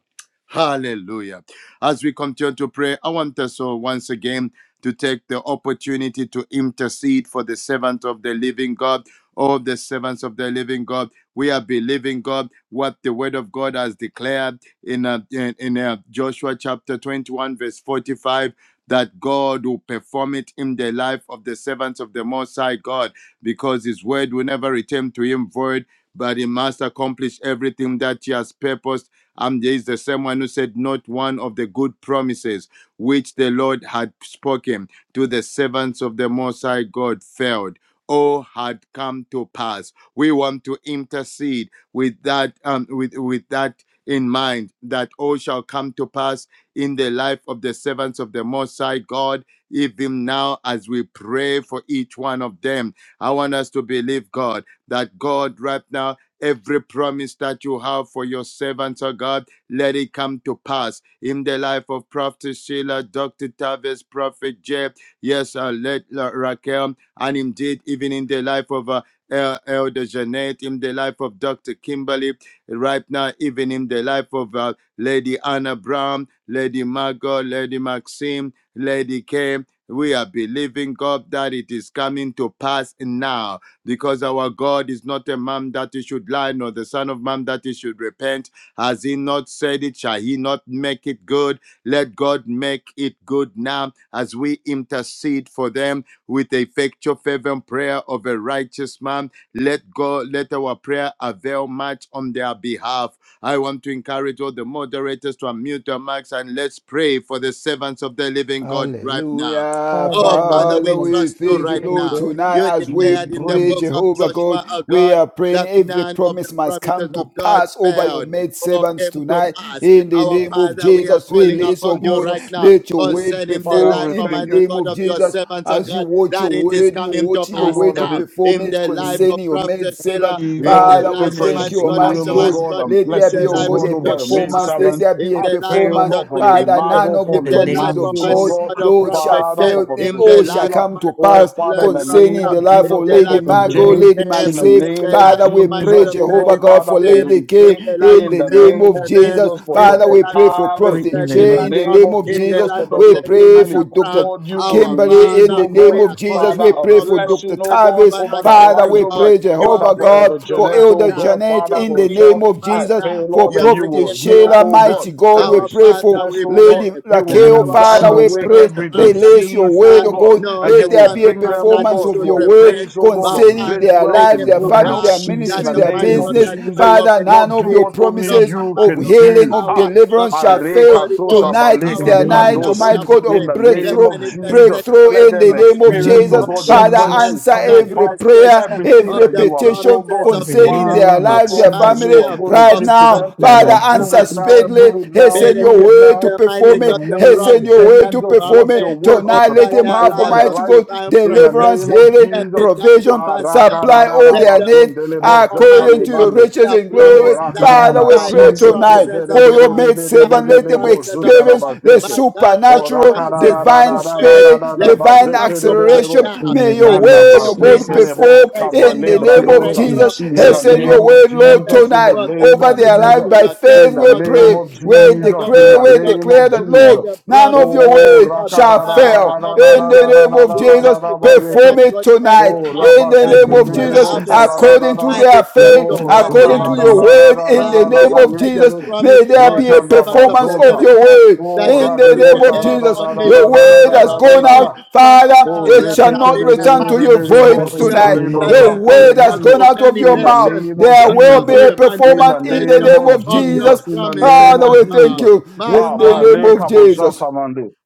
E: Hallelujah. As we continue to pray, I want us all once again to take the opportunity to intercede for the servant of the living God, all the servants of the living God. We are believing God what the word of God has declared in, uh, in, in uh, Joshua chapter 21, verse 45 that God will perform it in the life of the servants of the Most High God, because His word will never return to Him void, but He must accomplish everything that He has purposed. And there is the same one who said, Not one of the good promises which the Lord had spoken to the servants of the Most High God failed. All had come to pass. We want to intercede with that, um, with with that in mind, that all shall come to pass in the life of the servants of the Most High God, even now as we pray for each one of them. I want us to believe, God, that God, right now, every promise that you have for your servants, oh God, let it come to pass in the life of Prophet Sheila, Dr. Tavis, Prophet Jeb, yes, uh, let uh, Raquel, and indeed, even in the life of uh, El- Elder Jeanette, in the life of Dr. Kimberly, right now, even in the life of uh, Lady Anna Brown, Lady Margot, Lady Maxine, Lady K. We are believing God that it is coming to pass now because our God is not a man that he should lie, nor the son of man that he should repent. Has he not said it? Shall he not make it good? Let God make it good now as we intercede for them with the effectual fervent prayer of a righteous man. Let God let our prayer avail much on their behalf I want to encourage all the moderators to unmute their mics and let's pray for the servants of the living God right now.
C: Hallelujah.
B: Father,
E: Oh,
B: in the
E: Father,
C: Father,
E: we
B: name of Jesus,
C: we
E: trust you
B: we
C: thank you,
E: right
B: pray,
C: Lord,
E: now.
B: God.
C: tonight
E: You
C: as
B: In
C: we
E: declared
B: the
E: in the
B: name
C: pray,
B: of
E: book of
B: Jesus,
C: Jehovah God.
E: Joshua, oh
C: We
E: God,
C: are praying
E: that
C: every
E: none of the
C: promise must come
E: promises of
C: to
E: God
C: pass over your
E: failed
C: maid
E: or
C: servants
E: came to
C: tonight.
E: pass.
C: In the
E: Our
C: name of
E: Father, we are
C: Jesus,
E: calling
B: in
C: release, oh
E: upon you
C: God,
E: right
B: Jesus,
E: now
C: let your
B: in the
C: word
E: concerning
B: name
E: the
B: of
H: Father,
B: Jesus,
C: perform
E: life,
H: we
C: in the
B: in
H: thank
E: Almighty
H: you,
C: name
E: God,
C: of
E: of your
C: Jesus.
E: servants, oh
C: As you
E: God,
C: watch
E: that
C: your
E: it is
C: word, you
E: coming to
C: watch
H: oh
C: your
E: pass
C: way
H: Lord,
C: to
H: that this
E: now
C: perform
E: in
C: it
E: the
B: the
E: life
B: name of
E: of
C: concerning your
B: Jesus.
C: maid
E: Prophet
C: servant.
E: Sheila, in
B: Let
H: eagle,
B: your
E: the
C: Father, we
E: life,
B: promise
H: fresh
C: thank
B: come
E: Almighty
C: you,
B: to
E: God, of
B: pass
C: Almighty
H: zeal, oh
C: God.
E: Almighty
B: tonight.
E: God
H: God, and
C: Let
E: in
C: there be,
E: the
H: blessings,
B: In
C: oh
B: the
H: oh
E: life
C: God,
H: God,
E: of
C: a
B: name of
H: over your
E: Dr.
H: maid
B: Jesus
C: performance.
E: Tavis,
H: servant
C: Let
B: Christ.
C: there
E: in
C: be a
E: the life
H: Pray,
E: of
H: oh
C: performance.
H: God,
E: Dr.
H: for Lady
C: Father,
E: Kimberly,
C: none
H: Margot,
C: of
B: In
C: the
E: in
H: for
B: the
H: Lady
E: the
C: promises
E: life
B: name
E: of
B: of
C: of
H: Maxine,
E: my
H: oh
C: God,
B: Jesus.
H: God.
E: God of
C: Lord, shall
E: Prophet
H: Father,
E: Jeff,
H: for
C: fail.
H: Prophet
C: They
E: in
C: all
E: the
C: shall
E: life
H: Sheila.
E: of
C: come
E: my
C: to
E: God
H: Oh,
E: of
C: pass
H: Father, in
E: Lady
H: the name
C: concerning
E: Raquel,
C: the
H: of
C: life
H: Jesus,
E: in
C: of
H: for
E: the
C: Lady
E: life of
B: In
H: Prophet
B: the
C: Margot,
B: name
H: Jay.
E: Lady
B: of
C: Lady
E: Kev,
H: In the
B: Jesus.
C: Maxine.
E: in
H: name
E: the
H: of
E: life
C: Father,
E: of
C: we
E: my
C: pray,
E: God
H: Jesus,
E: of
H: oh
C: Jehovah
H: God,
E: Lady
C: God,
H: Father,
C: for
H: for
E: Maxim,
C: Lady
H: Lady
C: K
E: in
H: K.
E: the life
C: in
E: of
H: In
C: the
H: the
C: name
E: Elder
H: name
C: of
H: of
E: Jeanette,
C: Jesus.
H: Jesus, for
E: in
C: Father,
E: the
H: Dr.
C: we
E: life
C: pray
E: of my
C: for
E: God of
H: Tavis.
B: Pray
C: Prophet
B: in the
E: Lady
H: In the
C: J in
B: name,
C: the
E: Margot,
H: name
C: name
H: of
C: of
E: in the
C: Jesus.
H: Jesus,
E: life
H: for
E: of
C: We
H: Dr.
E: Lady
C: pray
H: Kimberly.
C: for
E: Anna
C: Dr.
E: Brown.
H: Lord, you will
E: Our
C: Kimberly,
H: release,
C: in the
E: Father,
H: oh God.
C: name
E: we
C: of
E: are
C: Jesus,
E: calling
H: Father,
C: we
H: a
C: pray
E: upon
C: for
E: you
H: blessing,
C: Dr.
H: oh
E: that
H: God,
C: Tavis.
H: over
E: covenant
H: their
C: Father,
H: lives,
E: keeping
C: we
H: oh
E: God.
H: God.
C: pray,
E: You are
H: Father,
C: Jehovah
H: for
E: bringing it
H: Elder
C: God,
E: to
C: for
H: Jeanette,
E: pass
H: oh
C: Elder
E: now
H: God.
C: Jeanette.
H: Father,
E: you are
C: in
H: for
C: the
H: the
E: bringing it
H: child.
C: name
E: to
C: of
H: I
E: pass
C: Jesus,
H: pray,
E: now.
H: Lord,
C: for
E: You
H: that
E: are
H: you
E: bringing
C: Prophet
H: will
E: it to
H: heal,
E: pass
C: Sheila,
H: oh
E: now.
H: God,
C: mighty God, we
H: every
E: Our
C: pray for
E: Father,
H: sickness,
E: we
H: oh God.
E: pray
C: Lady
H: You
B: the
H: will
E: that
C: Raquel.
B: name of
E: our
H: drive
C: Father,
E: God,
C: we
B: Jesus.
E: you are
H: away
B: Christ.
E: not
C: pray,
B: For
E: a
H: every
E: man
B: them.
E: that you
C: release your
E: should
H: disease,
E: lie,
H: oh
C: word, oh
H: God.
C: God.
E: nor
H: And you
C: Let
E: the
H: will
C: there
E: Son
C: be
E: of
C: a
H: bring them,
E: Man
H: oh
E: that you
C: performance
H: God,
C: of
E: should
H: to
C: your
H: a
C: word
E: repent.
H: place, oh God,
E: But
H: of
C: concerning
E: Father,
H: great
C: their
H: wealth
E: bring
C: lives,
E: it
H: and
C: their
B: In
E: to
H: good
B: the name
C: family,
B: of
H: health
C: their
E: pass
H: in
E: that
B: Jesus,
H: the
C: ministry,
B: we
C: their
B: pray.
E: Almighty
H: name
B: For
E: God,
H: of
C: business.
B: them.
E: their joy
H: Jesus.
E: will
C: Father,
E: be
C: none
H: Lord, do
C: of your
E: complete,
H: what only
E: not
C: promises
E: by
H: you
E: might,
C: of
H: can
E: not by
C: healing,
H: do.
C: of
H: Ah,
E: power,
C: deliverance, Hebron
E: but
C: shall
E: by the
C: fail.
H: Mareka
E: Holy
H: tosa
E: Ghost.
C: Tonight
B: In the
C: is
H: baleke
E: Our
C: their
H: le
B: name
C: night,
B: of
E: Father, we
C: Almighty
E: are
B: Jesus,
C: God,
H: in
E: praying
B: we
C: of
H: the
B: pray.
E: the
H: name
C: breakthrough,
H: of Jesus.
E: manifestation of
H: Let
C: breakthrough
E: the
C: in the
H: them
C: name of
B: In
E: promises
B: the
H: experience,
B: name
H: oh
C: Jesus.
E: of
B: of
H: God, your
C: Father,
B: Jesus.
E: fruitfulness,
H: promises
C: answer
H: come to
C: every
H: pass.
C: prayer,
E: manifestation
H: Everything
E: of
C: every
H: that
E: the
H: you have, oh
C: petition
E: promises
H: God,
B: In
E: of
B: the
E: healing
C: concerning their
B: name
H: Father,
E: of
B: of
C: lives, their
H: declare that
E: divine
B: Jesus,
H: you
C: family
H: are
E: health,
H: going to
C: right
E: of
H: give to
B: let
H: them.
C: now.
B: the
E: success,
C: Father,
H: Lord,
E: the
H: do it
C: answer
E: mighty God
H: now,
E: of
B: manifestation
C: speedily.
H: do it now,
C: Hasten your
H: do it
E: prosperity,
C: way to
H: now.
E: the mighty
H: In
C: perform
H: the
E: God
C: it.
E: of
H: name
C: Hasten
H: of
C: your
E: promises
C: way
E: that
C: to
E: you
H: Jesus,
E: have
C: perform
H: what your
E: made
C: it.
H: word to
C: Tonight, let
E: over
C: him
H: perform
E: their
C: have,
H: over
E: lives
H: their
E: of
C: Almighty
H: life.
C: God,
E: divine
H: In the
C: deliverance,
H: name
E: protection.
H: of
C: healing,
E: Let
H: Jesus.
E: it come to
C: provision,
H: Ah,
E: pass now.
C: supply all
E: Let
C: their
E: them
C: needs
E: enter,
C: according
E: Almighty
C: to
E: God,
C: your
H: rakarararabazondelebozetelemande.
C: riches
E: their
C: in
H: Oh,
C: glory.
E: promised
B: in the
E: land
B: name
C: Father,
B: of
C: we
E: by
C: pray
E: the
B: Jesus,
C: tonight
E: promises
C: for
E: of
C: your
E: God,
C: maid
E: by
C: servant.
E: the
C: Let them
E: promises of
C: experience
E: God,
C: the
H: rakarararabazekendedededededededebozundarabazeke.
E: by God, those
H: O
C: supernatural,
H: rakara
E: promises
H: da
E: that
H: da
C: divine
H: da
E: you
H: da da
E: made.
H: da
C: speed,
H: da da
E: Let them
C: divine
E: come
H: bazeke
E: to
H: de de de
E: pass
C: acceleration.
H: bo.
E: now
B: in the
C: May your
E: that
B: name
H: Randa
E: there
B: of
C: word, oh
E: will be
C: God,
H: bazeke le
B: Jesus,
C: perform
H: boska
E: acceleration,
C: in the
E: there will
H: malebra
E: be
C: name
B: thank
C: of
B: God
H: dosa.
B: in
E: breakthrough,
C: Jesus.
H: In
E: They'll
H: the
B: Jesus'
E: be
C: Send
B: name,
H: name
C: your
H: of
E: open
C: word, Lord,
E: heavens
H: Jesus, in the
C: tonight
E: for the
H: name
C: over
H: of
C: their
E: promises
C: life
H: Jesus,
E: to
C: by
E: locate
H: in
C: faith.
E: them,
H: the
C: We
E: oh
H: name
E: God,
C: pray,
H: of
C: we
E: just as
H: Jesus, in
C: declare,
H: the
E: Almighty
C: we
E: God.
H: name
C: declare
H: of
E: You
C: that,
E: made
H: Jesus.
C: Lord,
E: a
C: none of
E: promise,
C: your
H: O
E: Almighty
C: word
E: God.
C: shall
H: rakara da
E: Father,
H: da
C: fail.
H: da da da
C: In
H: da
E: Almighty
C: the
H: da
E: God,
C: name name of
H: da
E: you
H: da da da
E: Almighty
C: Jesus,
H: da da
E: God, the man
C: perform
H: bazeke.
C: it
E: God
C: tonight.
H: O
E: Abraham,
C: In the
E: that
B: in the
C: name
E: he's
H: rabazeke
C: of
H: de
B: name of
H: de
E: gonna
C: Jesus,
E: have
H: bosa
E: a
H: da
B: Jesus,
H: da
E: son.
H: da
C: according
H: da
C: to
H: da.
E: And
C: their
E: it
B: we
E: came to
C: faith,
H: O
B: thank
E: pass,
B: God
E: he
C: according
B: in the
E: had
C: to
H: rakara
E: a
H: da
C: your
B: name
H: da
E: son.
H: da
C: word,
H: da
C: in
H: da
C: the
H: da
E: Father,
H: da
E: you
C: name
E: have
C: of
E: made
H: bazeke
E: a
C: Jesus,
H: de.
E: promise
C: may
E: to
C: there
E: all
C: be
E: the
C: a
H: Rekanda
E: servants of
C: performance
E: the
C: of
H: bazonta.
E: living
C: your
E: God
C: word.
E: that
H: Oh,
E: they
C: In
E: shall
C: the
H: Rabbi
E: be the
C: name
H: Musa,
C: of
H: da
E: head
H: da
C: Jesus,
H: da da
E: only
C: your
H: da da
E: and
H: da
C: word
H: da
C: has
E: never
H: da da
E: be
C: gone
H: da
E: the
C: out,
H: da.
C: Father,
E: Father,
H: Oh,
C: it
E: let
C: shall
E: there
H: rekete
C: not
E: be
H: de de
E: a
C: return
H: de
C: to
H: de
C: you
H: de de
C: void
H: bo
B: of God,
E: manifestation
B: oh
C: tonight.
H: zumbare bo
E: that they
C: Your
B: Lord,
E: are
H: sata
E: led
C: word has
E: out
C: gone
H: mande.
E: to
C: out of
E: many
C: your
H: In the
E: nations.
C: mouth.
H: name of
C: There
E: Let
C: will
E: there
C: be
H: Jesus.
E: be
C: a
E: a
H: In
C: performance
H: the
C: in the
E: manifestation
H: name
C: name
H: of
C: of
E: of your
C: Jesus.
H: Jesus. In the
E: promises,
H: name
C: Father,
H: of
E: oh
C: we thank
E: God.
H: Jesus.
C: you
E: My
H: Ah,
C: in the name
E: Father,
C: of
H: bareka bo
C: Jesus.
H: zata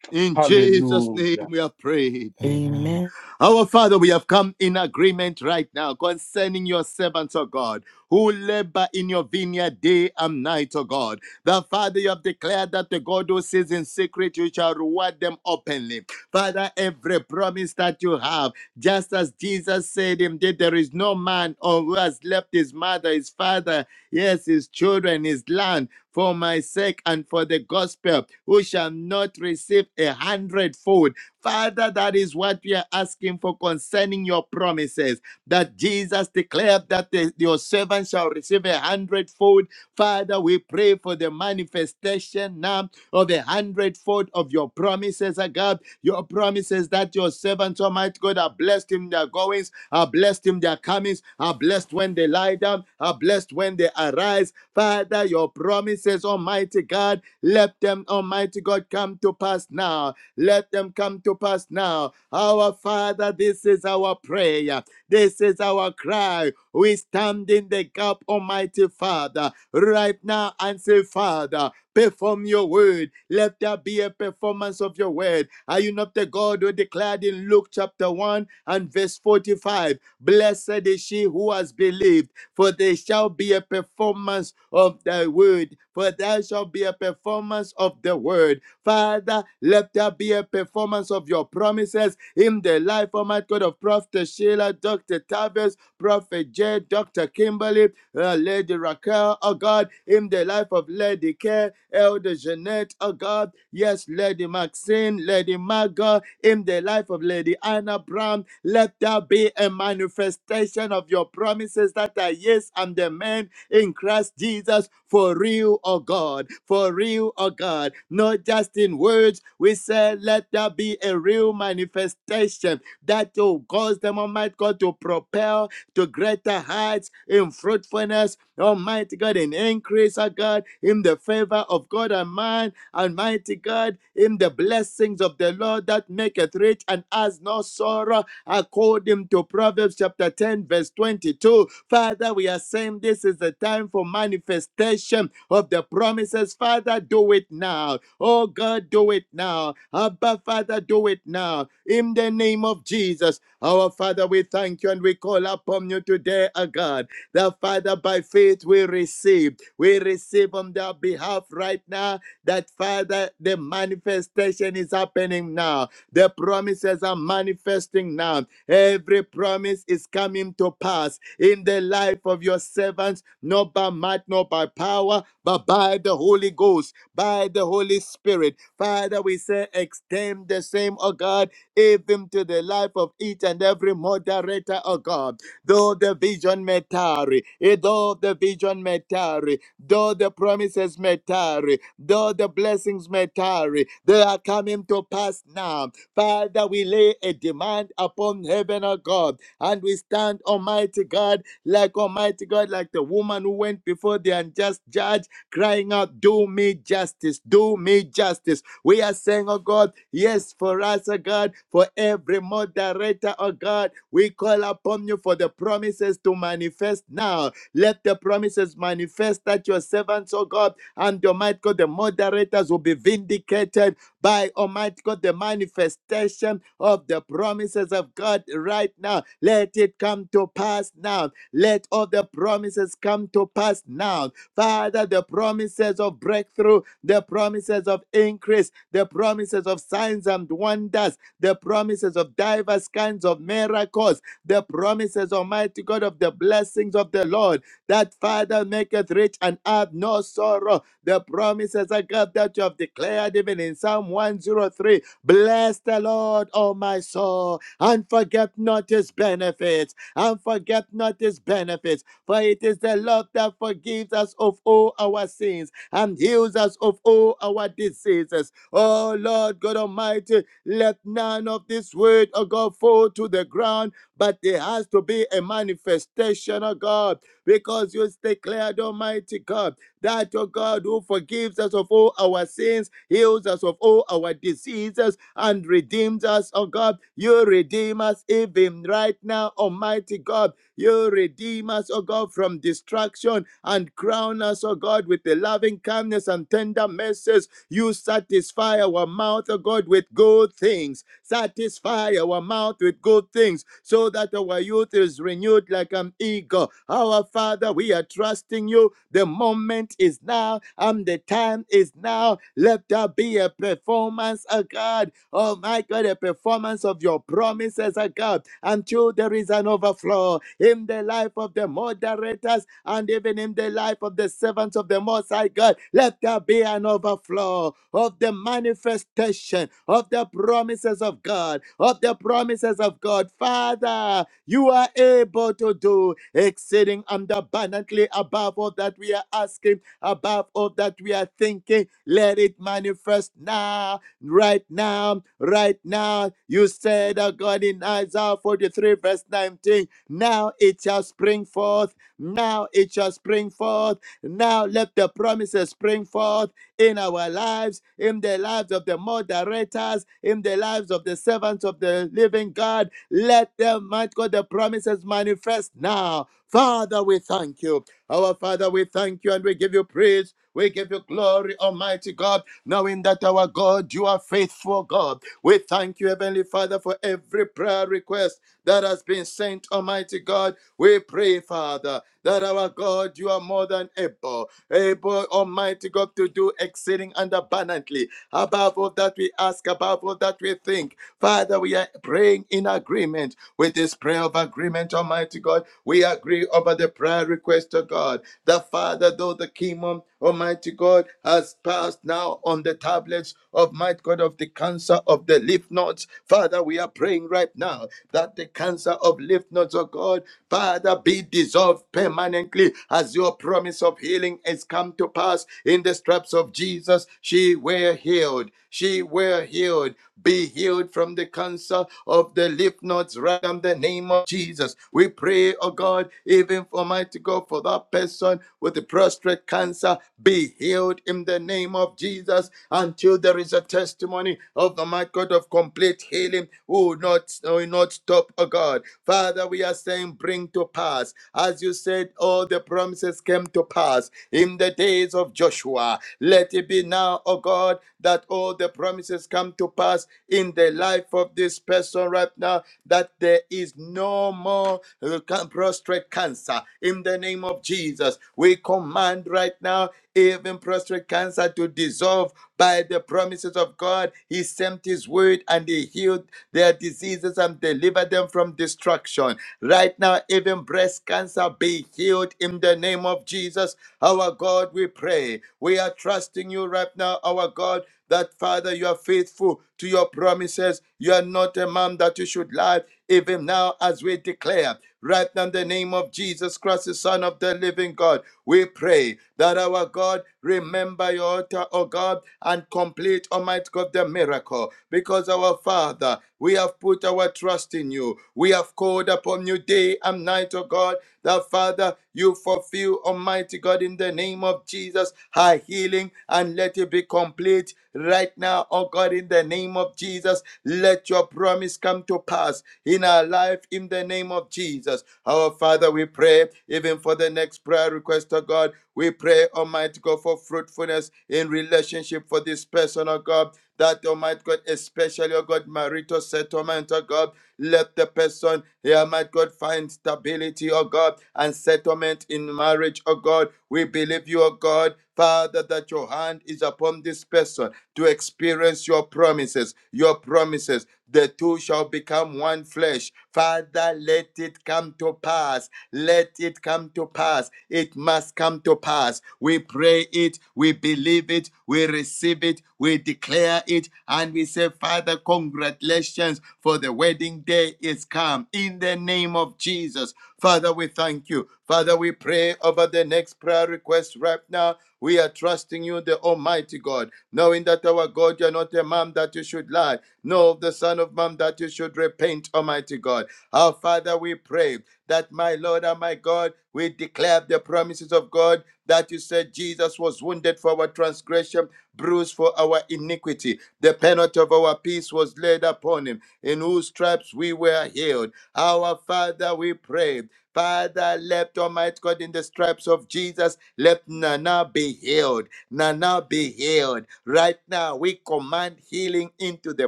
E: in
H: Hallelujah.
E: Jesus' name we are prayed.
B: amen.
E: Our Father, we have come in agreement right now concerning your servants, O God, who labor in your vineyard day and night, O God. The Father, you have declared that the God who sees in secret, you shall reward them openly. Father, every promise that you have, just as Jesus said, indeed, there is no man or who has left his mother, his father, yes, his children, his land, for my sake and for the gospel, who shall not receive a hundredfold Father, that is what we are asking for concerning your promises promises that Jesus declared that the- your servant shall receive a hundredfold. Father, we pray for the manifestation now of the hundredfold of your promises, oh God. Your promises that your servants, Almighty God, are blessed in their goings, are blessed in their comings, are blessed when they lie down, are blessed when they arise. Father, your promises, Almighty God, let them, Almighty God, come to pass now. Let them come to pass now. Our Father, this is our prayer. This is our cry. We stand in the gap, Almighty Father, right now and say, Father, perform your word. Let there be a performance of your word. Are you not the God who declared in Luke chapter 1 and verse 45? Blessed is she who has believed, for there shall be a performance of thy word. For there shall be a performance of the word. Father, let there be a performance of your promises in the life, Almighty God, of Prophet Sheila, Dr. Tavis, Prophet Jed, Dr. Kimberly, uh, Lady Raquel, oh God, in the life of Lady Care, Elder Jeanette, oh God, yes, Lady Maxine, Lady Margot, in the life of of Lady Anna Brown. Let there be a manifestation of your promises that are yes and amen in Christ Jesus for real, oh God, for real, oh God, not just in words. We say, let there be a real manifestation that will cause them, Almighty God, to propel to greater heights in fruitfulness, Almighty God, in increase, oh God, in the favor of God and man, Almighty God, in the blessings of the Lord that maketh rich and has no sorrow, according to Proverbs chapter 10, verse 22 twenty 22. Father, we are saying this is the time for manifestation of the promises. Father, do it now. Oh God, do it now. Abba, Father, do it now. In the name of Jesus, our Father, we thank you and we call upon you today, O God. The Father, by faith, we receive. We receive on their behalf right now that, Father, the manifestation is happening now the promises are manifesting now. Every promise is coming to pass in the life of your servants, not by might, not by power, but by the Holy Ghost, by the Holy Spirit. Father, we say, extend the same, O God, even to the life of each and every moderator, O God. Though the vision may tarry, eh, though the vision may tarry, though the promises may tarry, though the blessings may tarry, they are coming to pass now Father, we lay a demand upon heaven, O God, and we stand, Almighty God, like Almighty God, like the woman who went before the unjust judge, crying out, Do me justice, do me justice. We are saying, oh God, yes, for us, oh God, for every moderator, oh God, we call upon you for the promises to manifest now. Let the promises manifest that your servants, oh God, and your might God, the moderators will be vindicated by Almighty God, the manifestation of the promises of God right now. Let it come to pass now. Let all the promises come to pass now. Father, the promises of breakthrough, the promises of increase, the promises of signs and wonders, the promises of diverse kinds of miracles, the promises, Almighty God, of the blessings of the Lord, that Father maketh rich and add no sorrow the promises of God that you have declared even in Psalm 103. Bless the Lord, O my soul, and forget not his benefits, and forget not his benefits. For it is the Lord that forgives us of all our sins and heals us of all our diseases. Oh Lord God Almighty, let none of this word, oh God, fall to the ground, but there has to be a manifestation, oh God, because you declared, Almighty God that, oh God, who forgives us of all our sins, heals us of all our diseases, and redeems us, oh God. You redeem us even right now, Almighty God. You redeem us, oh God, from destruction and crown us, oh God, with the loving kindness and tender mercies. You satisfy our mouth, oh God, with good things. Satisfy our mouth with good things so that our youth is renewed like an eagle. Our Father, we are trusting you. The moment is now and the time is now. Let there be a performance, oh God. Oh my God, a performance of your promises, oh God, until there is an overflow in the life of the moderators us and even in the life of the servants of the Most High God. Let there be an overflow of the manifestation of the promises of God, of the promises of God. Father, you are able to do exceeding and abundantly above all that we are asking, above all that we are thinking. Let it manifest now, right now, right now. You said, oh God, in Isaiah 43, verse 19, now it shall spring forth now it shall spring forth. Now let the promises spring forth in our lives, in the lives of the moderators, in the lives of the servants of the living God. Let them, might God, the promises manifest now. Father, we thank you. Our Father, we thank you and we give you praise. We give you glory, Almighty God. God, knowing that our God, you are faithful God. We thank you, Heavenly Father, for every prayer request that has been sent, Almighty God. We pray, Father, that our God, you are more than able, able, Almighty God, to do exceeding and abundantly above all that we ask, above all that we think. Father, we are praying in agreement with this prayer of agreement, Almighty God. We agree over the prayer request of God. The Father, though the kingdom, Almighty God, has passed now on the tablets of might God of the cancer of the lymph nodes. Father, we are praying right now that the cancer of lymph nodes, oh God, Father, be dissolved permanently as your promise of healing healing has come to pass. In the stripes of Jesus, she were healed. She were healed. Be healed from the cancer of the lymph nodes right in the name of Jesus. We pray, oh God, even for mighty God, for that person with the prostate cancer, be healed in the name of Jesus until there is a testimony of the mighty God of complete healing. we will not, We will not stop, oh God. Father, we are saying, bring coming to pass. As you said, all the promises came to pass in the days of Joshua. Let it be now, O God, that all the promises come to pass in the life of this person right now, that there is no more uh, can- prostrate cancer. In the name of Jesus, we command right now even prostrate cancer to dissolve by the promises of God. He sent his word and he healed their diseases and deliver them from destruction. Right now, even breast cancer be healed in the name of Jesus. Our God, we pray. We are trusting you right now, our God, that Father, you are faithful to your promises. You are not a man that you should lie, even now as we declare. Right now, in the name of Jesus Christ, the Son of the living God, we pray that our God remember your altar, O God, and complete, Almighty God, the miracle. Because our Father, we have put our trust in you. We have called upon you day and night, O God, the Father. Father, you fulfill, Almighty God, in the name of Jesus, her healing and let it be complete right now, oh God, in the name of Jesus. Let your promise come to pass in our life in the name of Jesus. Our Father, we pray even for the next prayer request, oh God. We pray, Almighty God, for fruitfulness in relationship for this person, oh God. That Almighty God, especially, oh God, marital settlement, oh God let the person here, my God, find stability, oh God, and settlement in marriage, oh God. We believe you, oh God, Father, that your hand is upon this person to experience your promises, your promises. The two shall become one flesh. Father, let it come to pass let it come to pass. It must come to pass. We pray it, we believe it, we receive it, we declare it, and we say, Father, congratulations for the wedding day is come. In the name of Jesus, Father, we thank you. Father, we pray over the next prayer request right now. We are trusting you, the Almighty God, knowing that our God, you're not a man that you should lie, nor the Son of Man that you should repent, Almighty God. Our Father, we pray that my Lord and my God, we declare the promises of God that you said Jesus was wounded for our transgression, bruised for our iniquity. The penalty of our peace was laid upon him, in whose stripes we were healed. Our Father, we pray. Father, let Almighty God in the stripes of Jesus, let Nana be healed. Nana be healed. Right now, we command healing into the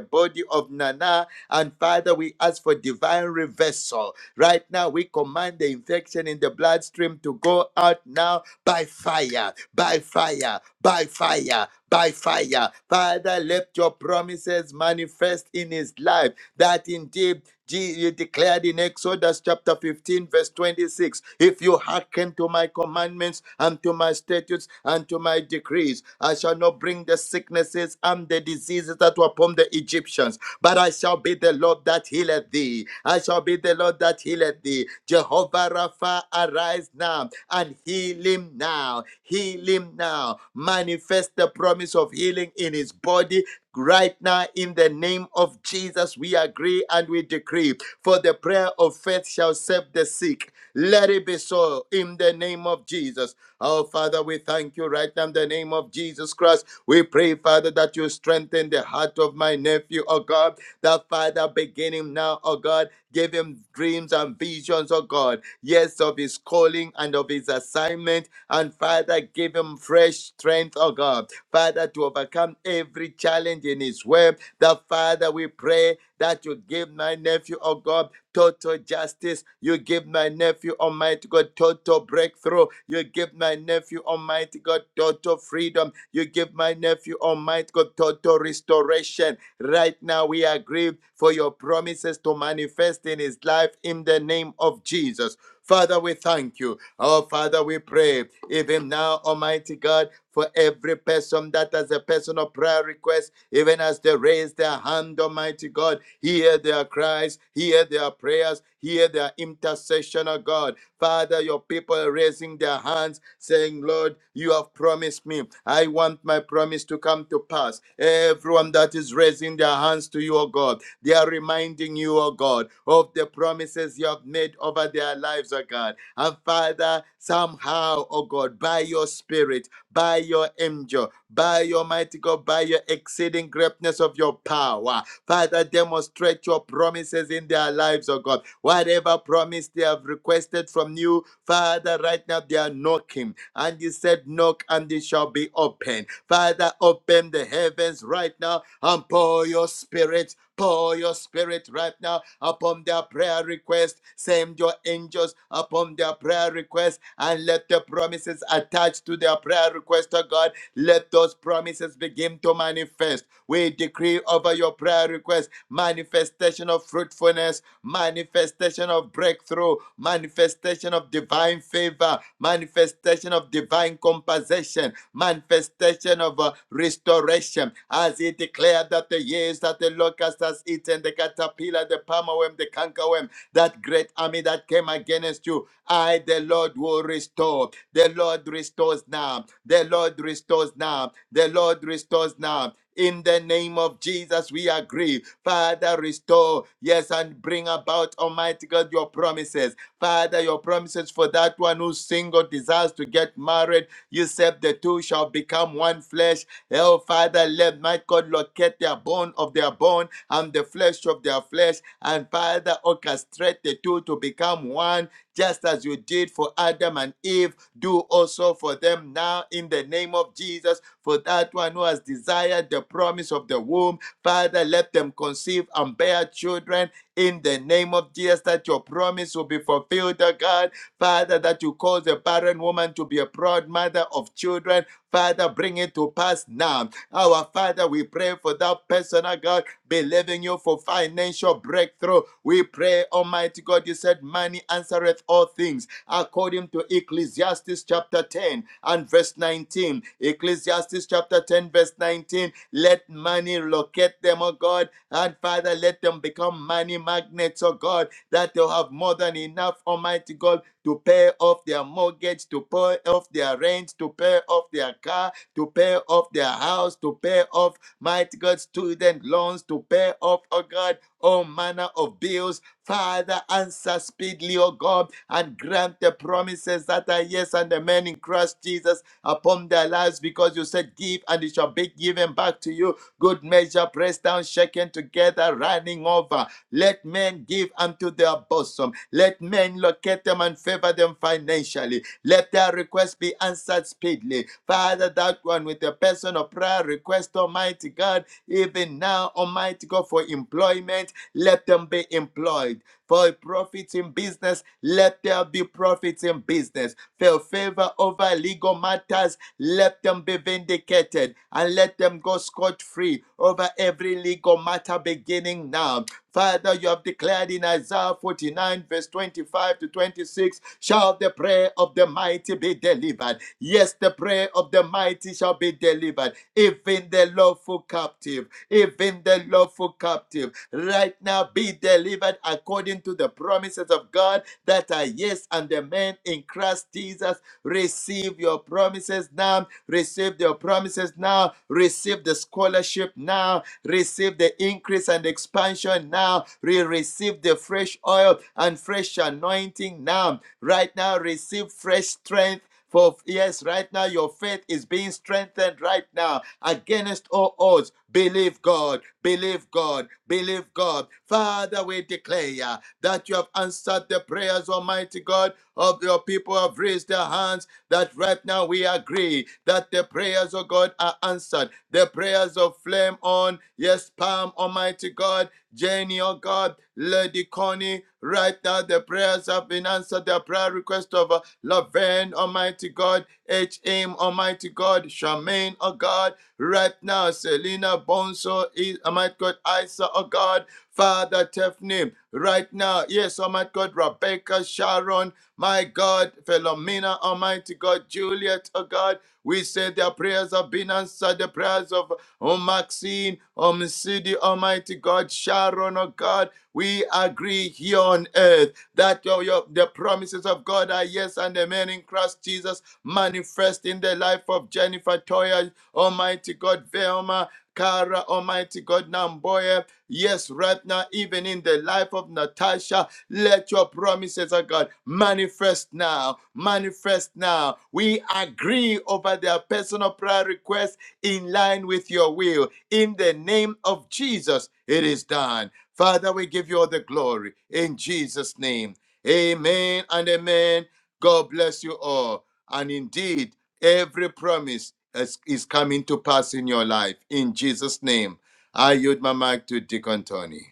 E: body of Nana and Father, we ask for divine reversal. Right now, we command the infection in the bloodstream to go out now by fire, by fire, by fire. By fire, Father, let your promises manifest in his life. That indeed Je- you declared in Exodus chapter 15, verse 26, if you hearken to to my commandments and to my statutes and to my decrees. I shall not bring the sicknesses and the diseases that were upon the Egyptians, but I shall be the Lord that healeth thee. I shall be the Lord that healeth thee. Jehovah Rapha, arise now and heal him now. Heal him now. Manifest the promise of healing in his body Right now, in the name of Jesus, we agree and we decree, for the prayer of faith shall save the sick. Let it be so in the name of Jesus. Our Father, we thank you right now in the name of Jesus Christ. We pray, Father, that you strengthen the heart of my nephew, oh God. That Father, beginning now, oh God, give him dreams and visions, oh God. Yes, of his calling and of his assignment. And Father, give him fresh strength, oh God. Father, to overcome every challenge in His web. The Father, we pray that you give my nephew, oh God, total justice. You give my nephew, Almighty God, total breakthrough. You give my nephew, Almighty God, total freedom. You give my nephew, Almighty God, total restoration. Right now, we agree for your promises to manifest in his life in the name of Jesus. Father, we thank you. Our Father, we pray. Even now, Almighty God, for every person that has a personal prayer request, even as they raise their hand, Almighty God, hear their cries, hear their prayers, hear their intercession, O God. Father, your people are raising their hands, saying, Lord, you have promised me. I want my promise to come to pass. Everyone that is raising their hands to you, O God, they are reminding you, O God, of the promises you have made over their lives, O God. And Father, somehow, O God, by your spirit, by your angel, by your mighty God, by your exceeding greatness of your power. Father, demonstrate your promises in their lives, oh God. Whatever promise they have requested from you, Father, right now they are knocking. And you said, Knock and it shall be open. Father, open the heavens right now and pour your spirit. Pour your spirit right now upon their prayer request. Send your angels upon their prayer request and let the promises attached to them their prayer request, oh God. Let those promises begin to manifest. We decree over your prayer request manifestation of fruitfulness, manifestation of breakthrough, manifestation of divine favor, manifestation of divine compensation, manifestation of uh, restoration. As he declared that the years that the locust has eaten, the caterpillar, the palmerworm, the cankerworm, that great army that came against you. I, the Lord, will restore. The Lord restores now. The Lord restores now. The Lord restores now. In the name of Jesus, we agree. Father, restore, yes, and bring about, Almighty God, your promises. Father, your promises for that one who's single, desires to get married. You said the two shall become one flesh. Oh, Father, let my God locate their bone of their bone and the flesh of their flesh. And Father, orchestrate the two to become one, just as you did for Adam and Eve. Do also for them now in the name of Jesus. For that one who has desired the promise of the womb, Father, let them conceive and bear children in the name of Jesus, that your promise will be fulfilled, O God Father, that you cause a barren woman to be a proud mother of children. Father, bring it to pass now. Our Father, we pray for that person, oh God, believing you for financial breakthrough. We pray, Almighty God, you said, Money answereth all things, according to Ecclesiastes chapter 10 and verse 19. Ecclesiastes chapter 10, verse 19. Let money locate them, O God, and Father, let them become money magnets, O God, that they'll have more than enough, Almighty God to pay off their mortgage, to pay off their rent, to pay off their car, to pay off their house, to pay off, mighty God, student loans, to pay off, oh God, all manner of bills. Father, answer speedily, O God, and grant the promises that are yes and amen in Christ Jesus upon their lives, because you said, Give and it shall be given back to you. Good measure, pressed down, shaken together, running over. Let men give unto their bosom. Let men locate them and favor them financially. Let their requests be answered speedily. Father, that one with the person of prayer request, Almighty God, even now, Almighty God, for employment, let them be employed. For profits in business, let there be profits in business. For favor over legal matters, let them be vindicated and let them go scot free over every legal matter beginning now Father, you have declared in Isaiah 49, verse 25 to 26, shall the prayer of the mighty be delivered. Yes, the prayer of the mighty shall be delivered. Even the lawful captive, even the lawful captive right now be delivered according to the promises of God that are yes and amen in Christ Jesus. Receive your promises now. Receive your promises now. Receive the scholarship now. Receive the increase and expansion now. Re- receive the fresh oil and fresh anointing now. Right now, receive fresh strength for yes, right now your faith is being strengthened right now against all odds. Believe God, believe God, believe God. Father, we declare that you have answered the prayers, Almighty God, of your people who have raised their hands. That right now we agree that the prayers of God are answered. The prayers of flame on, yes, palm, Almighty God. Jenny, oh God, Lady Connie, right now the prayers have been answered. The prayer request of uh, Laverne, Almighty God, H.M., Almighty God, Charmaine, oh God, right now, Selena Bonso, is Almighty God, Isa, oh God, Father Tiffany, right now, yes, Almighty God, Rebecca, Sharon, my God, Philomena, Almighty God, Juliet, oh God, we say their prayers have been answered, the prayers of oh Maxine, oh Msidi, Almighty God, Sharon, oh God, we agree here on earth that your, your- the promises of God are yes and amen in Christ Jesus, manifest in the life of Jennifer Toya, Almighty God, Velma, Kara, Almighty God, Namboya. Yes, right now, even in the life of Natasha, let your promises, oh God, manifest now. Manifest now. We agree over their personal prayer requests in line with your will. In the name of Jesus, it is done. Father, we give you all the glory in Jesus' name. Amen and amen. God bless you all. And indeed, every promise is, is coming to pass in your life. In Jesus' name, I yield my mic to Deacon Tony.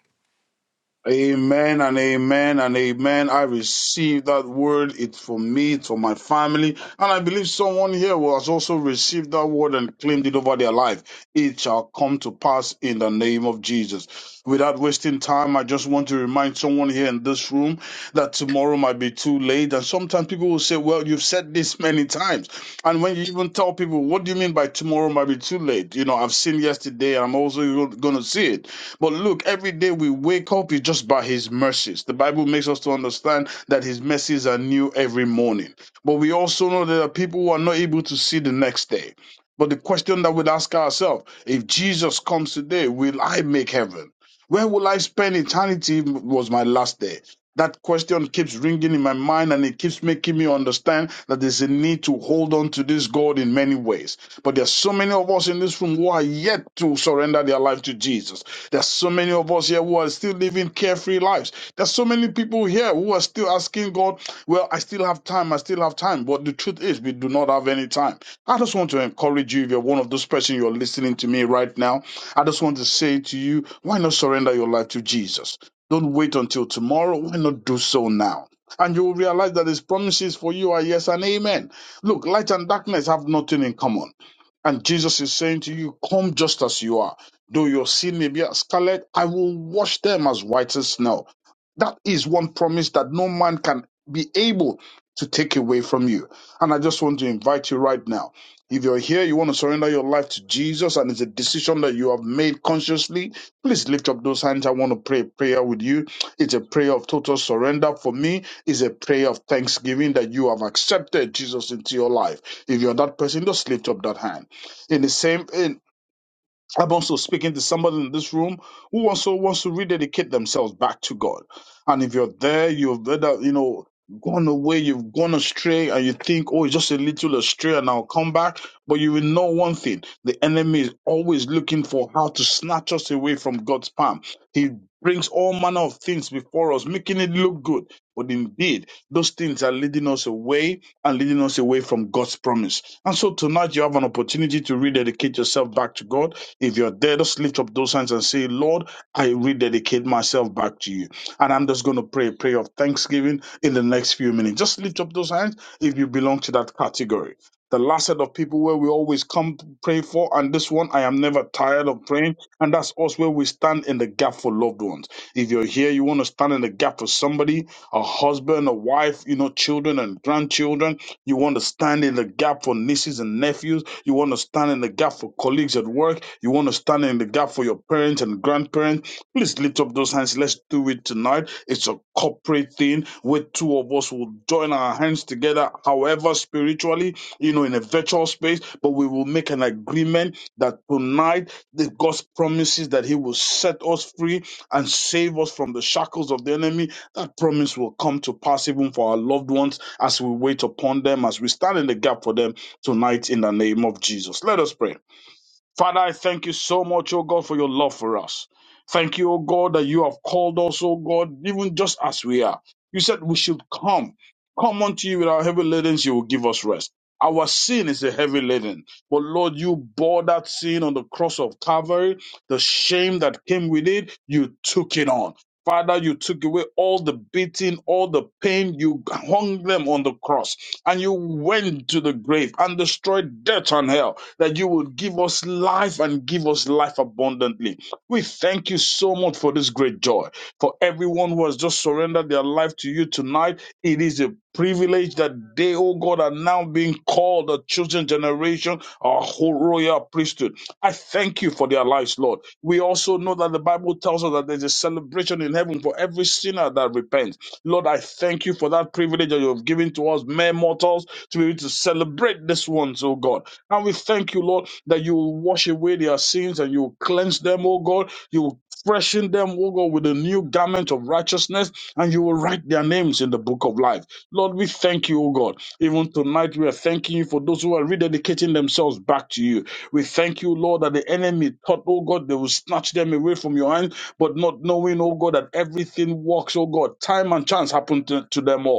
H: Amen and amen and amen. I receive that word. It's for me, it's for my family. And I believe someone here who has also received that word and claimed it over their life. It shall come to pass in the name of Jesus. Without wasting time, I just want to remind someone here in this room that tomorrow might be too late. And sometimes people will say, Well, you've said this many times. And when you even tell people, What do you mean by tomorrow might be too late? You know, I've seen yesterday, I'm also going to see it. But look, every day we wake up is just by His mercies. The Bible makes us to understand that His mercies are new every morning. But we also know that there are people who are not able to see the next day. But the question that we'd ask ourselves if Jesus comes today, will I make heaven? Where will I spend eternity if it was my last day? That question keeps ringing in my mind and it keeps making me understand that there's a need to hold on to this God in many ways. But there's so many of us in this room who are yet to surrender their life to Jesus. There's so many of us here who are still living carefree lives. There's so many people here who are still asking God, well, I still have time, I still have time. But the truth is, we do not have any time. I just want to encourage you, if you're one of those persons you're listening to me right now, I just want to say to you, why not surrender your life to Jesus? Don't wait until tomorrow. Why not do so now? And you will realize that his promises for you are yes and amen. Look, light and darkness have nothing in common. And Jesus is saying to you, Come just as you are. Though your sin may be as scarlet, I will wash them as white as snow. That is one promise that no man can be able to take away from you. And I just want to invite you right now. If you're here, you want to surrender your life to Jesus, and it's a decision that you have made consciously, please lift up those hands. I want to pray a prayer with you. It's a prayer of total surrender. For me, it's a prayer of thanksgiving that you have accepted Jesus into your life. If you're that person, just lift up that hand. In the same in I'm also speaking to somebody in this room who also wants to rededicate themselves back to God. And if you're there, you've either, you know, gone away, you've gone astray, and you think, oh, it's just a little astray and I'll come back. But you will know one thing the enemy is always looking for how to snatch us away from God's palm. He brings all manner of things before us, making it look good. But indeed, those things are leading us away and leading us away from God's promise. And so tonight you have an opportunity to rededicate yourself back to God if you're there, just lift up those hands and say, Lord, I rededicate myself back to you. And I'm just going to pray a prayer of thanksgiving in the next few minutes. Just lift up those hands if you belong to that category. The last set of people where we always come to pray for, and this one I am never tired of praying, and that's us where we stand in the gap for loved ones. If you're here, you want to stand in the gap for somebody, a husband, a wife, you know, children and grandchildren. You want to stand in the gap for nieces and nephews. You want to stand in the gap for colleagues at work. You want to stand in the gap for your parents and grandparents. Please lift up those hands. Let's do it tonight. It's a corporate thing where two of us will join our hands together, however, spiritually, you know, in a virtual space, but we will make an agreement that tonight the God's promises that He will set us free and save us from the shackles of the enemy that promise will come to pass even for our loved ones as we wait upon them, as we stand in the gap for them tonight in the name of Jesus. Let us pray. Father, I thank you so much, oh God, for your love for us. Thank you, oh God, that you have called us, oh God, even just as we are. You said we should come. Come unto you with our heavy ladens, you will give us rest. Our sin is a heavy laden. But Lord, you bore that sin on the cross of Calvary, the shame that came with it, you took it on. Father, you took away all the beating, all the pain, you hung them on the cross, and you went to the grave and destroyed death and hell that you would give us life and give us life abundantly. We thank you so much for this great joy. For everyone who has just surrendered their life to you tonight, it is a privilege that they, oh God, are now being called a chosen generation, a whole royal priesthood. I thank you for their lives, Lord. We also know that the Bible tells us that there's a celebration in heaven for every sinner that repents. Lord, I thank you for that privilege that you have given to us, mere mortals, to be able to celebrate this one, oh God. And we thank you, Lord, that you will wash away their sins and you will cleanse them, oh God. You will freshen them, oh God, with a new garment of righteousness and you will write their names in the book of life. Lord, we thank you, O God. Even tonight, we are thanking you for those who are rededicating themselves back to you. We thank you, Lord, that the enemy thought, oh God, they will snatch them away from your hand, but not knowing, oh God, that everything works, oh God. Time and chance happened to, to them all.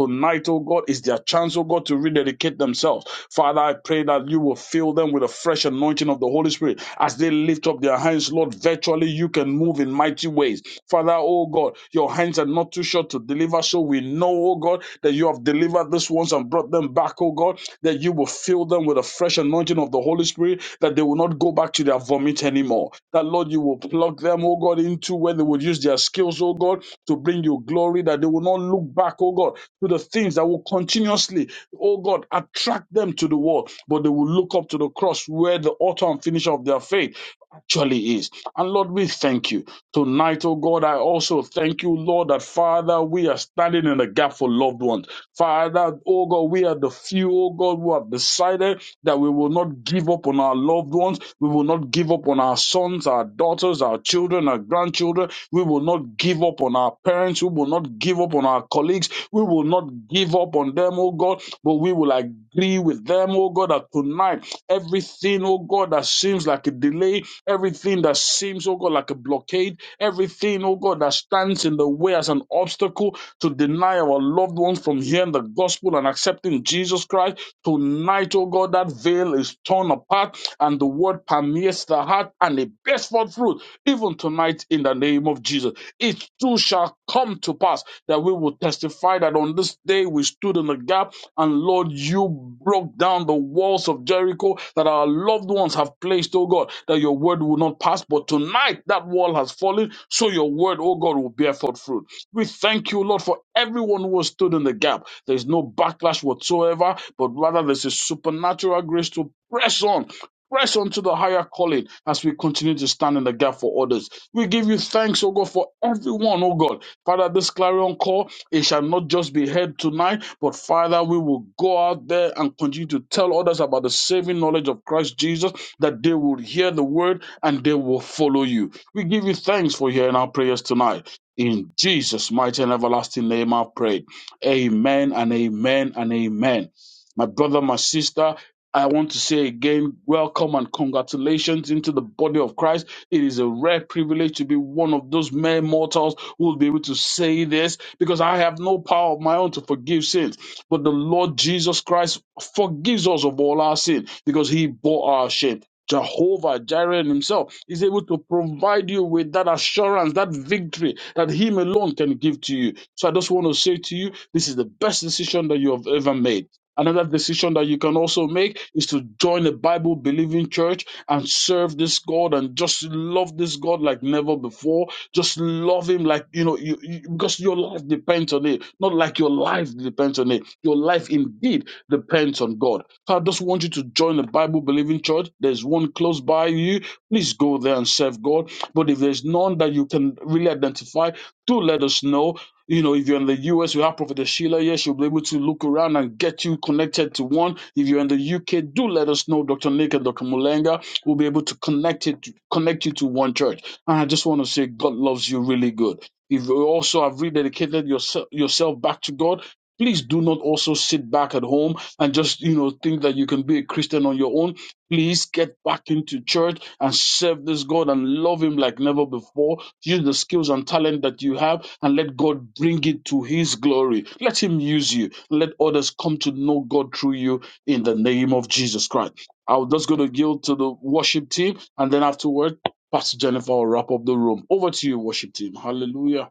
H: Tonight, oh God, is their chance, oh God, to rededicate themselves. Father, I pray that you will fill them with a fresh anointing of the Holy Spirit. As they lift up their hands, Lord, virtually you can move in mighty ways. Father, oh God, your hands are not too short to deliver. So we know, oh God, that you have delivered these ones and brought them back, oh God, that you will fill fill them with a fresh anointing of the Holy Spirit that they will not go back to their vomit anymore. That Lord, you will plug them, oh God, into where they would use their skills, oh God, to bring you glory, that they will not look back, oh God, to the things that will continuously, oh God, attract them to the world, but they will look up to the cross where the author and finisher of their faith actually is. And Lord, we thank you. Tonight, oh God, I also thank you, Lord, that Father, we are standing in the gap for loved ones. Father, oh God, we are the few, oh God, who have decided that we will not give up on our loved ones. We will not give up on our sons, our daughters, our children, our grandchildren. We will not give up on our parents. We will not give up on our colleagues feet. We will not give up on them, oh God, but we will agree with them, oh God, that tonight everything, oh God, that seems like a delay, everything that seems, oh God, like a blockade, everything, oh God, that stands in the way as an obstacle to deny our loved ones from hearing the gospel and accepting Jesus Christ, tonight, oh God, that veil is torn apart and the word permeates the heart and it bears forth fruit, even tonight in the name of Jesus. It too shall come to pass that we will testify that on this day we stood in the gap and Lord, you broke down the walls of Jericho that our loved ones have placed, oh God, that your word will not pass. But tonight that wall has fallen, so your word, oh God, will bear forth fruit. We thank you, Lord, for everyone who has stood in the gap. There's no backlash whatsoever, but rather there's a supernatural grace to press on press on to the higher calling as we continue to stand in the gap for others. We give you thanks, O God, for everyone, O God. Father, this clarion call, it shall not just be heard tonight, but Father, we will go out there and continue to tell others about the saving knowledge of Christ Jesus, that they will hear the word and they will follow you. We give you thanks for hearing our prayers tonight. In Jesus' mighty and everlasting name, I pray. Amen and amen and amen. My brother, my sister, I want to say again, welcome and congratulations into the body of Christ. It is a rare privilege to be one of those mere mortals who will be able to say this because I have no power of my own to forgive sins. But the Lord Jesus Christ forgives us of all our sin because he bore our shame. Jehovah Jireh himself is able to provide you with that assurance, that victory that him alone can give to you. So I just want to say to you, this is the best decision that you have ever made Another decision that you can also make is to join a Bible believing church and serve this God and just love this God like never before. Just love Him like, you know, you, you- because your life depends on it. Not like your life depends on it. Your life indeed depends on God. So I just want you to join a Bible believing church. There's one close by you. Please go there and serve God. But if there's none that you can really identify, do let us know you know, if you're in the US, we have Prophet Sheila here. She'll be able to look around and get you connected to one. If you're in the UK, do let us know. Dr. Nick and Dr. Mulenga will be able to connect it, connect you to one church. And I just want to say, God loves you really good. If you also have rededicated yourself, yourself back to God, please do not also sit back at home and just, you know, think that you can be a Christian on your own. Please get back into church and serve this God and love Him like never before Use the skills and talent that you have and let God bring it to His glory. Let Him use you. Let others come to know God through you in the name of Jesus Christ. I'm just going to yield to the worship team and then afterward, Pastor Jennifer will wrap up the room. Over to you, worship team. Hallelujah.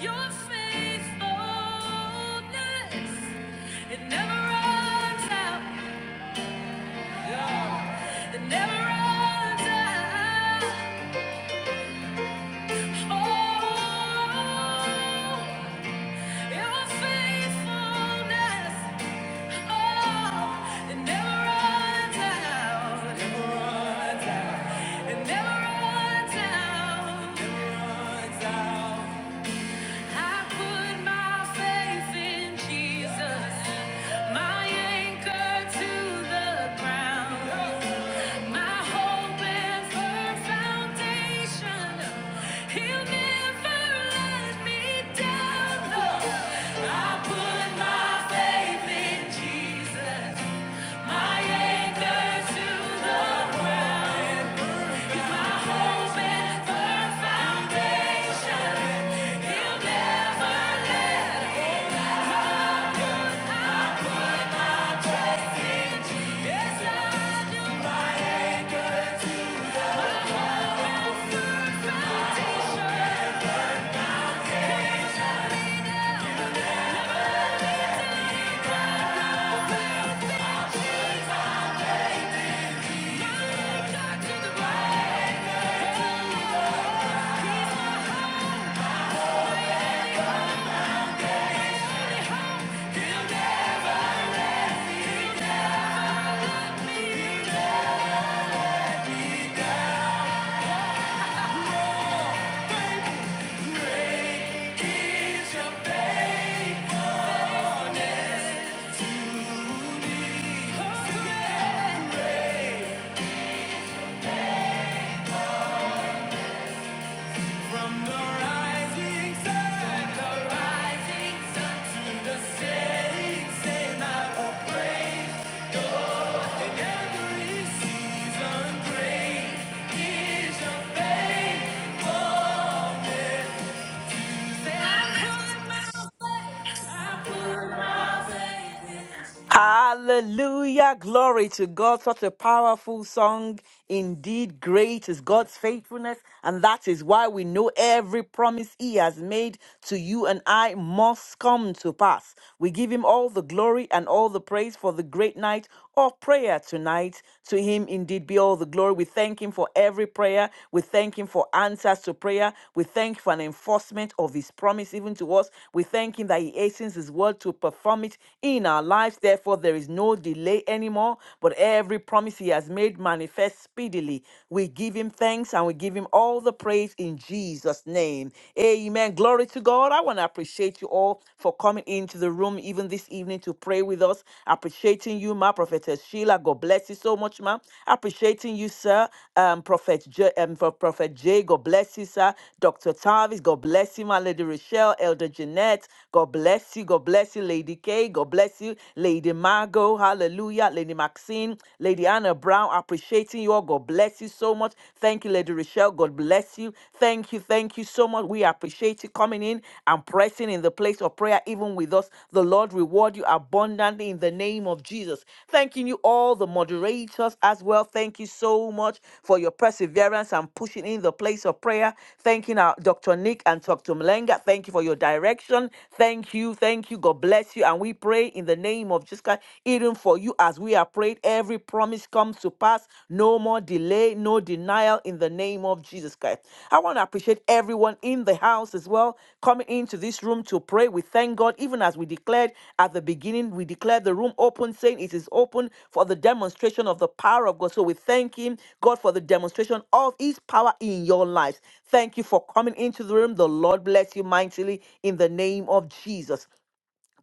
A: Your faithfulness, it never runs out. Yeah. It never runs out. Oh, your faithfulness, oh, it never runs out. Never runs out. It never runs out. Never runs out. I put my faith in Jesus, my anchor to the ground, my hope and firm foundation. He'll never let me down. I put my faith in Jesus, my anchor to the, my hope and firm foundation. From the rising sun. I put my faith, I put my faith in
B: Hallelujah. Glory to God. Such a powerful song. Indeed, great is God's faithfulness, and that is why we know every promise He has made to you and I must come to pass. We give Him all the glory and all the praise for the great night of prayer tonight. To Him indeed be all the glory. We thank Him for every prayer. We thank Him for answers to prayer. We thank Him for an enforcement of His promise even to us. We thank Him that He hastens His word to perform it in our lives. Therefore, there is no delay anymore, but every every promise he has made manifest speedily. We give him thanks and we give him all the praise in Jesus' name. Amen. Glory to God. I want to appreciate you all for coming into the room even this evening to pray with us. Appreciating you, ma, Prophetess Sheila. God bless you so much, ma. Appreciating you, sir. Um, Prophet J, um, for Prophet J. God bless you, sir. Dr. Tavis. God bless you, my Lady Rochelle, Elder Jeanette. God bless you. God bless you, Lady K. God bless you, Lady Margot. Hallelujah. Lady Maxine, Lady Anna Brown, appreciating you all. God bless you so much. Thank you, Lady Rochelle. God bless you. Thank you. Thank you so much. We appreciate you coming in and pressing in the place of prayer, even with us. The Lord reward you abundantly in the name of Jesus. Thanking you all, the moderators as well. Thank you so much for your perseverance and pushing in the place of prayer. Thanking our Dr. Nick and Dr. Mlenga. Thank you for your direction. Thank you. Thank you. God bless you. And we pray pray in the name of Jesus Christ, even for you as we are prayed, every promise comes to pass. No more delay, no denial in the name of Jesus Christ. I want to appreciate everyone in the house as well coming into this room to pray. We thank God, even as we declared at the beginning, we declared the room open, saying it is open for the demonstration of the power of God. So we thank Him, God, for the demonstration of His power in your lives. Thank you for coming into the room. The Lord bless you mightily in the name of Jesus.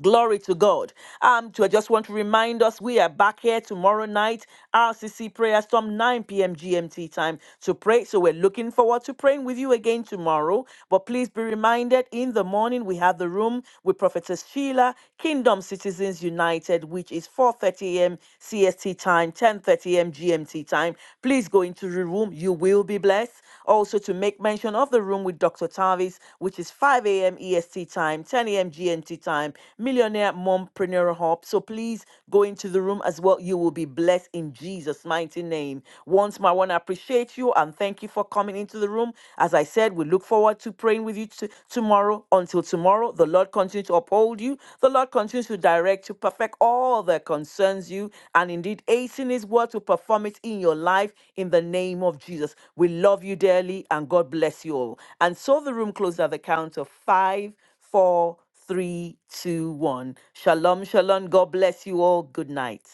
B: Glory to God. Um, to, I just want to remind us we are back here tomorrow night, RCC prayer storm, 9 p.m. GMT time to pray. So we're looking forward to praying with you again tomorrow. But please be reminded in the morning we have the room with Prophetess Sheila, Kingdom Citizens United, which is 4:30 a.m. CST time, 10:30 a.m. GMT time. Please go into the room. You will be blessed. Also, to make mention of the room with Dr. Tavis, which is 5 a.m. EST time, 10 a.m. GMT time, Millionaire Mompreneur Hub. So please go into the room as well. You will be blessed in Jesus' mighty name. Once more, I want to appreciate you and thank you for coming into the room. As I said, we look forward to praying with you t- tomorrow tomorrow until tomorrow. The Lord continues to uphold you. The Lord continues to direct to perfect all that concerns you, and indeed hasten His word to perform it in your life in the name of Jesus. We love you dearly, and God bless you all. And so the room closes at the count of five, four, three, two, one. Shalom, shalom. God bless you all. Good night.